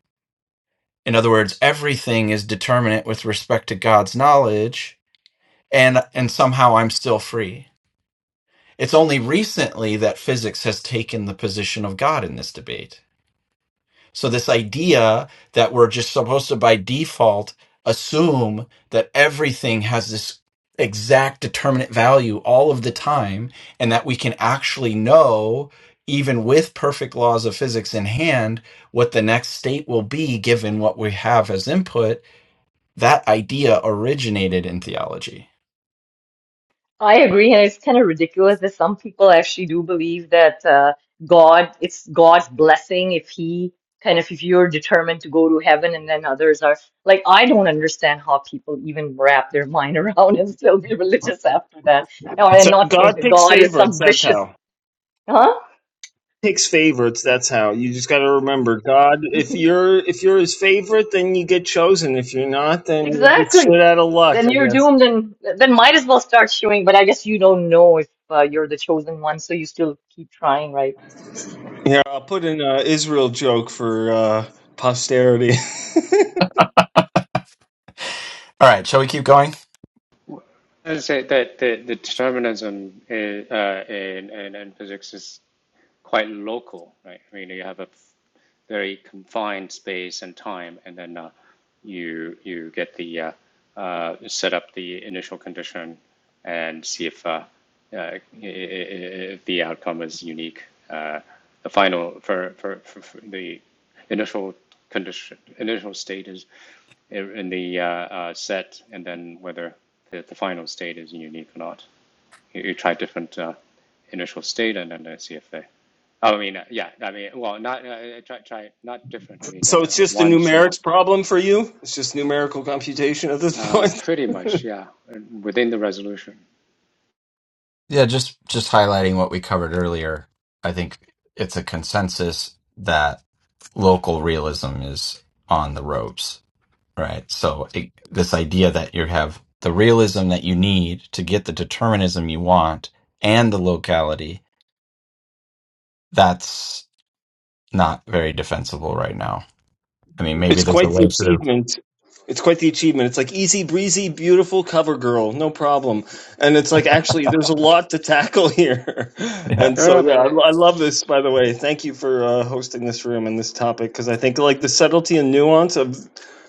In other words, everything is determinate with respect to God's knowledge, and and somehow I'm still free. It's only recently that physics has taken the position of God in this debate So, this idea that we're just supposed to, by default, assume that everything has this exact determinate value all of the time, and that we can actually know, even with perfect laws of physics in hand, what the next state will be given what we have as input, that idea originated in theology.
I agree, and it's kind of ridiculous that some people actually do believe that uh, God, it's God's blessing if he kind of if you're determined to go to heaven, and then others are like, I don't understand how people even wrap their mind around and still be religious after that, Now, and
So
not think
God
that
picks
God is
favorites.
some
That's
vicious,
how
huh?
picks favorites. That's how you just got to remember God. If you're if you're His favorite, then you get chosen. If you're not, then you're just
Exactly.
shit out of luck,
Then
I
you're
guess.
doomed, and then might as well start chewing. But I guess you don't know if uh, you're the chosen one, so you still keep trying, right?
Yeah, I'll put in a Israel joke for uh, posterity.
All right, shall we keep going?
I'd say that the, the determinism is, uh, in, in in physics is. quite local, right? Really, you have a very confined space and time, and then uh, you you get the uh, uh, set up the initial condition and see if uh, uh, if the outcome is unique. Uh, the final for, for, for, for the initial condition initial state is in the uh, uh, set, and then whether the, the final state is unique or not. You, you try different uh, initial state, and then uh, see if they I mean, uh, yeah, I mean, well, not uh, try, try not different. I mean,
so
uh,
it's just a
one single,
numerics problem for you. It's just numerical computation at this
uh,
point.
pretty much, yeah, within the resolution.
Yeah, just just highlighting what we covered earlier. I think it's a consensus that local realism is on the ropes, right? So it, this idea that you have the realism that you need to get the determinism you want and the locality, that's not very defensible right now. I mean, maybe
It's
there's a
quite the
way through.
achievement. It's quite the achievement. It's like easy breezy, beautiful cover girl, no problem. And it's like actually, there's a lot to tackle here. And
No,
so,
no,
yeah,
but uh,
I, I love this. By the way, thank you for uh, hosting this room and this topic because I think like the subtlety and nuance of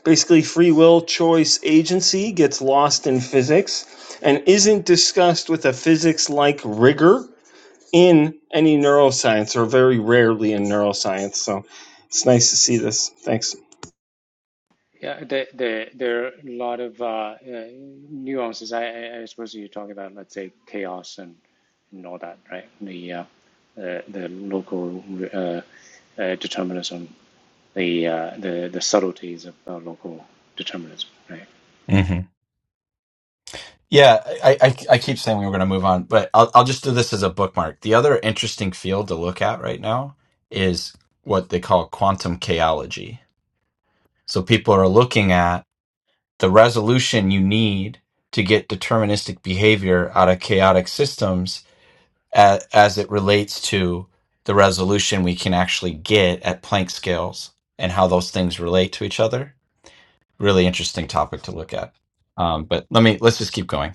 basically free will, choice, agency gets lost in physics and isn't discussed with a physics like rigor in any neuroscience or very rarely in neuroscience. So it's nice to see this. Thanks.
yeah, there, there, there are a lot of uh, uh, nuances. I, I, I suppose you're talking about, let's say, chaos and, and all that, right? The uh, the, the local uh, uh, determinism, the uh, the the subtleties of uh, local determinism, right?
Yeah. Yeah, I, I, I keep saying we were going to move on, but I'll, I'll just do this as a bookmark. The other interesting field to look at right now is what they call quantum chaology. So people are looking at the resolution you need to get deterministic behavior out of chaotic systems as, as it relates to the resolution we can actually get at Planck scales and how those things relate to each other. Really interesting topic to look at. Um, but let me let's just keep going.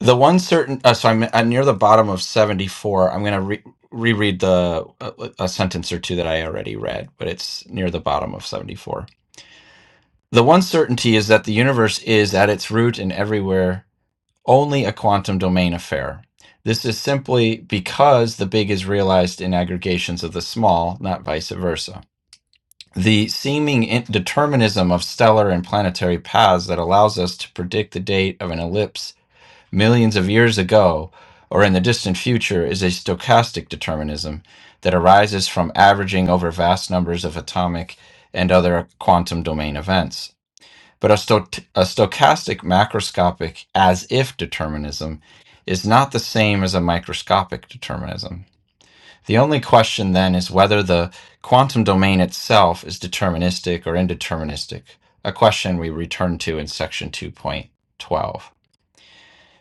The one certain, uh, so I'm, I'm near the bottom of 74. I'm going to re- reread the a, a sentence or two that I already read, but it's near the bottom of 74. The one certainty is that the universe is at its root and everywhere only a quantum domain affair. This is simply because the big is realized in aggregations of the small, not vice versa. The seeming in- determinism of stellar and planetary paths that allows us to predict the date of an ellipse millions of years ago or in the distant future is a stochastic determinism that arises from averaging over vast numbers of atomic and other quantum domain events. But a, sto- a stochastic macroscopic as if determinism is not the same as a microscopic determinism. The only question then is whether the quantum domain itself is deterministic or indeterministic, a question we return to in section 2.12.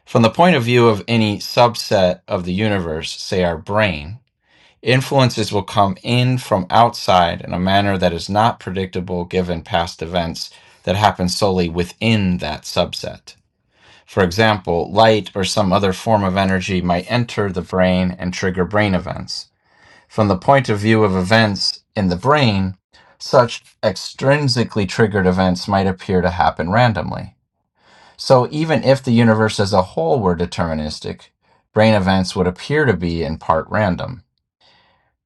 From the point of view of any subset of the universe, say our brain, influences will come in from outside in a manner that is not predictable given past events that happen solely within that subset. For example, light or some other form of energy might enter the brain and trigger brain events. From the point of view of events in the brain, such extrinsically triggered events might appear to happen randomly. So even if the universe as a whole were deterministic, brain events would appear to be in part random.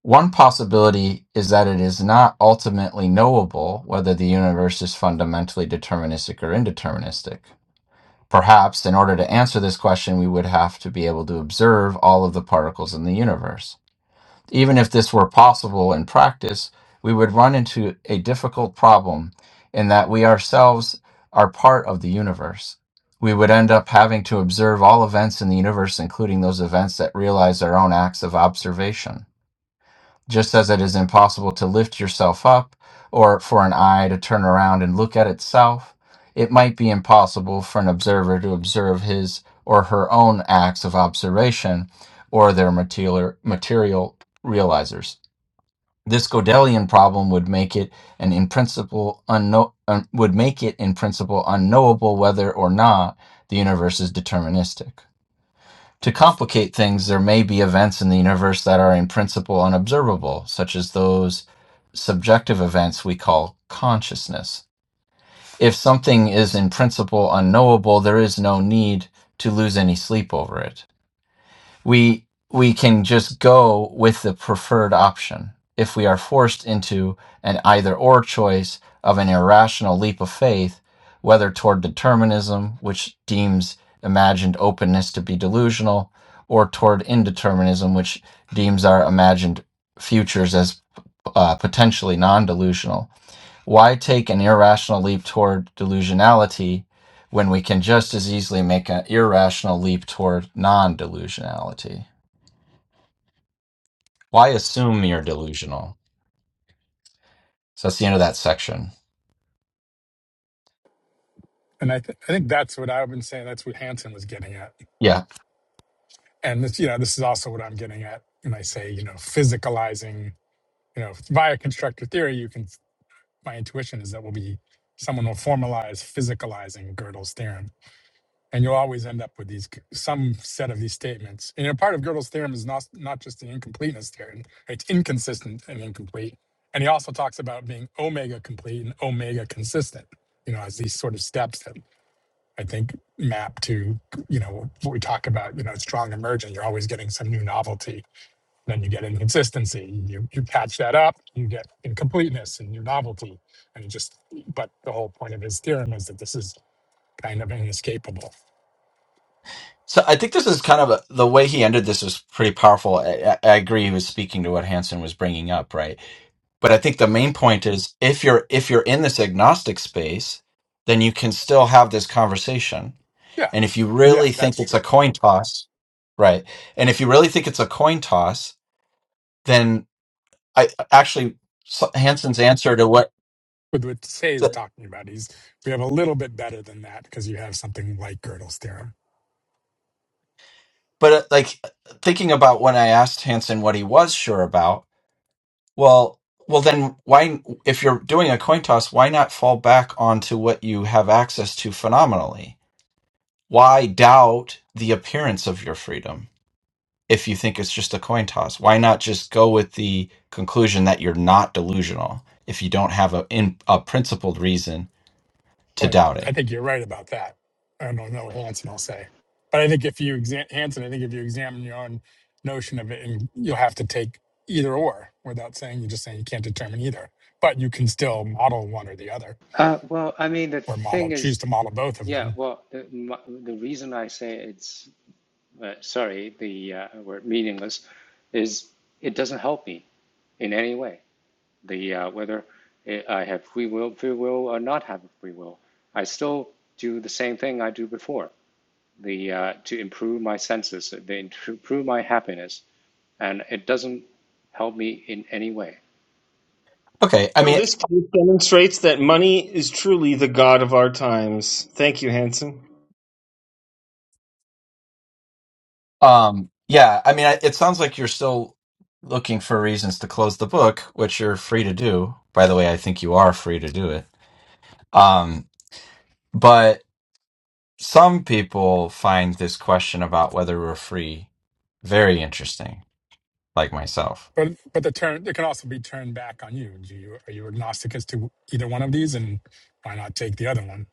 One possibility is that it is not ultimately knowable whether the universe is fundamentally deterministic or indeterministic. Perhaps, in order to answer this question, we would have to be able to observe all of the particles in the universe. Even if this were possible in practice, we would run into a difficult problem in that we ourselves are part of the universe. We would end up having to observe all events in the universe, including those events that realize our own acts of observation. Just as it is impossible to lift yourself up or for an eye to turn around and look at itself, it might be impossible for an observer to observe his or her own acts of observation or their material, material realizers. This Gödelian problem would make it an in principle unknow- un- would make it in principle unknowable whether or not the universe is deterministic. To complicate things, there may be events in the universe that are in principle unobservable, such as those subjective events we call consciousness. If something is in principle unknowable, there is no need to lose any sleep over it we we can just go with the preferred option if we are forced into an either or choice of an irrational leap of faith whether toward determinism which deems imagined openness to be delusional or toward indeterminism which deems our imagined futures as uh, potentially non-delusional why take an irrational leap toward delusionality when we can just as easily make an irrational leap toward non-delusionality why assume you're delusional? So that's the end of that section.
and I th- I think that's what I've been saying. That's what Hansen was getting at
Yeah.
and this you know this is also what i'm getting at when i say you know physicalizing you know via constructor theory you can my intuition is that will be someone will formalize physicalizing gödel's theorem and you'll always end up with these c- some set of these statements and you know part of gödel's theorem is not not just the incompleteness theorem it's inconsistent and incomplete and he also talks about being omega complete and omega consistent you know as these sort of steps that i think map to you know what we talk about you know strong emergent you're always getting some new novelty then you get inconsistency. You you patch that up, you get incompleteness and new novelty, and it just. But the whole point of his theorem is that this is kind of inescapable.
So I think this is kind of a, the way he ended this is pretty powerful. I, I I agree he was speaking to what Hansen was bringing up, right? But I think the main point is if you're if you're in this agnostic space, then you can still have this conversation.
Yeah,
And if you
yeah,
really
that's
think it's a
true.
coin toss, right? And if you really think it's a coin toss, then I actually so- Hansen's answer to what,
With what Say is talking about, he's we have a little bit better than that because you have something like Gödel's theorem.
but uh, like thinking about when I asked Hansen what he was sure about Well, well, then why, if you're doing a coin toss, why not fall back onto what you have access to phenomenally? Why doubt the appearance of your freedom if you think it's just a coin toss? Why not just go with the conclusion that you're not delusional if you don't have a in, a principled reason to
But
doubt
I
it?
think you're right about that. I don't know Hanson, I'll say. But I think if you examine Hanson, I think if you examine your own notion of it, and you'll have to take either or without saying you're just saying you can't determine either. But you can still model one or the other,
Uh, well, I mean, the
or model
thing
choose
is.
to model both of
Yeah,
them.
well, the, my, the reason I say it's uh, sorry, the uh, word meaningless, is it doesn't help me in any way. The uh, whether i I have free will, free will, or not have free will, I still do the same thing I do before. The uh, to improve my senses, to improve my happiness, and it doesn't help me in any way.
Okay, I
No,
mean.
this case demonstrates that money is truly the god of our times. Thank you, Hanson.
Um, yeah, I mean, I- it sounds like you're still looking for reasons to close the book, which you're free to do. By the way, I think you are free to do it. Um, but some people find this question about whether we're free very interesting, like myself.
But but the turn it can also be turned back on you. Do you are you agnostic as to either one of these, and why not take the other one?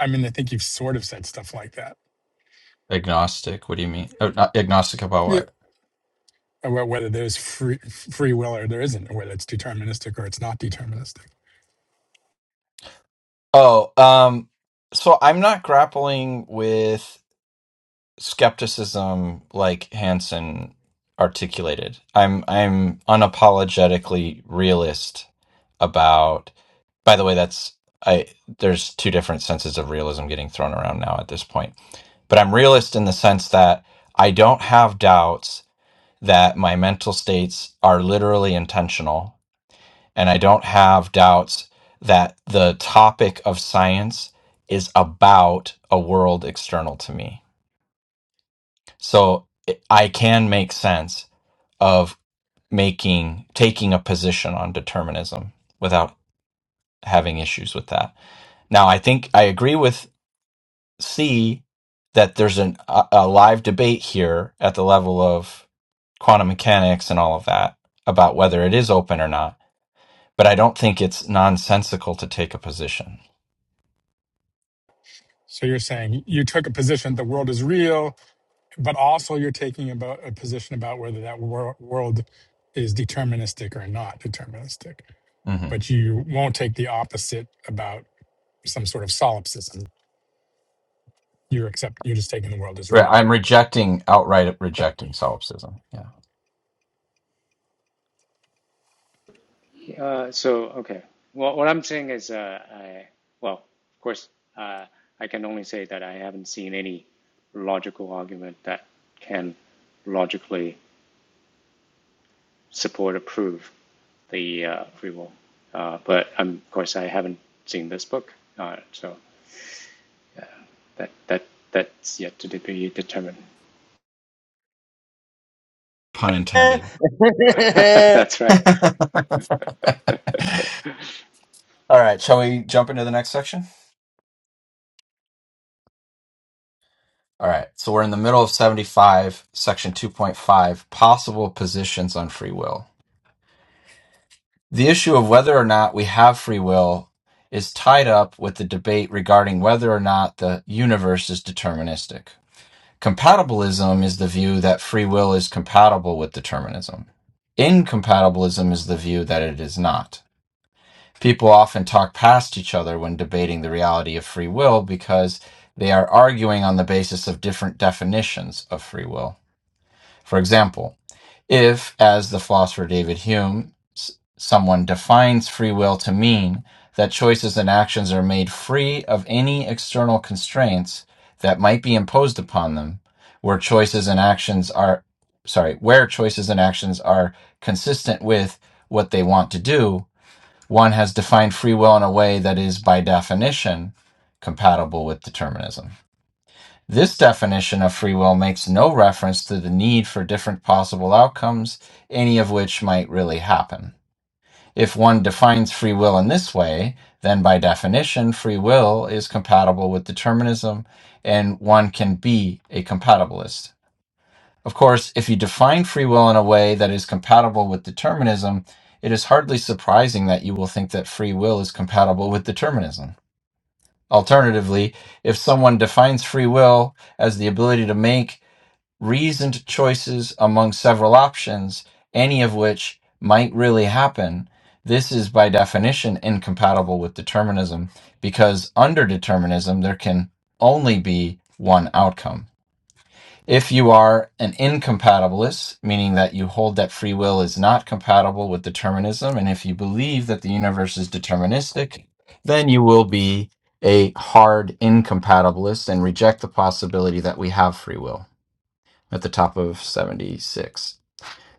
I mean, I think you've sort of said stuff like that.
Agnostic, what do you mean? Oh, not agnostic about
Yeah.
what?
about whether there's free free will or there isn't, or whether it's deterministic or it's not deterministic.
Oh, um, so I'm not grappling with. skepticism like Hansen articulated. I'm I'm unapologetically realist about by the way that's I there's two different senses of realism getting thrown around now at this point. But I'm realist in the sense that I don't have doubts that my mental states are literally intentional and I don't have doubts that the topic of science is about a world external to me so it- I can make sense of making taking a position on determinism without having issues with that. Now, I think I agree with C that there's an, a, a live debate here at the level of quantum mechanics and all of that about whether it is open or not. But I don't think it's nonsensical to take a position.
So you're saying you took a position the world is real, but also you're taking about a position about whether that wor- world is deterministic or not deterministic.
Mm-hmm.
But you won't take the opposite about some sort of solipsism. You're accept you're just taking the world as
Right.
real.
I'm rejecting outright rejecting solipsism. Yeah.
Uh, so, okay. Well, what I'm saying is, uh, I, well, of course, uh, I can only say that I haven't seen any logical argument that can logically support or prove the uh, free will. Uh, but um, of course, I haven't seen this book, uh, so that that that's yet to be determined.
Pun intended.
Hanson,
that's right.
All right. Shall we jump into the next section? All right. So we're in the middle of 75, section 2.5, possible positions on free will. The issue of whether or not we have free will is tied up with the debate regarding whether or not the universe is deterministic. Compatibilism is the view that free will is compatible with determinism. Incompatibilism is the view that it is not. People often talk past each other when debating the reality of free will because they are arguing on the basis of different definitions of free will. For example, if, as the philosopher David Hume, someone defines free will to mean that choices and actions are made free of any external constraints that might be imposed upon them, where choices and actions are, sorry, where choices and actions are consistent with what they want to do, one has defined free will in a way that is, by definition, compatible with determinism. This definition of free will makes no reference to the need for different possible outcomes, any of which might really happen. If one defines free will in this way, then by definition, free will is compatible with determinism, and one can be a compatibilist. Of course, if you define free will in a way that is compatible with determinism, it is hardly surprising that you will think that free will is compatible with determinism. Alternatively, if someone defines free will as the ability to make reasoned choices among several options, any of which might really happen, this is by definition incompatible with determinism because under determinism, there can only be one outcome. If you are an incompatibilist, meaning that you hold that free will is not compatible with determinism, and if you believe that the universe is deterministic, then you will be a hard incompatibilist and reject the possibility that we have free will at the top of 76.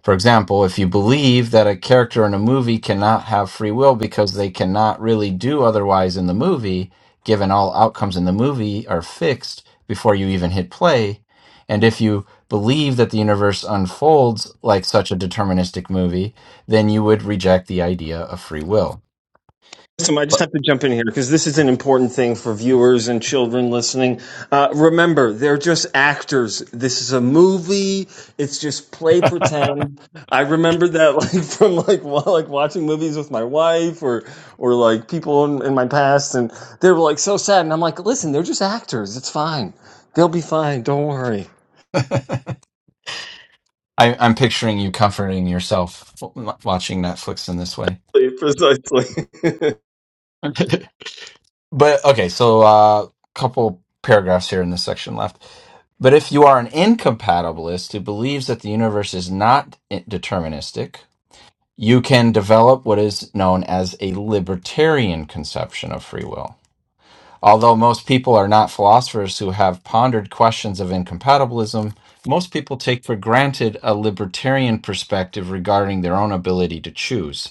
For example, if you believe that a character in a movie cannot have free will because they cannot really do otherwise in the movie, given all outcomes in the movie are fixed before you even hit play, and if you believe that the universe unfolds like such a deterministic movie, then you would reject the idea of free will.
I just
But
have to jump in here because this is an important thing for viewers and children listening. Uh, remember, they're just actors. This is a movie. It's just play pretend. I remember that like from like while like watching movies with my wife or or like people in, in my past, and they were like so sad, and I'm like, listen, they're just actors. It's fine. They'll be fine. Don't worry.
I, I'm picturing you comforting yourself watching Netflix in this way.
precisely.
But okay, so uh, couple paragraphs here in this section left. But if you are an incompatibilist who believes that the universe is not i- deterministic, you can develop what is known as a libertarian conception of free will. Although most people are not philosophers who have pondered questions of incompatibilism, most people take for granted a libertarian perspective regarding their own ability to choose.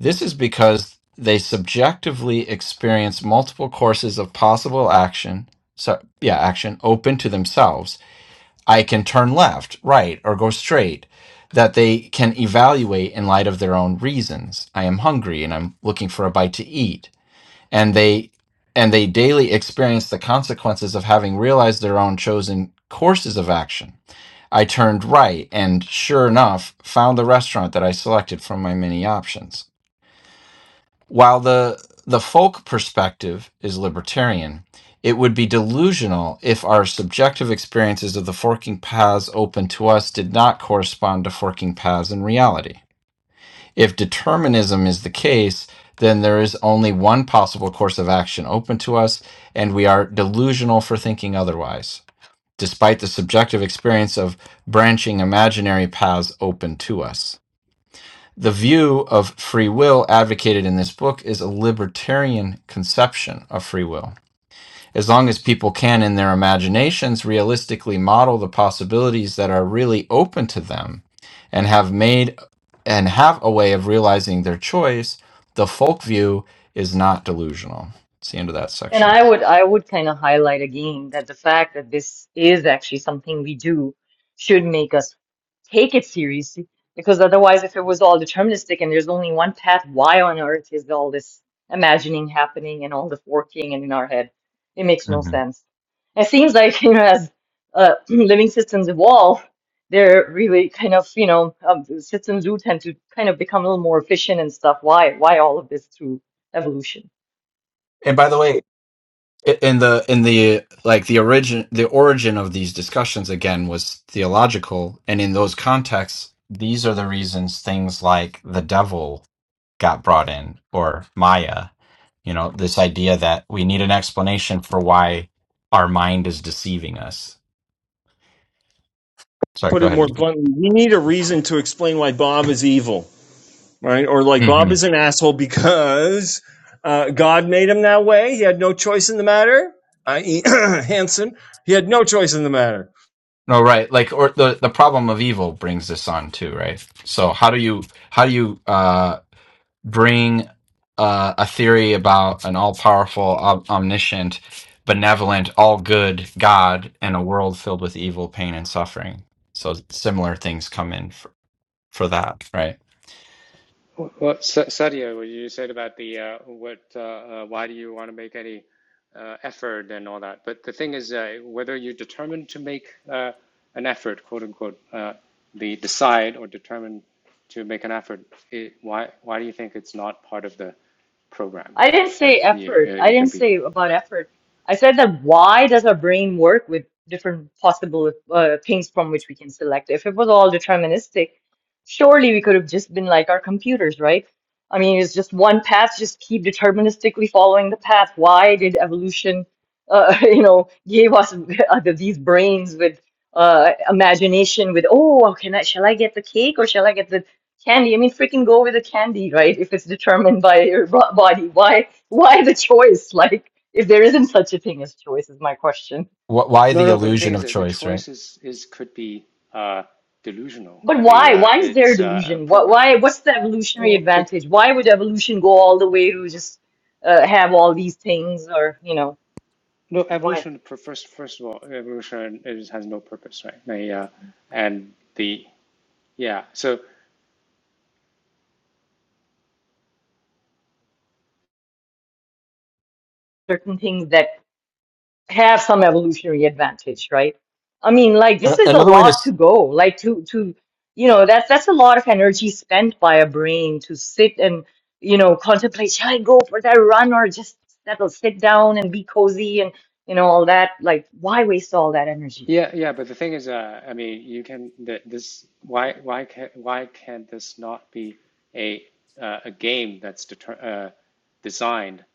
This is because they subjectively experience multiple courses of possible action. So, yeah, action open to themselves. I can turn left, right, or go straight that they can evaluate in light of their own reasons. I am hungry and I'm looking for a bite to eat. And they and they daily experience the consequences of having realized their own chosen courses of action. I turned right and sure enough found the restaurant that I selected from my many options. While the the folk perspective is libertarian, it would be delusional if our subjective experiences of the forking paths open to us did not correspond to forking paths in reality. If determinism is the case, then there is only one possible course of action open to us, and we are delusional for thinking otherwise, despite the subjective experience of branching imaginary paths open to us. The view of free will advocated in this book is a libertarian conception of free will. As long as people can, in their imaginations, realistically model the possibilities that are really open to them and have made and have a way of realizing their choice, the folk view is not delusional. It's the end of that
And
section.
I would I would kind of highlight again that the fact that this is actually something we do should make us take it seriously because otherwise if it was all deterministic and there's only one path, why on earth is all this imagining happening and all this working and in our head? It makes no sense. It seems like you know as uh, living systems evolve, they're really kind of you know um, systems do tend to kind of become a little more efficient and stuff. Why why all of this through evolution?
And by the way, I- in the in the like the origin the origin of these discussions again was theological and in those contexts these are the reasons things like the devil got brought in or maya you know this idea that we need an explanation for why our mind is deceiving us sorry
Put
go
it more
ahead
bluntly, we need a reason to explain why Bob is evil, right? Or like Bob
hmm
is an asshole because uh, God made him that way. He had no choice in the matter, i.e., Hanson. He had no choice in the matter.
no right like or the the problem of evil brings this on too right so how do you how do you uh bring uh, a theory about an all powerful, om- omniscient, benevolent, all good God in a world filled with evil, pain, and suffering. So similar things come in for, for that, right?
Well, Sadia, what you said about the uh, what uh, uh, why do you want to make any uh, effort and all that? But the thing is, uh, whether you're determined to make uh, an effort, quote unquote, uh, the decide or determined to make an effort, it, why why do you think it's not part of the program
I didn't say
that you uh,
effort. I
it could
didn't
be?
say about effort. I said that why does our brain work with different possible uh, things from which we can select? If it was all deterministic, surely we could have just been like our computers, right? I mean, it's just one path, just keep deterministically following the path. Why did evolution, uh, you know, gave us uh, these brains with uh, imagination with, oh, can I, shall I get the cake or shall I get the Candy, I mean, freaking go with the candy, right? If it's determined by your bo- body, why, why the choice? Like, if there isn't such a thing as choice, is my question.
Wh- why
No,
the
no. But the thing
illusion
is
of
that the
choice, right?
choice is, is could be uh, delusional.
But
The
why?
uh,
Why is there a
it's uh, a
delusion? What?
program.
Why? What's the evolutionary
Well, be-
advantage? Why would evolution go all the way to just uh, have all these things, or you know,
No,
why
evolution. For first, first of all, evolution is, has no purpose, right? Like, uh, and the yeah, so
certain things that have some evolutionary advantage, right? I mean, like this
A-
is a
Another way to.
lot to
s-
go. Like to to you know, that's that's a lot of energy spent by a brain to sit and you know contemplate. Shall I go for that run or just settle, sit down and be cozy and you know all that? Like, why waste all that energy?
yeah, yeah. But the thing is, uh, I mean, you can th this. Why, why can, why can this not be a uh, a game that's deter uh, designed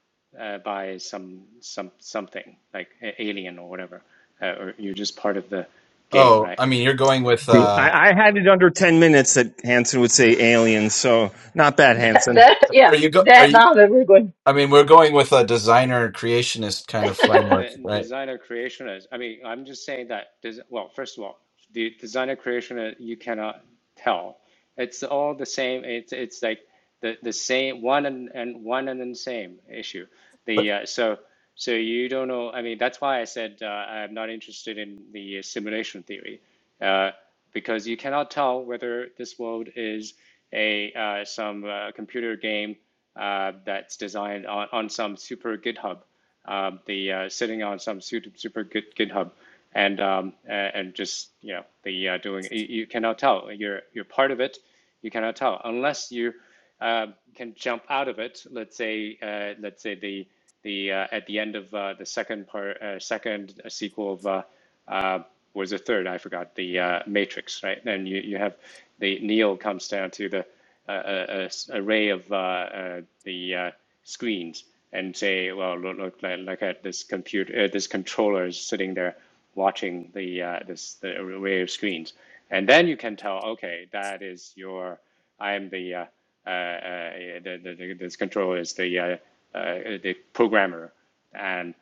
uh, by some some something like a- alien or whatever, uh, or you're just part of the game,
Oh,
right?
I mean, you're going with. Uh,
I, I had it under 10 minutes that Hanson would say aliens, so not bad,
That,
Hanson.
that yeah,
are you go? Are
that
you?
now that we're going.
I mean, we're going with a designer creationist kind of framework,
the
right?
designer creationist. I mean, I'm just saying that. des- Well, first of all, the designer creationist you cannot tell. It's all the same. It's it's like the the same one and, and one and the same issue. The
But
uh, so so you don't know. I mean, that's why I said uh, I'm not interested in the simulation theory, uh, because you cannot tell whether this world is a uh, some uh, computer game uh, that's designed on, on some super GitHub um, the uh, sitting on some super, super good GitHub, and um, and just you know the uh, doing you, you cannot tell you're you're part of it, you cannot tell unless you uh, can jump out of it. Let's say uh, let's say the the uh, at the end of uh, the second part uh, second uh, sequel of uh, uh, was the third I forgot the uh, Matrix right. and you you have the Neo comes down to the a a, a array of uh, uh, the uh, screens and say, well, look, look like, like at this computer, uh, this controller is sitting there watching the uh, this the array of screens, and then you can tell, okay, that is your, I am the uh, uh, uh, the, the, the, this controller is the uh, uh, the programmer, and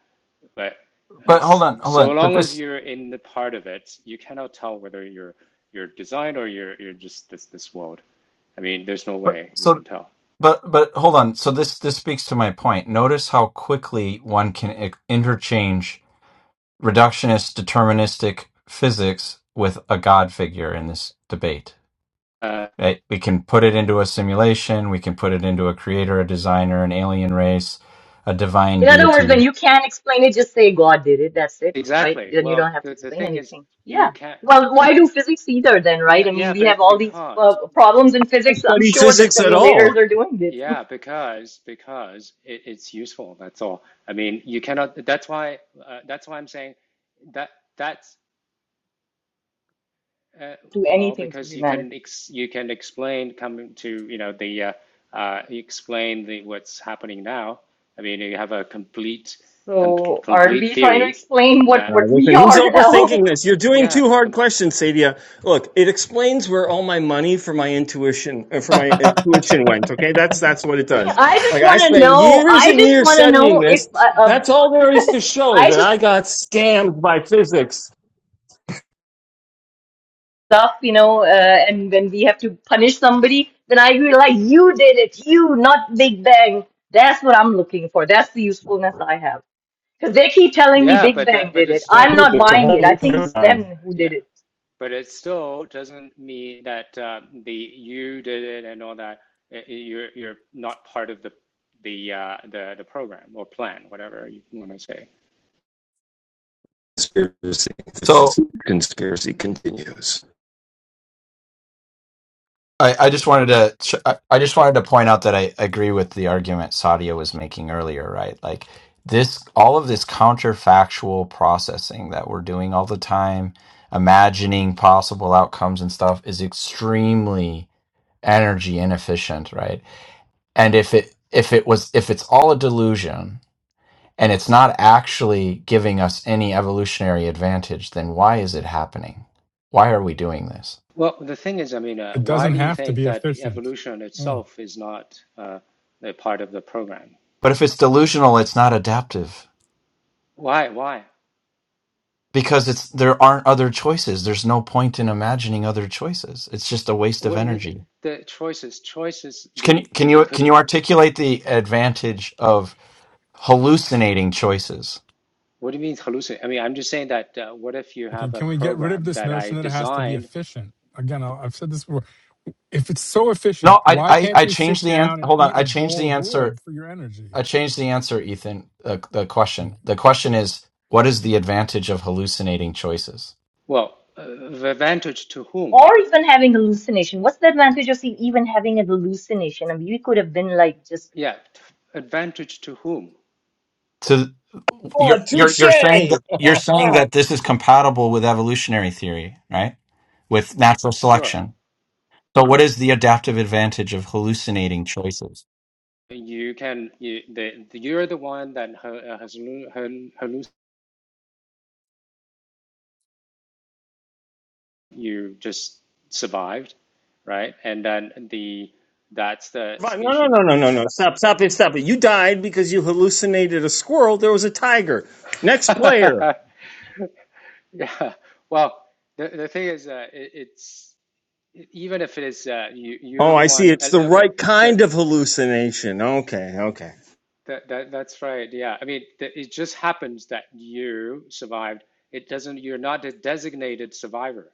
but
but hold
it's,
on, hold
so
on. But
long as
this.
you're in the part of it, you cannot tell whether you're you're designed or you're you're just this this world. I mean, there's no
But
way you
so
can tell.
But but hold on. So this this speaks to my point. Notice how quickly one can i- interchange reductionist deterministic physics with a god figure in this debate.
Uh,
Right? We can put it into a simulation, we can put it into a creator, a designer, an alien race, a divine
In other words, when
deity.
you can't explain it, just say God did it. That's it, right?
exactly.
Then you
Well,
don't have to
the the
explain
thing is,
anything. Yeah.
you can't.
Well, why do physics either then, right?
Yeah,
I mean,
yeah,
we have
but
all these uh,
because
problems in
I
physics. I'm
studied
sure the
yeah,
physics at all.
simulators are doing it
yeah, because because it, it's useful. That's all. I mean, you cannot. That's why. Uh, that's why I'm saying that that's Uh,
to
well,
anything to
because you can
humanity.
ex you can explain coming to you know the uh, uh, you explain the what's happening now. I mean, you have a complete com
So aren't
complete
we trying to
theory
explain what,
that
Uh,
what
listen,
we
he's
are now?
overthinking this. You're doing
yeah
two hard
com
questions, Sadia. Look, it explains where all my money for my intuition uh, for my uh, tuition went. Okay, that's that's what it does.
I
Like
just
I
want to
spent
know.
years
I
and
just
years
want to
studying
know
this.
if uh, um,
That's all there is to show
I
that
just
I got scammed by physics.
stuff, you know, uh, and when we have to punish somebody, then I realize you did it, you, not Big Bang. That's what I'm looking for. That's the usefulness I have. Because they keep telling me
yeah,
Big
but uh,
Bang
but
did
it's
it. I'm
still
not
It's a
it
buying
whole
it. I
new
think it's them
paradigm.
who did
yeah,
it.
but it still doesn't mean that uh, the you did it and all that. uh, You're you're not part of the the uh, the the program or plan, whatever you want to say.
Conspiracy. The
So
physics conspiracy continues.
I, I just wanted to sh- I I just wanted to point out that I agree with the argument Sadia was making earlier, right? Like this, all of this counterfactual processing that we're doing all the time, imagining possible outcomes and stuff, is extremely energy inefficient, right? And if it if it was if it's all a delusion and it's not actually giving us any evolutionary advantage, then why is it happening? Why are we doing this?
Well, the thing is, I mean, uh,
It
why
doesn't
do you
have to
think
be
that the
efficient.
evolution itself is not uh, a part of the program?
But if it's delusional, it's not adaptive
Why? Why?
because it's there aren't other choices. There's no point in imagining other choices. It's just a waste of
What do you mean?
energy.
The choices, choices.
Can you-
The
can you
it could.
can you articulate the advantage of hallucinating choices?
What do you mean hallucinate? I mean, I'm just saying that. Uh, what if you
Okay,
have a
can we get rid of
program
this
that I
notion that it has to be
designed?
efficient? Again, I- I've said this before. If it's so efficient,
No, I
why
I,
can't
I
you
changed
sit
the answer.
down and
Hold on,
eat a
I changed
bowl
the
of
answer.
wood for your energy?
I changed the answer, Ethan. Uh, the question. The question is, what is the advantage of hallucinating choices?
Well, uh, advantage to whom?
Or even having hallucination. What's the advantage of even having a hallucination? I mean, we could have been like just,
Yeah, advantage to whom?
To
Oh,
you're you're
touche!
you're saying that you're saying
Ah.
that this is compatible with evolutionary theory, right? With natural
Sure,
selection. So, what is the adaptive advantage of hallucinating choices?
you can. You, the, you're the one that ha- uh, has hallucinated you just survived, right? And then the that's the
Right. No, no,
species.
no, no, no, no. Stop, stop it, stop it. You died because you hallucinated a squirrel. There was a tiger. Next player.
Yeah. Well, the the thing is, uh, it, it's even if it is uh, you you're
Oh,
the
I see.
one.
It's the
uh, Okay,
right
so
kind of hallucination. Okay, okay.
that that that's right. Yeah, I mean, th it just happens that you survived. It doesn't. You're not a designated survivor.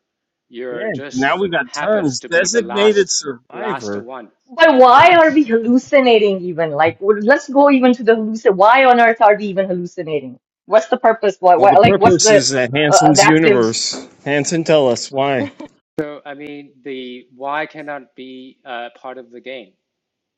Yeah,
You're just
now we got
happens
terms.
to be the
Designated
last last
survivor.
one.
but why
Yes.
are we hallucinating even? Like, w- let's go even to the hallucin. Why on earth are we even hallucinating? What's the purpose? Why,
Well,
why,
the
like, what's
purpose
the
is uh,
uh,
Hanson's
adaptive
universe. Hanson, tell us why.
So, I mean, the why cannot be uh, part of the game.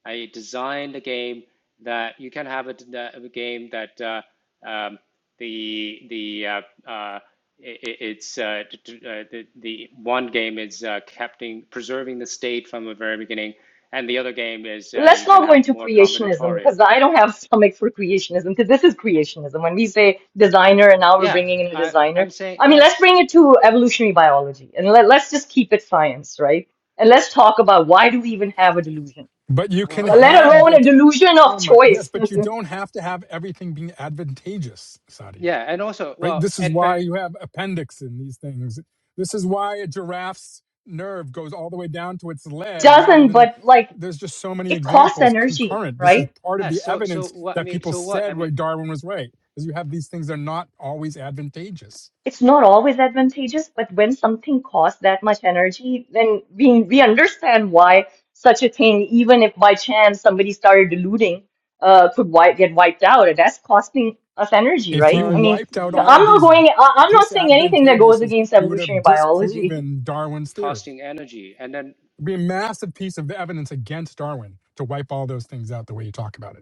I designed a game that you can have a, a game that uh, um, the the uh, uh, it, it's uh, uh, the, the one game is uh, keeping preserving the state from the very beginning, and the other game is uh,
let's
you can
not go
have
into
more
creationism
combinatorial.
because I don't have stomach for creationism because this is creationism. When we say designer and now we're
Yeah,
bringing in a
I,
designer,
I'm saying
I mean, let's
yes.
bring it to evolutionary biology and let, let's just keep it science, right? And let's talk about why do we even have a delusion,
But you can
Well,
let
have
alone a
that.
delusion of
Oh my, yes,
choice.
but you don't have to have everything being advantageous, Sadia.
yeah, and also
right?
well,
This is why
advanced.
you have appendix in these things. This is why a giraffe's nerve goes all the way down to its
It
leg rather
doesn't,
than
but like
there's just so many
it costs
examples
energy,
concurrent. This
right?
is part of the
So so
evidence
what I
that
mean,
people
so what I
said where
mean.
Darwin was right, is you have these things that are not always advantageous.
it's not always advantageous, but when something costs that much energy, then we we understand why such a thing, even if by chance somebody started diluting, uh, could wipe, get wiped out. And That's costing us energy,
If
right?
you
Well,
I mean,
wiped out
so
you.
all
I'm
of
not
these
going. I- I'm not saying anything that goes
disadvantageouses,
against
you would
evolutionary
have
biology.
disproven Darwin's theory.
costing energy and then
It'd be a massive piece of evidence against Darwin to wipe all those things out the way you talk about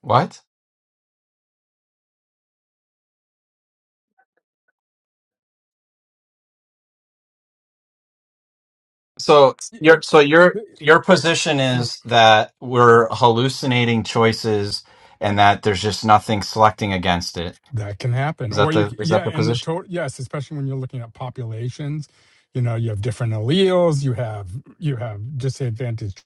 What? So, your
it.
so your
If
your position is that we're hallucinating choices, and that there's just nothing selecting against it.
That can happen.
Is
Or
that
you,
the is that
yeah,
the
and the
position?
total, yes, especially when you're looking at populations, you know, you have different alleles, you have, you have disadvantaged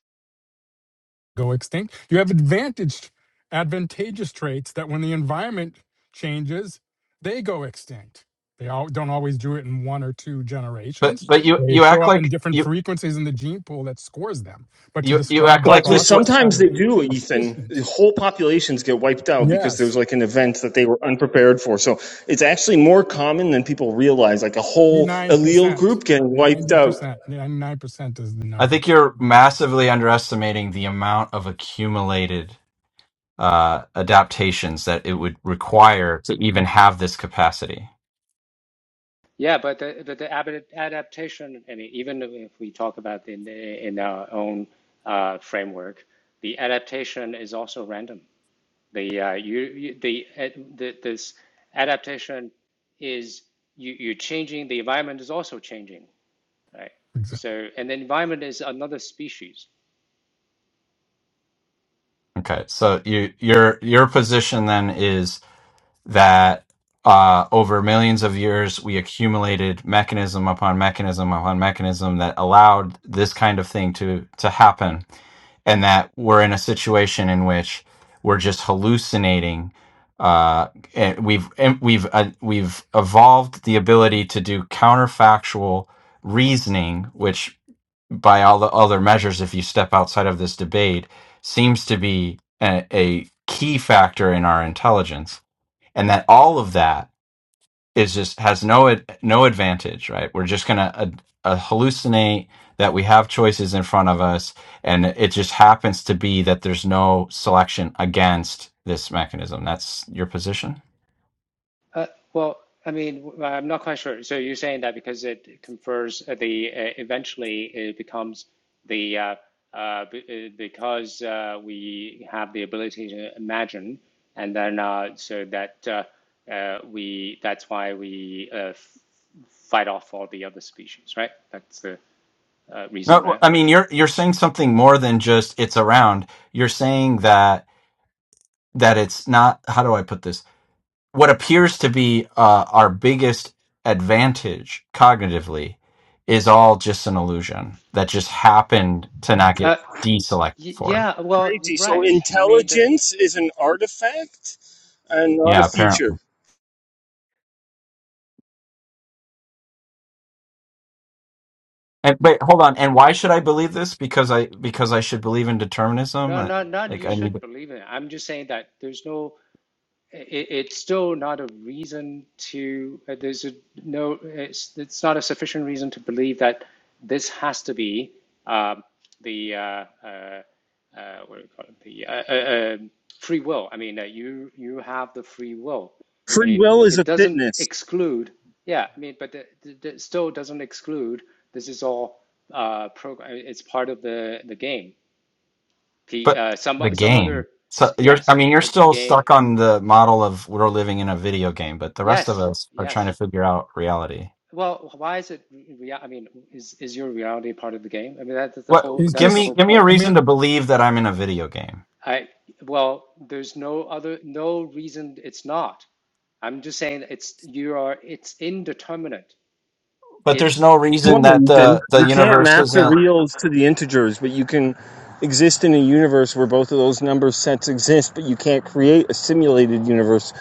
go extinct, you have advantaged, advantageous traits that when the environment changes, they go extinct. They all, don't always do it in one or two
But
generations.
but you
They
you
show
act
up in
like
different
you
frequencies in the gene pool that scores them. But to
you you
describe
act
the
Well,
like
actually,
this. wa-
process
sometimes
as
they
being
do, Ethan.
efficient,
The whole populations get wiped out because
yes,
there's like an event that they were unprepared for. So it's actually more common than people realize, like a whole
Ninety-nine
allele
percent,
group getting wiped
ninety
out.
percent, ninety-nine percent is the
I
number.
think you're massively underestimating the amount of accumulated. uh, adaptations that it would require to even have this capacity.
yeah but the, but the ab- adaptation i mean even if we talk about in in our own uh, framework the adaptation is also random the uh, you, you the, uh, the this adaptation is you, you're changing the environment is also changing right
Exa-
so and the environment is another species
Okay, so you, your your position then is that uh, over millions of years we accumulated mechanism upon mechanism upon mechanism that allowed this kind of thing to to happen and that we're in a situation in which we're just hallucinating. Uh, and we've and we've uh, we've evolved the ability to do counterfactual reasoning, which by all the other measures, if you step outside of this debate, seems to be a, a key factor in our intelligence, and that all of that is just has no ad- no advantage, right? We're just gonna uh, uh, hallucinate that we have choices in front of us, and it just happens to be that there's no selection against this mechanism. That's your position.
Uh, well, I mean, i I'm not quite sure. So you're saying that because it confers uh, the uh, eventually it becomes the uh, uh, uh, because uh, we have the ability to imagine, and then uh, so that uh, uh, we that's why we uh, fight off all the other species, right? That's the uh, reason,
No, well,
right?
I mean you're you're saying something more than just it's around. You're saying that that it's not. How do I put this? what appears to be uh, our biggest advantage cognitively is all just an illusion that just happened to not get
Uh,
deselected
y
for.
yeah, well,
Crazy. So
right. I mean, the,
intelligence is an artifact and not a
Yeah, apparently.
feature.
And but hold on. And why should I believe this? Because I because I should believe in determinism.
no,
Uh,
no, not
Like
you
I need,
should believe in it. I'm just saying that there's no it, it's still not a reason to uh, there's a, no it's, it's not a sufficient reason to believe that this has to be um, the uh, uh, uh, what do we call it the uh, uh, uh, free will I mean uh, you you have the free will I
Free
mean
will is
it
a
doesn't
fitness.
exclude yeah I mean but it still doesn't exclude this is all uh, program it's part of the the game the
but
uh, some
the
some
game.
other
So you're. I
yes
mean, you're
a
still
game
stuck on the model of we're living in a video game, but the rest of
yes
us are trying to
yes
figure out reality.
Well, why is it real? I mean, is is your reality part of the game? I mean, that, that's the
What?
whole
He's
Give
that's the
just,
me
whole
give me a
point.
I mean,
reason to believe that I'm in a video game.
I well, there's no other no reason it's not. I'm just saying it's you are it's indeterminate.
But there's
It's
no
It's
reason
one,
that
Ethan.
the the
You can't
universe
map the
isn't.
reals to the integers, but you can exist in a universe where both of those number sets exist, but you can't create a simulated universe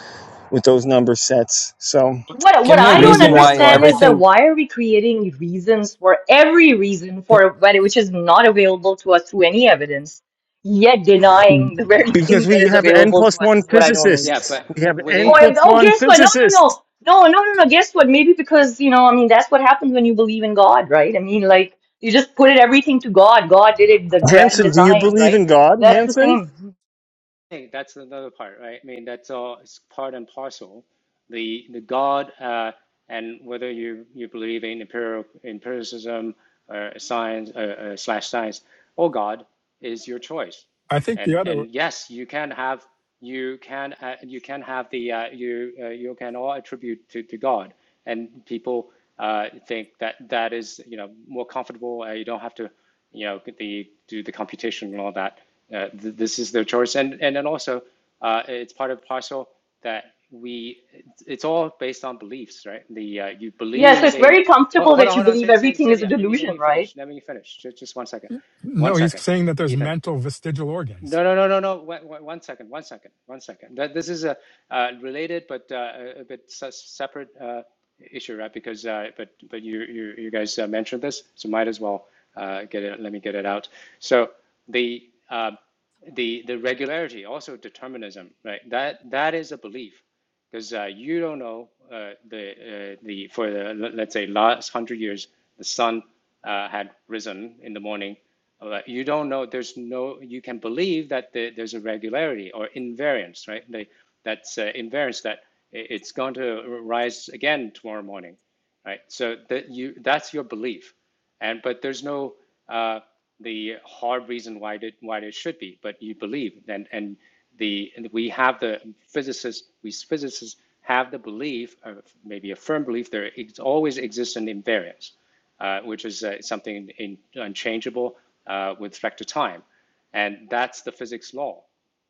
with those number sets. So.
What what
Give me a
I don't
Maybe
reason
that's
why
why.
understand is that
everything.
why are we creating reasons for every reason
but
for when which is not available to us through any evidence, yet denying the very thing
Because
that
we
is
have n
available
plus
to us
one
is what I don't
yeah,
physicists.
understand.
but
We
w-
have n
Oh,
within
I-
plus
oh,
one
guess what? No, no,
physicists.
no, no, no, no, no. Guess what? Maybe because you know, I mean, that's what happens when you believe in God, right? I mean, like you just put it everything to God. God did it, the grand
Hanson, do you
design,
believe
right?
in God,
That's the
Hanson?
same.
think that's another part, right? I mean, that's all it's part and parcel. The the God uh, and whether you you believe in empirical empiricism or science uh, uh, slash science or God is your choice.
I think the
And
other,
and yes, you can have you can uh, you can have the uh, you uh, you can all attribute to, to God. And people uh, think that that is you know more comfortable. Uh, you don't have to you know, the do the computation and all that. Uh, th- this is their choice, and and then also uh, it's part of parcel that we. It's all based on beliefs, right? The uh, you
Yes,
believe
it's
in.
very
Hold,
comfortable
hold on,
that you
hold on.
believe
Say, say,
everything
say,
is a
yeah. Let me let
delusion,
me
right?
finish. Let me finish. Just, just one second. One
no, he's
second,
saying that there's
Ethan.
mental vestigial organs.
No, no, no, no, no. Wait, wait, one second, one second, one second. That this is a uh, related but uh, a a bit se- separate uh, issue, right? Because uh, but but you you you guys uh, mentioned this, so might as well uh, get it. Let me get it out. So the uh, the the regularity, also determinism, right? That that is a belief because uh, you don't know uh, the uh, the for the let's say last hundred years the sun uh, had risen in the morning. Uh, you don't know. There's no. You can believe that the, there's a regularity or invariance, right? The, that's uh, invariance that it's going to rise again tomorrow morning, right? So that you that's your belief. And but there's no uh, the hard reason why it why it should be, but you believe and and the and we have the physicists we physicists have the belief, uh, maybe a firm belief, there ex- always exists an invariance, uh, which is uh, something in, in, unchangeable uh, with respect to time, and that's the physics law.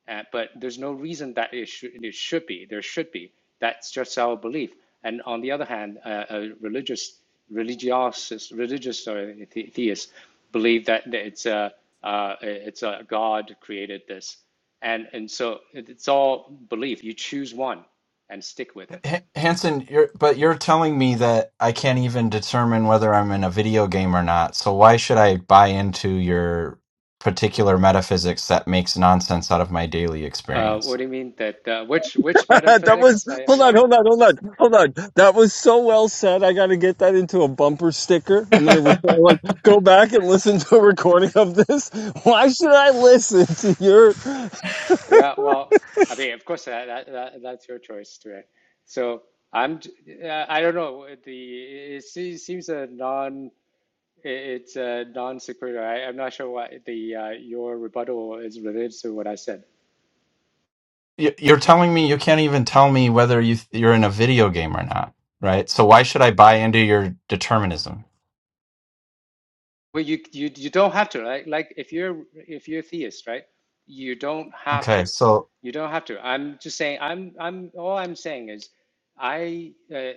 Uh, but there's no reason that it should, it should be. There should be. That's just our belief. And on the other hand, uh, uh, religious religious religious or the- theists believe that it's a uh, it's a God created this, and and so it's all belief. You choose one and stick with it.
H- Hanson, you're, but you're telling me that I can't even determine whether I'm in a video game or not. So why should I buy into your particular metaphysics that makes nonsense out of my daily
Uh, what
experience?
do you mean that uh, which which
that was
metaphysics? I am
hold on,
not.
hold on, hold on, hold on. That was so well said. I got to get that into a bumper sticker. I'm gonna rec- like go back and listen to a recording of this. Why should I listen to your?
Yeah, well, I mean, of course, that, that, that that's your choice, Tuan. So I'm, j- uh, I don't know. The it se- seems a non, it's a non sequitur. I, I'm not sure what the uh, your rebuttal is related to what I said.
Y- You're telling me you can't even tell me whether you th- you're in a video game or not, right? So why should I buy into your determinism?
Well, you you you don't have to, right? Like if you're if you're a theist, right? You don't have
Okay,
to.
so
You don't have to. I'm just saying. I'm I'm all I'm saying is, I uh,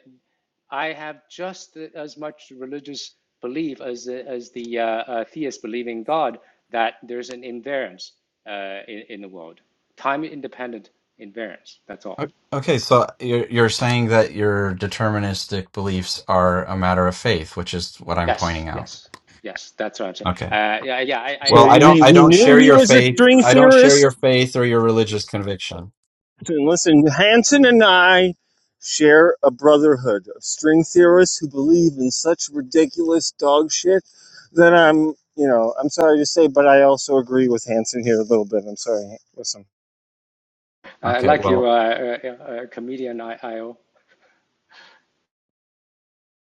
I have just as much religious belief as the, as the uh, uh, theist believing God that there's an invariance uh, in in the world, time independent invariance. That's all.
O- Okay, so you're you're saying that your deterministic beliefs are a matter of faith, which is what I'm
Yes,
pointing out.
yes, yes. That's what I'm saying.
Okay.
Uh, yeah, yeah. I,
So
Well,
I, I
I don't
meant
we
I
to
we
don't
say,
share
knew
I
he
your
meant
was
to
a
faith.
use the
string
word.
I don't share
theorist.
your faith or your religious conviction.
And listen, Hansen and I share a brotherhood of string theorists who believe in such ridiculous dog shit that I'm, you know, I'm sorry to say, but I also agree with Hansen here a little bit. I'm sorry. Listen.
I
Okay,
like your
well,
uh, uh, uh, comedian IO.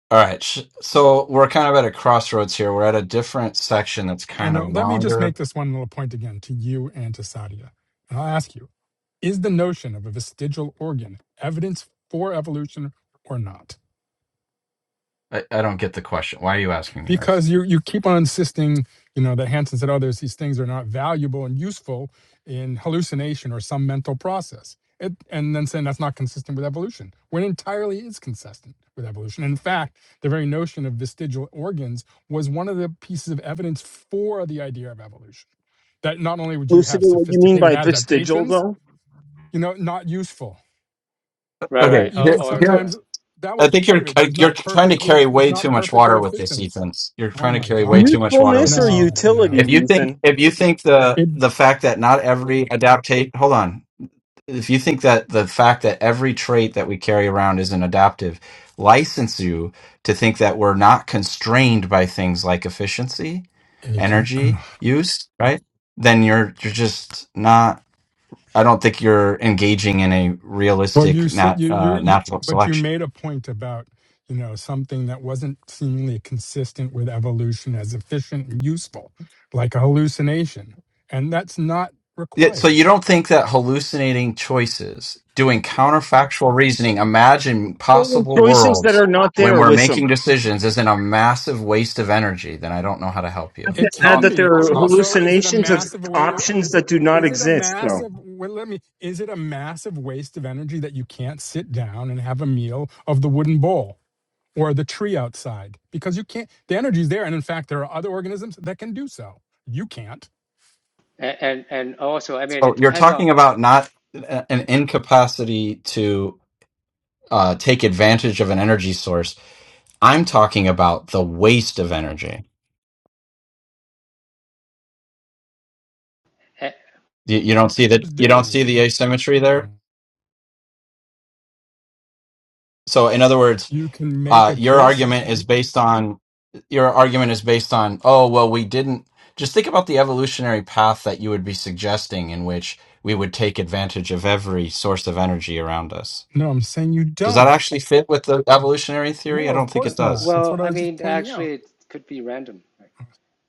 all right. sh- So we're kind of at a crossroads here. We're at a different section that's
And
kind
uh,
of
let me just
longer.
make this one little point again to you and to Sadia. And I'll ask you: Is the notion of a vestigial organ evidence for evolution or not?
I, I don't get the question. Why are you asking me this?
because you you keep on insisting you know that hansen said others these things are not valuable and useful in hallucination or some mental process it, and then saying that's not consistent with evolution when it entirely is consistent with evolution in fact the very notion of vestigial organs was one of the pieces of evidence for the idea of evolution that not only would you have
Lucidate what you mean
sophisticated
by vestigial,
adaptations
though?
you know not useful
Right,
Okay,
or
right. Or,
here,
even
or,
here,
or
sometimes that
I
was
think
part
you're
of it.
uh,
There's
you're
not
trying to
perfectly,
carry
it's
way too
not
much
perfectly
water with this,
efficient.
Ethan. You're
Oh
trying to
my
carry way too
God.
much water with
Usefulness or
this,
No,
Ethan.
utility,
If
no.
you think
Ethan?
if you think the
It,
the fact that not every adaptation, hold on. if you think that the fact that every trait that we carry around isn't adaptive license you to think that we're not constrained by things like efficiency
it can,
energy use right then you're you're just not i don't think you're engaging in a
well, you
realistic
said
nat,
you, you,
uh,
you,
natural
but you
selection
made a point about, you know, something that wasn't seemingly consistent with evolution as efficient and useful, like a hallucination. And that's not
Yeah, so
required.
you don't think that hallucinating choices doing counterfactual reasoning imagine
Making
possible
Choices that
worlds
are not
when
there,
we're
Wissam.
making decisions isn't a massive waste of energy then i don't know how to help
I have
you
to
It
It's
add
not.
can
that there
be.
It's
are
Well,
not
so
Wissam.
is it a
hallucinations of
massive way to
options
is
that
it
do not
is it a
exist, though.
massive well let me is it a massive waste of energy that you can't sit down and have a meal of the wooden bowl or the tree outside? Because you can't the energy's there. And in fact, there are other organisms that can do so. You can't.
and and also, I mean, it
So you're
depends on.
talking about not an incapacity to uh, take advantage of an energy source. I'm talking about the waste of energy.
Uh,
You, you don't see that.
Just
You don't
do.
see the asymmetry there.
Mhm.
So in other words,
You can make
uh,
a
your
case.
argument is based on your argument is based on oh well we didn't just think about the evolutionary path that you would be suggesting in which we would take advantage of every source of energy around us.
No, I'm saying you
Does that
don't.
actually fit with the evolutionary theory? I
No, of
don't think
uh,
it
course
does.
not. That's
well,
what I
I
was just
mean,
pointing out.
actually, it could be random. Right?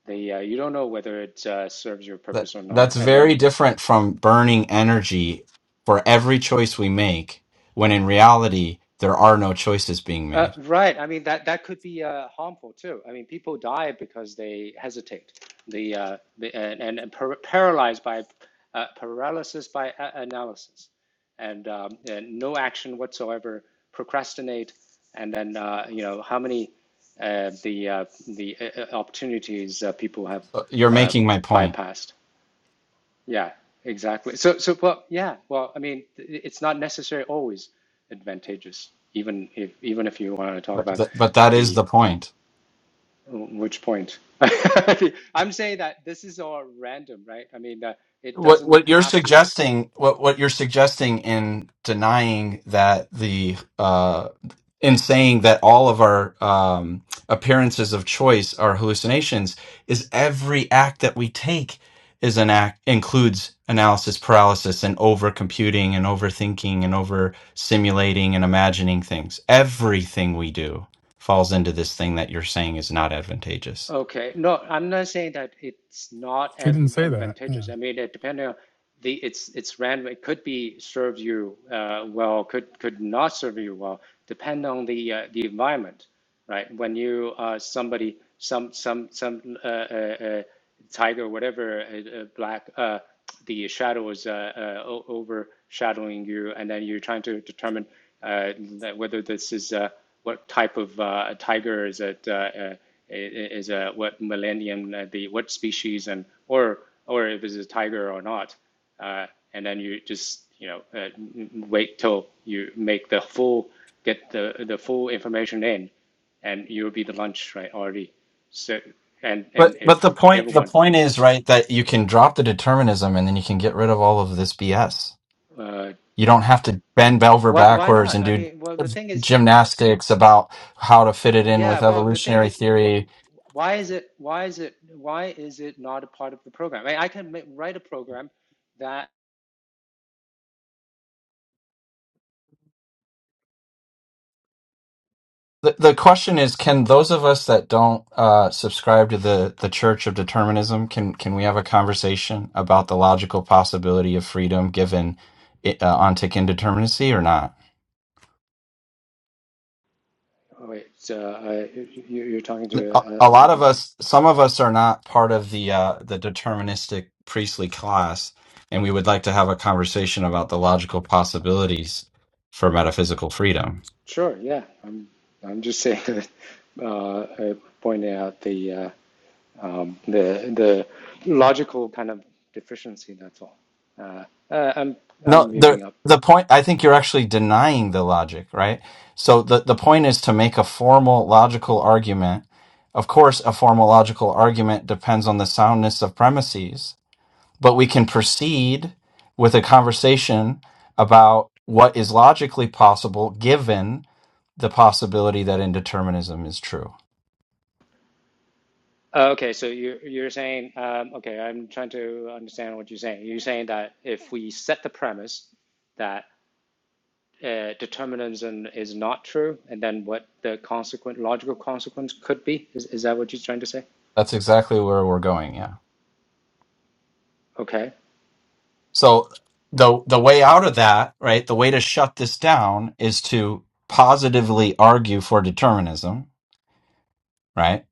The uh, you don't know whether it uh, serves your
That
purpose or not,
that's
and
very
then
different from burning energy for every choice we make, when in reality there are no choices being
Uh,
made.
right. I mean that that could be uh, harmful too. I mean, people die because they hesitate. The, uh, the and, and, and par- paralyzed by uh, paralysis by analysis, and um, and no action whatsoever. Procrastinate, and then uh, you know how many uh, the uh, the uh, uh, opportunities uh, people have
So You're
uh,
making my point,
bypassed. Yeah, exactly. So, so well, yeah. Well, I mean, th- it's not necessarily always advantageous, even if even if you want to talk
but
about
th- but that is
the
the point.
which point. I'm saying that this is all random, right? I mean, uh, it
what
doesn't
what you're
have to.
suggesting what what you're suggesting in denying that the uh in saying that all of our um appearances of choice are hallucinations is every act that we take is an act includes analysis paralysis and over computing and overthinking and over simulating and imagining things everything we do falls into this thing that you're saying is not advantageous
Okay. No, I'm not saying that it's not
He didn't
advan-
say that. Yeah.
advantageous. I mean, it depending on the it's it's random. It could be serve you uh, well, could could not serve you well, depend on the uh, the environment, right? When you uh, somebody some some some uh, uh, uh, tiger whatever uh, uh, black uh, the shadow is uh, uh, o- overshadowing you, and then you're trying to determine uh, that whether this is uh, what type of uh, tiger is it. Uh, uh, is uh, what millennium uh, the what species and or or if it's a tiger or not uh, and then you just you know uh, wait till you make the full get the the full information in and you'll be the lunch right already so and
But
and
but the
if
point the
everyone
point is right that you can drop the determinism and then you can get rid of all of this BS.
uh,
You don't have to bend over
why why
backwards
not
and
I
do
mean well the thing is
gymnastics about how to fit it in
yeah
with
well the thing
evolutionary
is wh-
theory.
why is it why is it why is it not a part of the program I, mean, I can ma- write a program that.
The, the question is, can those of us that don't uh, subscribe to the, the Church of Determinism can can we have a conversation about the logical possibility of freedom given uh, ontic indeterminacy or not?
Oh, wait, so, uh, I, you, you're talking to
a
uh,
a
other
lot of
people.
us some of us are not part of the uh the deterministic priestly class and we would like to have a conversation about the logical possibilities for metaphysical freedom
Sure, yeah. I'm, I'm just saying that uh, I pointed out the, uh, um, the, the logical kind of deficiency, that's all. Uh, uh, I'm,
no
I'm
the
muting up.
the point i think you're actually denying the logic right so the the point is to make a formal logical argument of course a formal logical argument depends on the soundness of premises but we can proceed with a conversation about what is logically possible given the possibility that indeterminism is true.
Uh, okay, so you're, you're saying, um, okay, I'm trying to understand what you're saying. You're saying that if we set the premise that uh, determinism is not true, and then what the consequent logical consequence could be, is, is that what you're trying to say?
That's exactly where we're going. Yeah.
Okay.
So the the way out of that, right? The way to shut this down is to positively argue for determinism, right?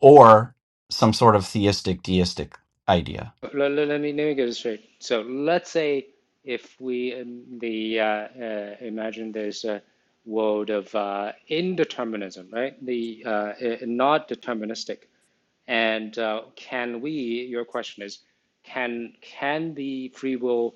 Or some sort of theistic deistic idea.
Let, let- me let me get it straight. So let's say if we um, the uh, uh, imagine there's a world of uh, indeterminism, right? The uh, uh, not deterministic, and uh, can we? Your question is, can can the free will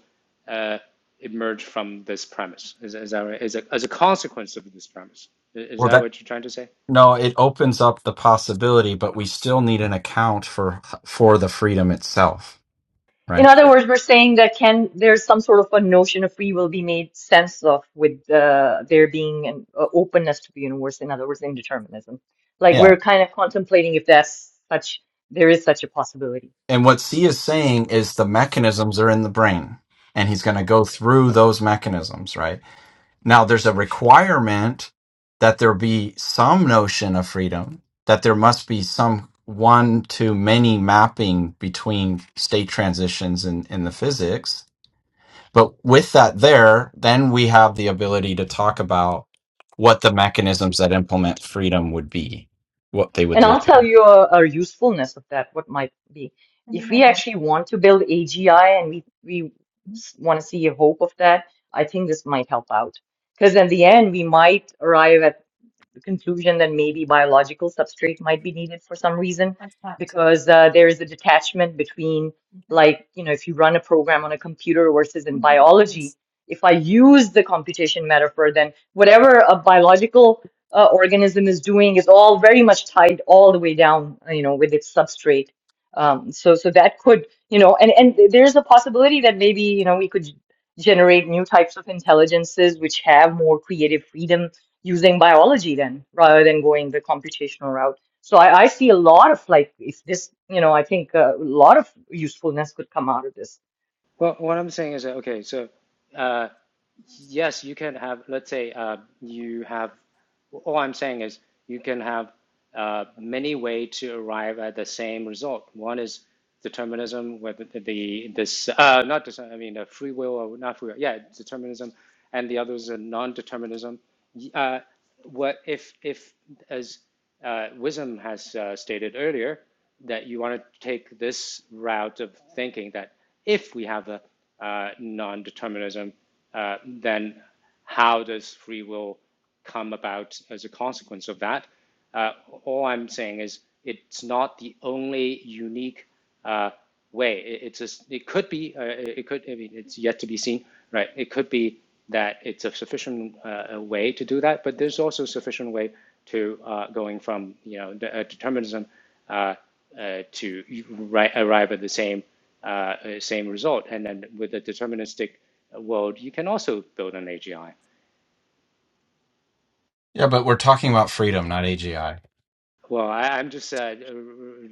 uh, emerge from this premise? Is, is that right? Is a, as a consequence of this premise? Is,
Well,
that
that
what you're trying to say?
no, it opens up the possibility, but we still need an account for for the freedom itself,
In
right?
other words, we're saying that can there's some sort of a notion of free will be made sense of with uh, there being an uh, openness to the universe. In other words, indeterminism. Like
Yeah.
we're kind of contemplating if that's such there is such a possibility.
And what C is saying is the mechanisms are in the brain, and he's going to go through those mechanisms, right? Now, there's a requirement that there be some notion of freedom, that there must be some one to many mapping between state transitions in, in the physics. But with that, there, then we have the ability to talk about what the mechanisms that implement freedom would be, what they would
And I'll
look
tell
at.
you a, a usefulness of that. What might be if we actually want to build AGI and we we want to see a hope of that. I think this might help out because in the end we might arrive at the conclusion that maybe biological substrate might be needed for some reason because uh, there is a detachment between like you know if you run a program on a computer versus in biology if i use the computation metaphor then whatever a biological uh, organism is doing is all very much tied all the way down you know with its substrate um, so so that could you know and and there's a possibility that maybe you know we could generate new types of intelligences which have more creative freedom using biology then rather than going the computational route. So I, I see a lot of like, if this, you know, I think a lot of usefulness could come out of this.
Well, what I'm saying is that okay, so. Uh, yes, you can have, let's say, uh, you have, all I'm saying is you can have uh, many way to arrive at the same result. One is determinism whether the, the this, uh, not just, I mean, uh, free will or not free will, yeah, determinism, and the others are non-determinism. Y- Uh, what if, if as uh, Wisdom has uh, stated earlier, that you want to take this route of thinking that if we have a uh, non-determinism, uh, then how does free will come about as a consequence of that? Uh, all I'm saying is it's not the only unique uh, way. It, it's just it could be, uh, it could, I mean, it's yet to be seen, right? It could be that it's a sufficient uh, way to do that, but there's also a sufficient way to uh, going from, you know, de- uh, determinism uh, uh, to ri- arrive at the same uh, uh, same result. And then with a deterministic world, you can also build an AGI.
Yeah, but we're talking about freedom, not AGI.
Well, I, I'm just uh,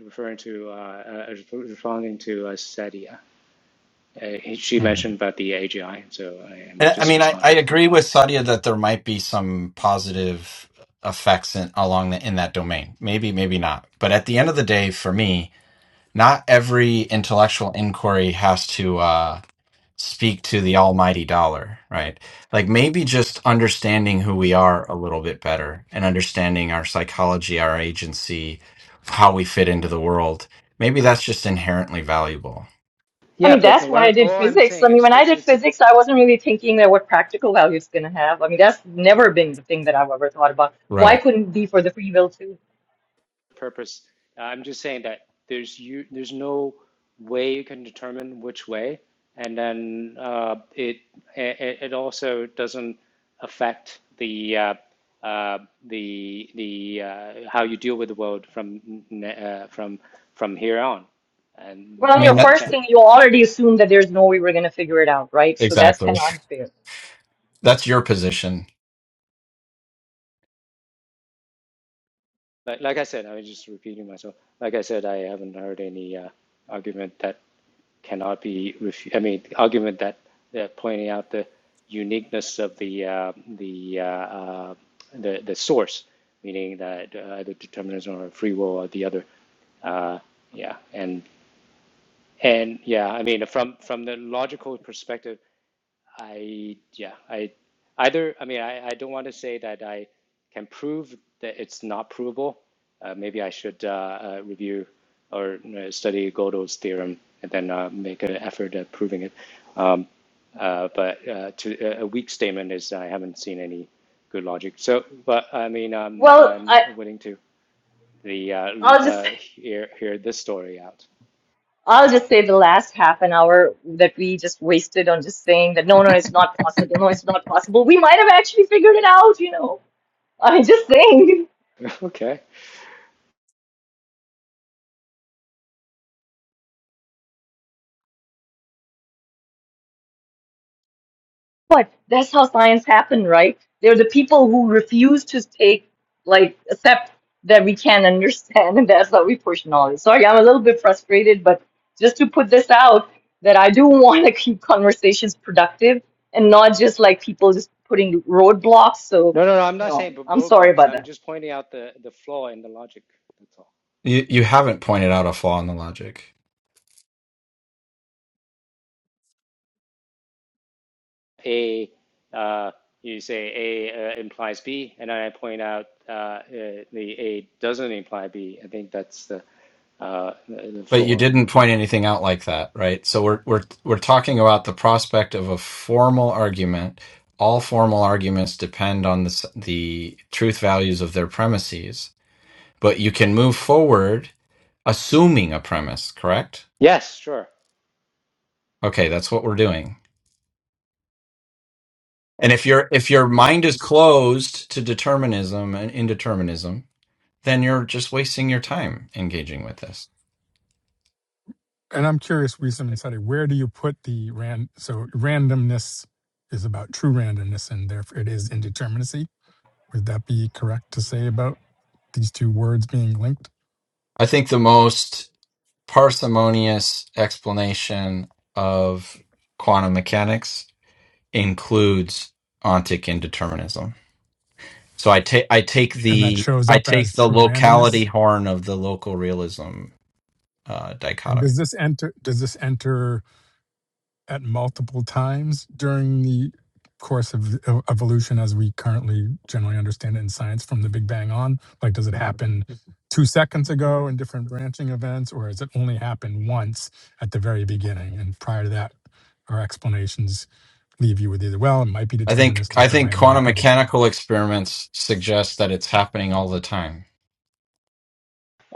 referring to uh, uh, responding to uh, Sadia. Uh, she mentioned about the AGI, so I am
I I
just
mean, I, I
responding to.
agree with Sadia that there might be some positive effects in, along the, in that domain. Maybe, maybe not. But at the end of the day, for me, not every intellectual inquiry has to uh, speak to the almighty dollar, right? Like maybe just understanding who we are a little bit better and understanding our psychology, our agency, how we fit into the world. Maybe that's just inherently valuable.
I
Yeah,
mean,
but
that's
what
why
I,
I did
all I'm
physics. I
saying
mean,
is
when I
it's
did
it's.
physics, I wasn't really thinking that what practical value it's going to have. I mean, that's never been the thing that I've ever thought about. Why
Right.
couldn't it be for the free will too?
purpose. Uh, I'm just saying that there's you there's no way you can determine which way, and then uh, it, it it also doesn't affect the uh, uh, the the uh, how you deal with the world from uh, from from here on, and
Well,
I
on
that's
your
mean,
all
that
I'm
first
saying.
thing, you already assumed that there's no way we're going to figure it out, right? So that's kind
exactly.
of unfair.
That's your position.
like, like I said, I was just repeating myself. Like I said, I haven't heard any uh, argument that cannot be refu- I mean, argument that they're pointing out the uniqueness of the uh, the, uh, uh, the the source, meaning that uh, either determinism or free will or the other. Uh, yeah, and and yeah, I mean, from from the logical perspective, I yeah, I either I mean I, I don't want to say that I can prove that it's not provable. Uh, maybe I should uh, uh, review or uh, study Gödel's theorem and then uh, make an effort at proving it. Um, uh, but uh, to, a weak statement is I haven't seen any good logic. So, but I mean, um,
Well,
I'm
I,
willing to the uh,
I'll just
uh, hear hear this story out.
I'll just say the last half an hour that we just wasted on just saying that no, no, it's not possible. No, it's not possible. We might have actually figured it out, you know. I'm just saying.
okay.
But that's how science happened, right? They're the people who refuse to take, like, accept that we can't understand, and that's how we push knowledge. Sorry, I'm a little bit frustrated, but just to put this out, that I do want to keep conversations productive and not just like people just putting roadblocks. So,
No, no, no. I'm
you
not
know,
saying b-
I'm sorry
roadblocks.
about that.
I'm just pointing out the the flaw in the logic. That's all.
You you haven't pointed out a flaw in the logic,
A, uh, you say A uh, implies B, and then I point out uh, uh, the A doesn't imply B. I think that's the, uh, the
but you
flaw.
didn't point anything out like that, right? So we're we're we're talking about the prospect of a formal argument. All formal arguments depend on the s- the truth values of their premises, but you can move forward assuming a premise, correct?
Yes, sure.
Okay, that's what we're doing. And if your if your mind is closed to determinism and indeterminism, then you're just wasting your time engaging with this.
and I'm curious, Wisam
It's
and
with them.
Sadi, where do you put the ran? So randomness is about true randomness, and therefore it is indeterminacy. Would that be correct to say about these two words being linked?
I think the most parsimonious explanation of quantum mechanics includes ontic indeterminism. So I take I take
And that
the
shows
I
up as
take the
true
locality
randomness.
horn of the local realism uh,
And does
dichotomy.
this enter? Does this enter at multiple times during the course of e- evolution as we currently generally understand it in science from the Big Bang on? Like, does it happen two seconds ago in different branching events, or has it only happened once at the very beginning? And prior to that, our explanations leave you with either, well, it might be
I think I
deterministic or it
think
might not
quantum
be deterministic.
mechanical experiments suggest that it's happening all the time.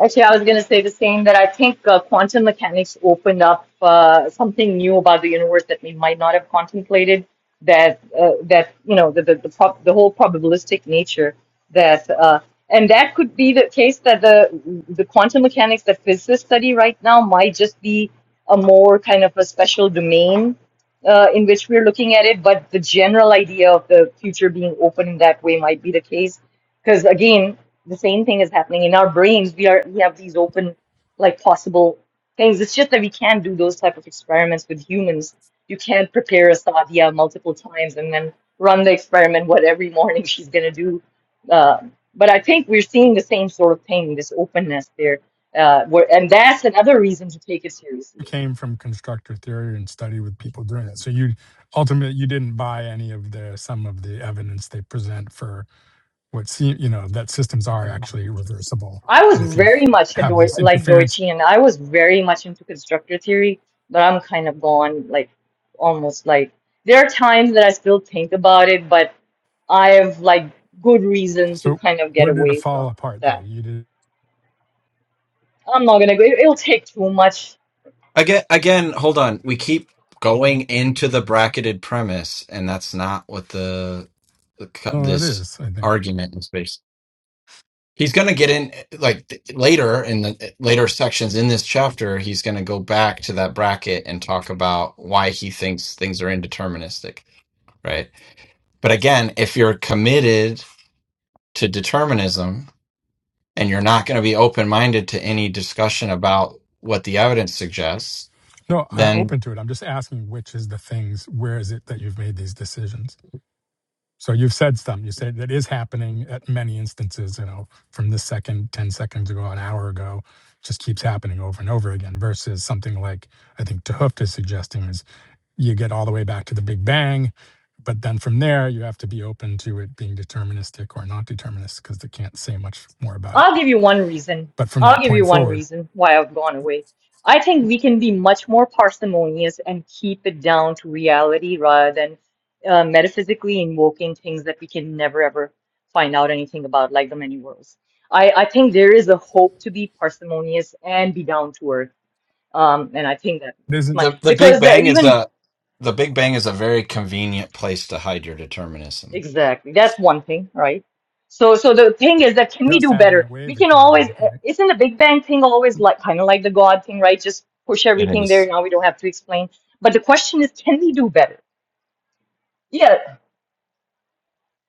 Actually, I was going to say the same that I think uh, quantum mechanics opened up uh, something new about the universe that we might not have contemplated. That uh, that you know the the the, prob- the whole probabilistic nature that uh, and that could be the case that the the quantum mechanics that physicists study right now might just be a more kind of a special domain uh, in which we're looking at it, but the general idea of the future being open in that way might be the case because again, the same thing is happening in our brains. We are we have these open, like possible things. It's just that we can't do those type of experiments with humans. You can't prepare a sadhya multiple times and then run the experiment what every morning she's gonna do. Uh, but I think we're seeing the same sort of thing, this openness there. Uh, where, and that's another reason to take it seriously.
You came from constructor theory and study with people doing that. So you ultimately you didn't buy any of the some of the evidence they present for What see, you know, that systems are actually reversible.
I was
And if you
very much a
have
Deu-
this
like
interference,
Deutsche, and I was very much into constructor theory, but I'm kind of gone, like almost like there are times that I still think about it, but I have like good reason to
so
kind of get
where did it
away from
fall apart there?
that.
You did,
I'm not gonna go. It, It'll take too much
Again, again, hold on. We keep going into the bracketed premise, and that's not what the, the cu-
no, it
this
is, I think.
argument is based. He's going to get in like th- later in the later sections in this chapter. He's going to go back to that bracket and talk about why he thinks things are indeterministic, right? But again, if you're committed to determinism and you're not going to be open minded to any discussion about what the evidence suggests,
No, I'm
then
open to it. I'm just asking which is the things, where is it that you've made these decisions? So you've said some. you said that is happening at many instances, you know, from the second, 10 seconds ago, an hour ago, just keeps happening over and over again versus something like I think Tehuft is suggesting is. you get all the way back to the Big Bang. But then from there, you have to be open to it being deterministic or not deterministic because they can't say much more about it.
I'll give you one reason.
But from
I'll
that
give you
point
one
forward,
reason why I've gone away. I think we can be much more parsimonious and keep it down to reality rather than uh, metaphysically invoking things that we can never ever find out anything about, like the many worlds. I, I think there is a hope to be parsimonious and be down to earth. Um, and I think that
it
this
isn't
much
The the Big
because the,
Bang is
even
a the Big Bang is a very convenient place to hide your determinism.
Exactly. That's one thing, right? So, so the thing is that can we
just
do
having the
better? We
wave
can always,
occasion,
uh,
right?
isn't the Big Bang thing always like kind of like the God thing, right? Just push
It
everything there.
is.
Now we don't have to explain. But the question is, can we do better? Yeah.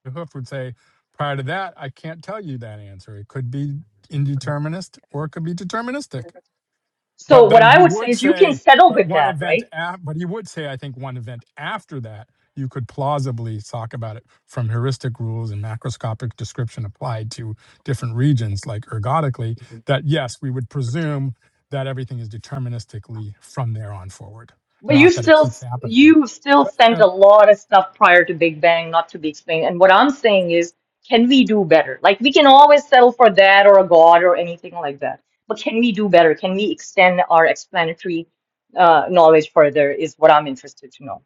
The hoof would say, prior to that, I can't tell you that answer. It could be indeterminist or it could be deterministic.
So
But
what
then
I
he
would say
would
is you can
say,
settle
but
with
one
that,
event,
right?
af- but he would say, I think one event after that, you could plausibly talk about it from heuristic rules and macroscopic description applied to different regions, like ergodically, that yes, we would presume that everything is deterministically from there on forward,
But you
not that it
still
keeps happening.
you still
But,
sent
uh,
a lot of stuff prior to Big Bang not to be explained. And what I'm saying is, can we do better? Like we can always settle for that or a god or anything like that. But can we do better? Can we extend our explanatory uh, knowledge further? Is what I'm interested to know.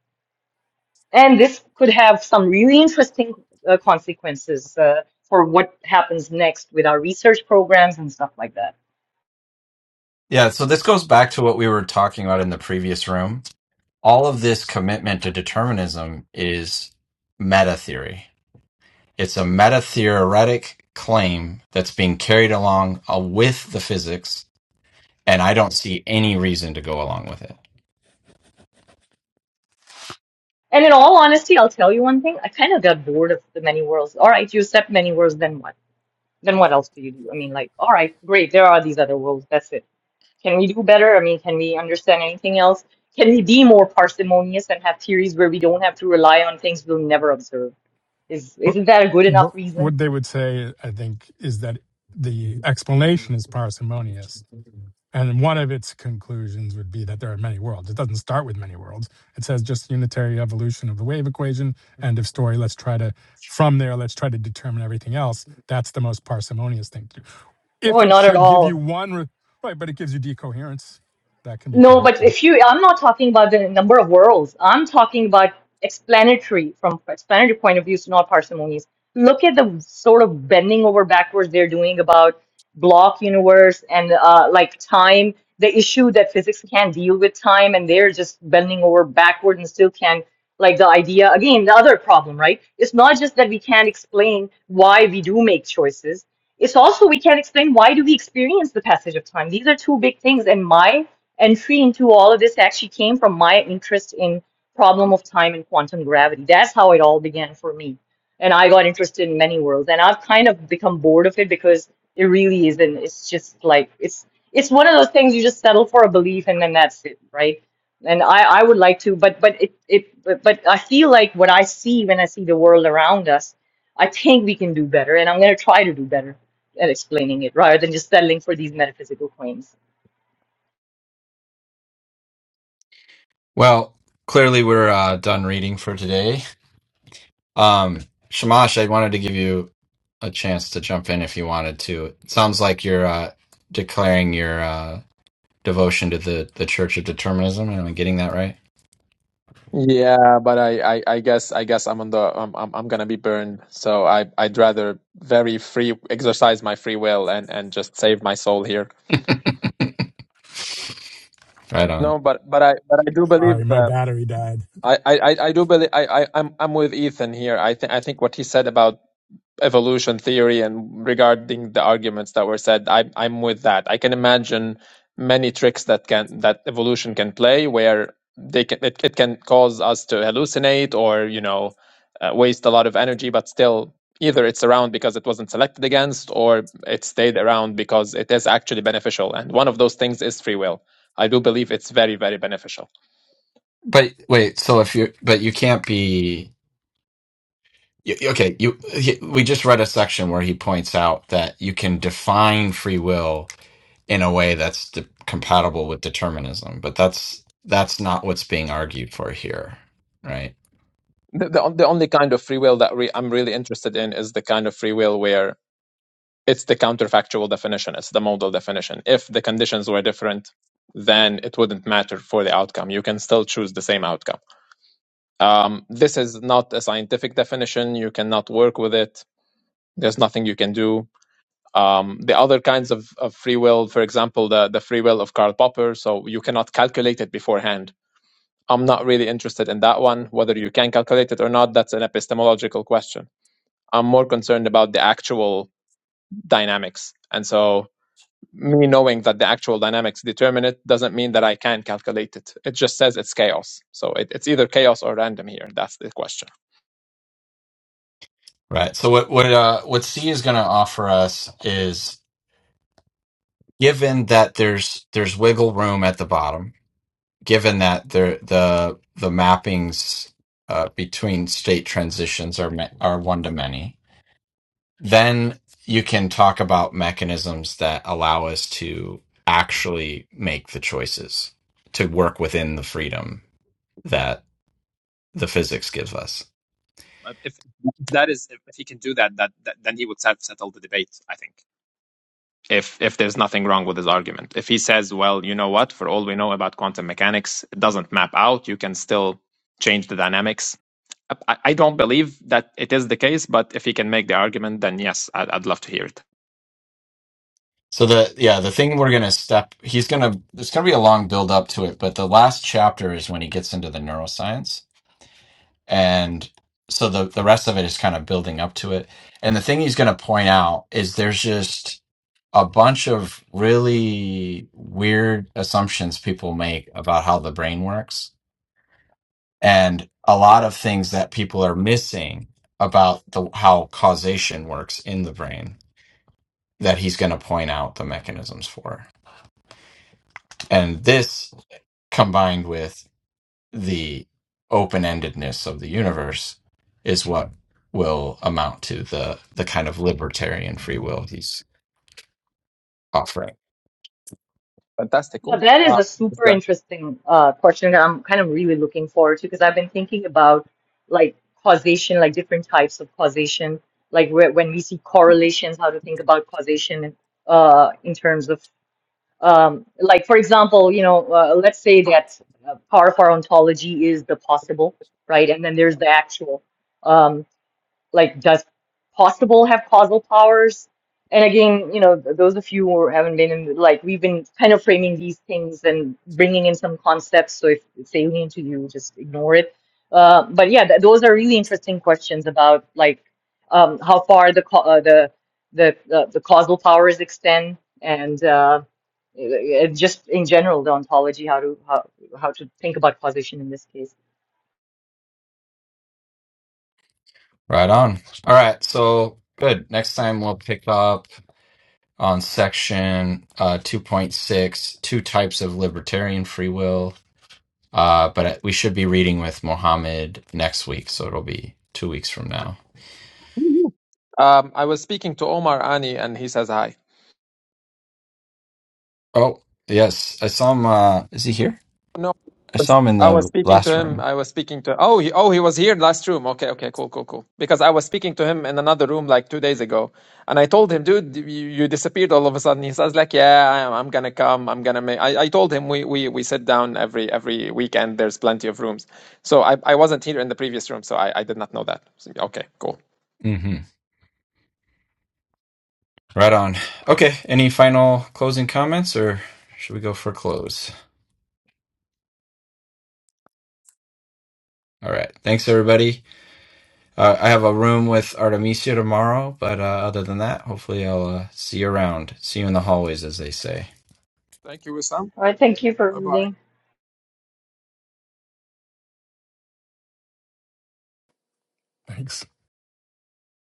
And this could have some really interesting uh, consequences uh, for what happens next with our research programs and stuff like that.
Yeah, so this goes back to what we were talking about in the previous room. All of this commitment to determinism is meta theory. It's a meta theoretic claim that's being carried along uh, with the physics and I don't see any reason to go along with it.
And in all honesty, I'll tell you one thing. I kind of got bored of the many worlds. All right, you accept many worlds, then what? then what else do you do? I mean, like, all right, great, there are these other worlds. That's it. Can we do better? I mean, can we understand anything else? Can we be more parsimonious and have theories where we don't have to rely on things we'll never observe? Is
but,
isn't that a good enough
but
reason?
what they would say, I think, is that the explanation is parsimonious And one of its conclusions would be that there are many worlds. It doesn't start with many worlds. It says just unitary evolution of the wave equation, end of story. Let's try to, from there, let's try to determine everything else. That's the most parsimonious thing to do.
Oh,
If it
not at
should give
all.
you one, right, but it gives you decoherence. That can be kind
No,
of
but
true.
if you, I'm not talking about the number of worlds. I'm talking about explanatory from explanatory point of view, so not parsimonies. Look at the sort of bending over backwards they're doing about block universe and uh, like time, the issue that physics can't deal with time, and they're just bending over backward and still can like the idea again, the other problem, right? It's not just that we can't explain why we do make choices. It's also we can't explain why do we experience the passage of time. These are two big things, and my entry into all of this actually came from my interest in problem of time and quantum gravity. That's how it all began for me. And I got interested in many worlds. And I've kind of become bored of it because it really isn't. It's just like it's it's one of those things you just settle for a belief and then that's it, right? And I, I would like to, but but it it but, but I feel like what I see when I see the world around us, I think we can do better, and I'm gonna try to do better at explaining it rather than just settling for these metaphysical claims.
Well, clearly we're uh, done reading for today. Um, Shamash, I wanted to give you a chance to jump in if you wanted to. It sounds like you're uh, declaring your uh, devotion to the, the Church of Determinism. Am I getting that right?
Yeah, but I, I, I guess I guess I'm on the I'm, I'm I'm gonna be burned. So I I'd rather very free exercise my free will and and just save my soul here.
right on.
No, but but I but I do
Sorry,
believe
my
that
battery died.
I I I I do believe I I I'm I'm with Ethan here. I think I think what he said about evolution theory and regarding the arguments that were said, I, I'm with that. I can imagine many tricks that can that evolution can play where they can it, it can cause us to hallucinate or you know uh, waste a lot of energy, but still either it's around because it wasn't selected against or it stayed around because it is actually beneficial. And one of those things is free will. I do believe it's very, very beneficial.
But wait, so if you but you can't be Y- Okay, you he- we just read a section where he points out that you can define free will in a way that's de- compatible with determinism, but that's that's not what's being argued for here, right?
The, the, on- the only kind of free will that re- I'm really interested in is the kind of free will where it's the counterfactual definition. It's the modal definition. If the conditions were different, then it wouldn't matter for the outcome. You can still choose the same outcome. Um, this is not a scientific definition. You cannot work with it. There's nothing you can do. Um, the other kinds of, of free will, for example, the, the free will of Karl Popper, so you cannot calculate it beforehand. I'm not really interested in that one. Whether you can calculate it or not, that's an epistemological question. I'm more concerned about the actual dynamics. And so me knowing that the actual dynamics determine it doesn't mean that I can calculate it. It just says it's chaos. So it, it's either chaos or random here. That's the question.
Right. So what what uh, what C is going to offer us is given that there's there's wiggle room at the bottom, given that there the the mappings uh, between state transitions are ma- are one to many, then you can talk about mechanisms that allow us to actually make the choices to work within the freedom that the physics gives us.
Uh, If, if that is, if, if he can do that, that, that, then he would set, settle the debate. I think. If if there's nothing wrong with his argument, if he says, well, you know what, for all we know about quantum mechanics, it doesn't map out. You can still change the dynamics. I, I I don't believe that it is the case, but if he can make the argument, then yes, I'd, I'd love to hear it.
So the yeah, the thing we're gonna step he's gonna there's gonna be a long build up to it, but the last chapter is when he gets into the neuroscience. and so the the rest of it is kind of building up to it and the thing he's going to point out is there's just a bunch of really weird assumptions people make about how the brain works and a lot of things that people are missing about the how causation works in the brain that he's going to point out the mechanisms for and this combined with the open endedness of the universe is what will amount to the the kind of libertarian free will he's offering.
Fantastic,
Yeah,
cool.
that is
Uh,
a
it's
super
done.
interesting uh, question that I'm kind of really looking forward to because I've been thinking about like causation, like different types of causation, like where, when we see correlations, how to think about causation uh, in terms of, um, like, for example, you know, uh, let's say that uh, part of our ontology is the possible, right? And then there's the actual. um, like does possible have causal powers and again you know th- those of you who haven't been in like we've been kind of framing these things and bringing in some concepts so if it's alien to you just ignore it uh, but yeah th- those are really interesting questions about like um, how far the ca- uh, the the uh, the causal powers extend and uh, uh, just in general the ontology how to how, how to think about causation in this case
Right on. All right, so good. Next time we'll pick up. on section uh, 2.6 types of libertarian free will uh, but we should be reading with mohammed next week so it'll be two weeks from now
Um, I was speaking to Omar Ani, and he says hi.
oh yes i saw him uh, is he here
No,
i saw him in
I was
the
speaking to
last
him.
room
I was speaking to. Oh, he, oh, he was here last room. Okay, okay, cool, cool, cool. Because I was speaking to him in another room like two days ago, and I told him, dude, you, you disappeared all of a sudden. He says like, yeah, I, I'm gonna come. I'm gonna make. I, I told him we, we we sit down every every weekend. There's plenty of rooms. So I I wasn't here in the previous room, so I I did not know that. So, okay, cool.
hmm right on okay any final closing comments or should we go for close All right. Thanks, everybody. Uh, I have a room with Artemisia tomorrow, but uh, other than that, hopefully I'll uh, see you around. See you in the hallways, as they say.
Thank you, Wissam.
all right thank you for
Bye bye.
reading
Thanks.